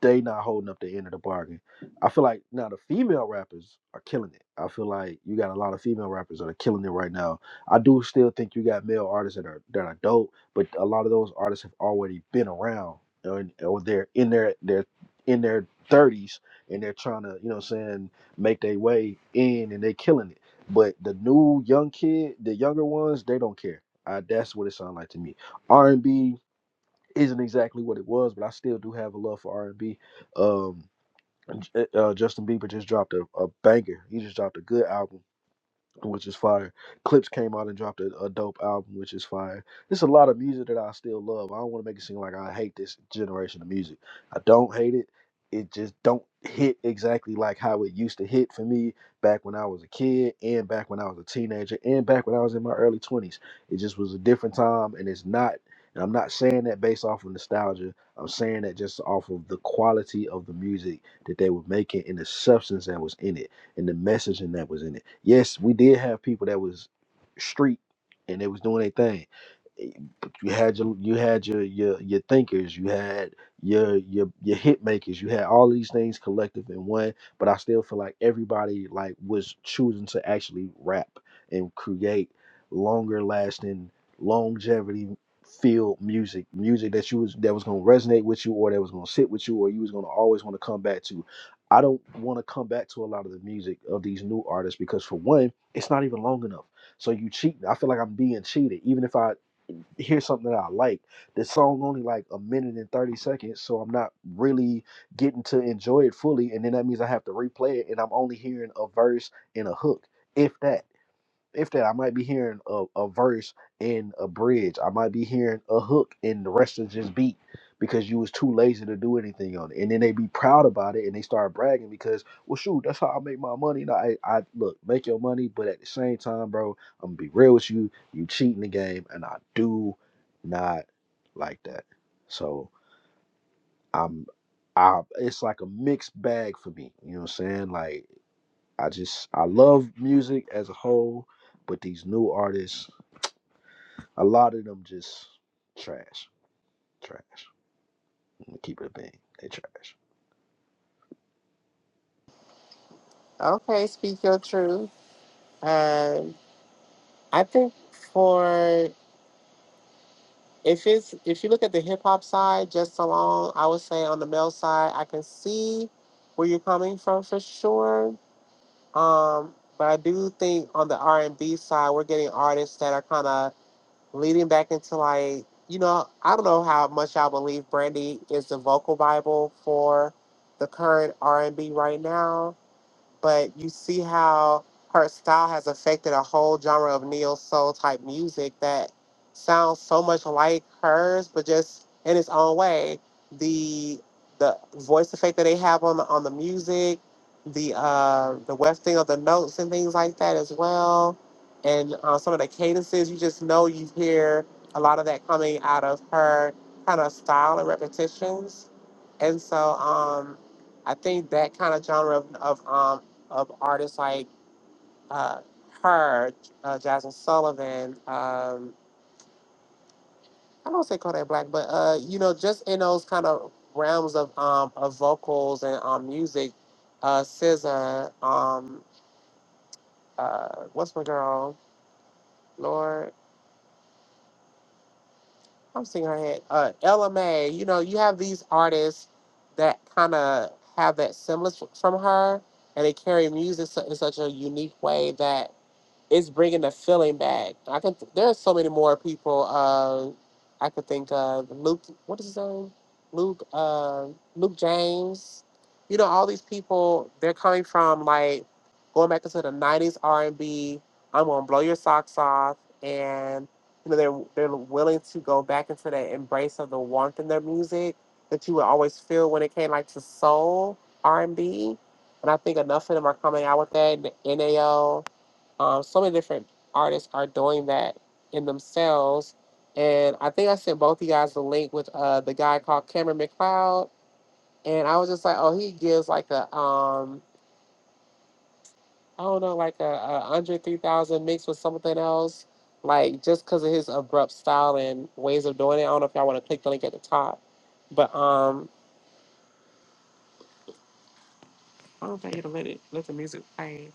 Speaker 3: they not holding up the end of the bargain. I feel like now the female rappers are killing it. I feel like you got a lot of female rappers that are killing it right now. I do still think you got male artists that are that are dope, but a lot of those artists have already been around or, or they're in their they're in their thirties and they're trying to, you know what I'm saying, make their way in and they killing it. But the new young kid, the younger ones, they don't care. Uh, that's what it sounds like to me. R&B isn't exactly what it was, but I still do have a love for R and B. Um, uh, Justin Bieber just dropped a, a banger. He just dropped a good album which is fire. Clips came out and dropped a, a dope album, which is fire. There's a lot of music that I still love. I don't want to make it seem like I hate this generation of music. I don't hate it. It just don't hit exactly like how it used to hit for me back when I was a kid and back when I was a teenager and back when I was in my early 20s. It just was a different time and it's not and I'm not saying that based off of nostalgia. I'm saying that just off of the quality of the music that they were making and the substance that was in it and the messaging that was in it. Yes, we did have people that was street and they was doing their thing. Eh, But you had your you had your your your thinkers, you had your your your hit makers, you had all these things collective in one. But I still feel like everybody like was choosing to actually rap and create longer lasting longevity field music music that you was that was going to resonate with you or that was going to sit with you or you was going to always want to come back to I don't want to come back to a lot of the music of these new artists because for one, it's not even long enough. So you cheat. I feel like I'm being cheated. Even if I hear something that I like, the song only like a minute and thirty seconds, so I'm not really getting to enjoy it fully. And then that means I have to replay it, and I'm only hearing a verse and a hook, if that if that I might be hearing a, a verse in a bridge. I might be hearing a hook and the rest is just beat because you was too lazy to do anything on it. And then they be proud about it and they start bragging because, well shoot, that's how I make my money. And I, I look, make your money, but at the same time, bro, I'm gonna be real with you. You cheating the game and I do not like that. So I'm I it's like a mixed bag for me. You know what I'm saying? Like I just I love music as a whole, but these new artists, a lot of them just trash, trash. I'm gonna keep it a bean. They trash.
Speaker 1: Okay, speak your truth. Um, I think for if it's if you look at the hip hop side just alone, I would say on the male side, I can see where you're coming from for sure. Um, but I do think on the R and B side, we're getting artists that are kind of leading back into like you know i don't know how much i believe brandy is the vocal bible for the current r&b right now but you see how her style has affected a whole genre of neo soul type music that sounds so much like hers, but just in its own way. The the voice effect that they have on the on the music, the uh the wefting of the notes and things like that as well, and uh, some of the cadences you just know you hear a lot of that coming out of her kind of style and repetitions, and so um I think that kind of genre of, of um, of artists like uh, her, uh, Jasmine Sullivan. Um, I don't say Kodak Black, but uh, you know, just in those kind of realms of um, of vocals and um, music, uh, SZA, um, uh, what's my girl? Lord, I'm seeing her head. Uh, LMA. You know, you have these artists that kind of have that semblance from her, and they carry music su- in such a unique way that. it's bringing the feeling back. I can. There are so many more people. Uh, I could think of Luke. What is his name? Luke. Uh, Luke James. You know, all these people. They're coming from like going back into the '90s R&B. I'm gonna blow your socks off, and you know they're they're willing to go back into that embrace of the warmth in their music that you would always feel when it came like to soul R&B. And B. And I think enough of them are coming out with that. NAO. Um, so many different artists are doing that in themselves. And I think I sent both of you guys the link with uh, the guy called Cameron McLeod. And I was just like, oh, he gives like a, um, I don't know, like a, a 103,000 mixed with something else. Like just because of his abrupt style and ways of doing it. I don't know if y'all want to click the link at the top. But um, I don't think it'll let it let the music play.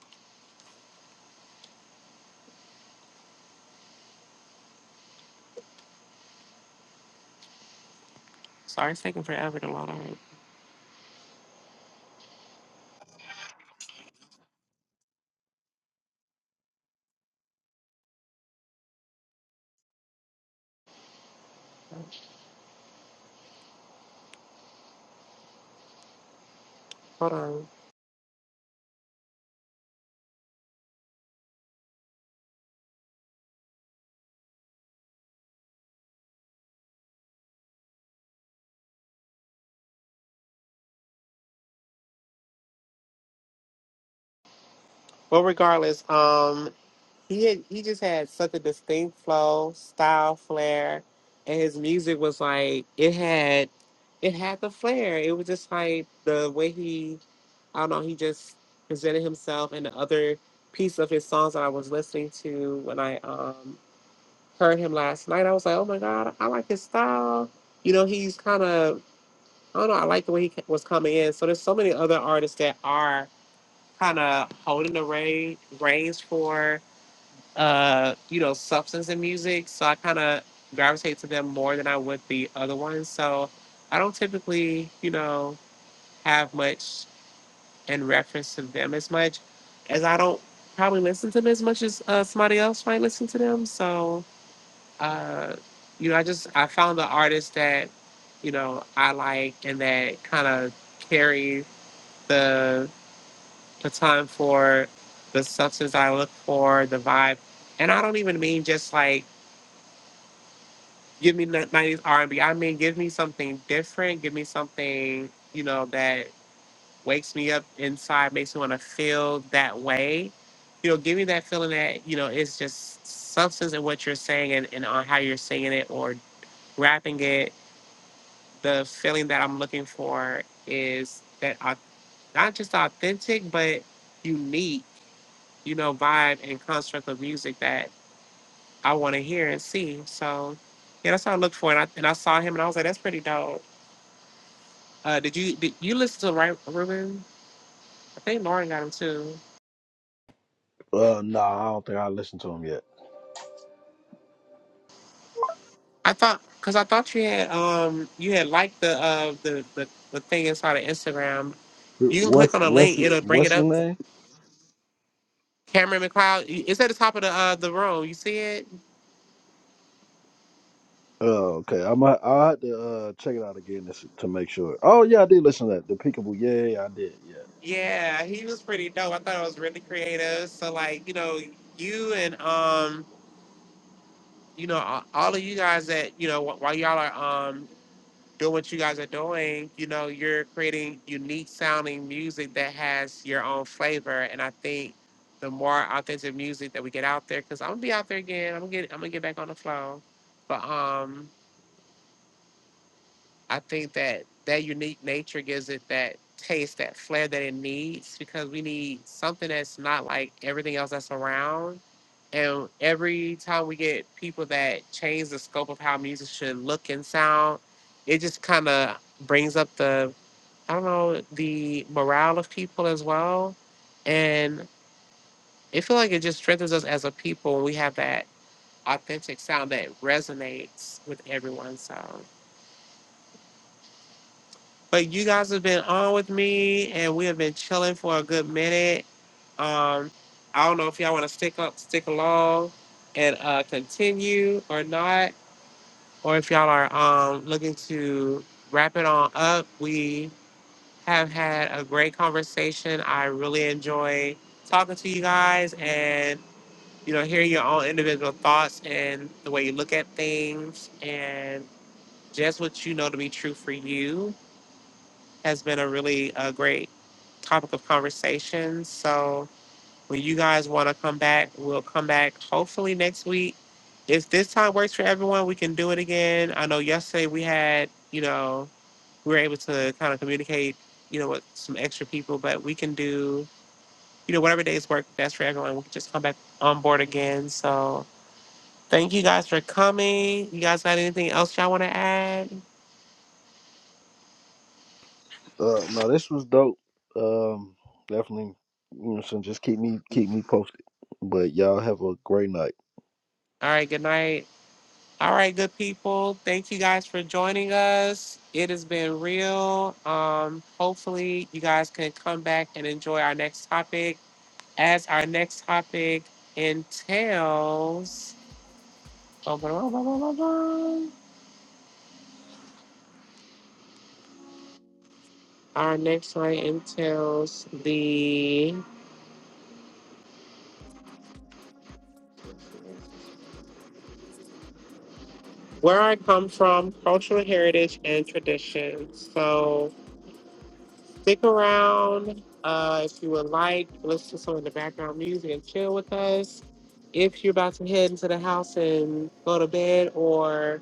Speaker 1: Sorry, it's taking forever to load up. Hold on. Well, regardless, um, He had, he just had such a distinct flow, style, flair, and his music was like it had it had the flair. It was just like the way he I don't know, he just presented himself and the other piece of his songs that I was listening to when I um heard him last night, I was like, "Oh my god, I like his style." You know, he's kind of I don't know, I like the way he ca- was coming in. So there's so many other artists that are kind of holding the rein, reins for uh, you know, substance in music. So I kind of gravitate to them more than I would the other ones. So I don't typically, you know, have much in reference to them as much as I don't probably listen to them as much as uh, somebody else might listen to them. So, uh, you know, I just, I found the artist that, you know, I like and that kind of carry the baton for the substance I look for, the vibe. And I don't even mean just like, give me ni- 90s r and B. I mean, give me something different. Give me something, you know, that wakes me up inside, makes me want to feel that way. You know, give me that feeling that, you know, it's just substance in what you're saying and, and on how you're singing it or rapping it. The feeling that I'm looking for is that au- not just authentic, but unique, you know, vibe and construct of music that. I want to hear and see. So yeah, that's what I looked for, and I and I saw him, and I was like, that's pretty dope. Uh, did you did you listen to right Ruben? I think Lauren got him too.
Speaker 3: Uh, no, I don't think I listened to them yet.
Speaker 1: I thought because I thought you had um you had liked the uh the the, the thing inside of Instagram.
Speaker 3: Who-
Speaker 1: You can click
Speaker 3: What's
Speaker 1: on the
Speaker 3: what's
Speaker 1: link;
Speaker 3: it-
Speaker 1: it'll bring
Speaker 3: what's
Speaker 1: it
Speaker 3: his
Speaker 1: up.
Speaker 3: name?
Speaker 1: Cameron McLeod, it's at the top of the uh the room. You see it?
Speaker 3: Oh, okay. I might. I had to uh, check it out again to, s- to make sure. Oh, yeah, I did listen to that. The Peekaboo. Yeah, yeah, yeah, I did. Yeah.
Speaker 1: Yeah, he was pretty dope. I thought it was really creative. So like you know you and um you know all all of you guys that you know wh- while y'all are um doing what you guys are doing, you know, you're creating unique sounding music that has your own flavor. And I think the more authentic music that we get out there, because I'm gonna be out there again. I'm gonna get I'm gonna get back on the flow. But um I think that that unique nature gives it that taste, that flair that it needs, because we need something that's not like everything else that's around. And every time we get people that change the scope of how music should look and sound, it just kind of brings up the I don't know, the morale of people as well. And it feel like it just strengthens us as a people when we have that authentic sound that resonates with everyone. So but you guys have been on with me and we have been chilling for a good minute. Um I don't know if y'all wanna stick up stick along and uh continue or not. Or if y'all are um looking to wrap it on up, we have had a great conversation. I really enjoy talking to you guys and you know hearing your own individual thoughts and the way you look at things and just what you know to be true for you has been a really uh, great topic of conversation. So when you guys want to come back, we'll come back hopefully next week. If this time works for everyone, we can do it again. I know yesterday we had, you know, we were able to kind of communicate, you know, with some extra people, but we can do, you know, whatever days work best for everyone. We can just come back on board again. So thank you guys for coming. You guys got anything else y'all want to add?
Speaker 3: Uh, no, this was dope. Um, definitely. You know, so just keep me keep me posted. But y'all have a great night.
Speaker 1: All right, good night. All right, good people. Thank you guys for joining us. It has been real. Um, hopefully, you guys can come back and enjoy our next topic. As our next topic entails. Oh, blah, blah, blah, blah, blah, blah. Our next slide entails the where I come from, cultural heritage and traditions. So stick around uh, if you would like. Listen to some of the background music and chill with us. If you're about to head into the house and go to bed, or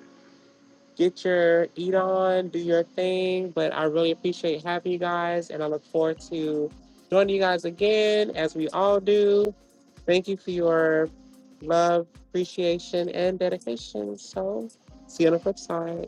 Speaker 1: get your eat on, do your thing. But I really appreciate having you guys, and I look forward to joining you guys again as we all do. Thank you for your love, appreciation, and dedication. So, see you on the flip side.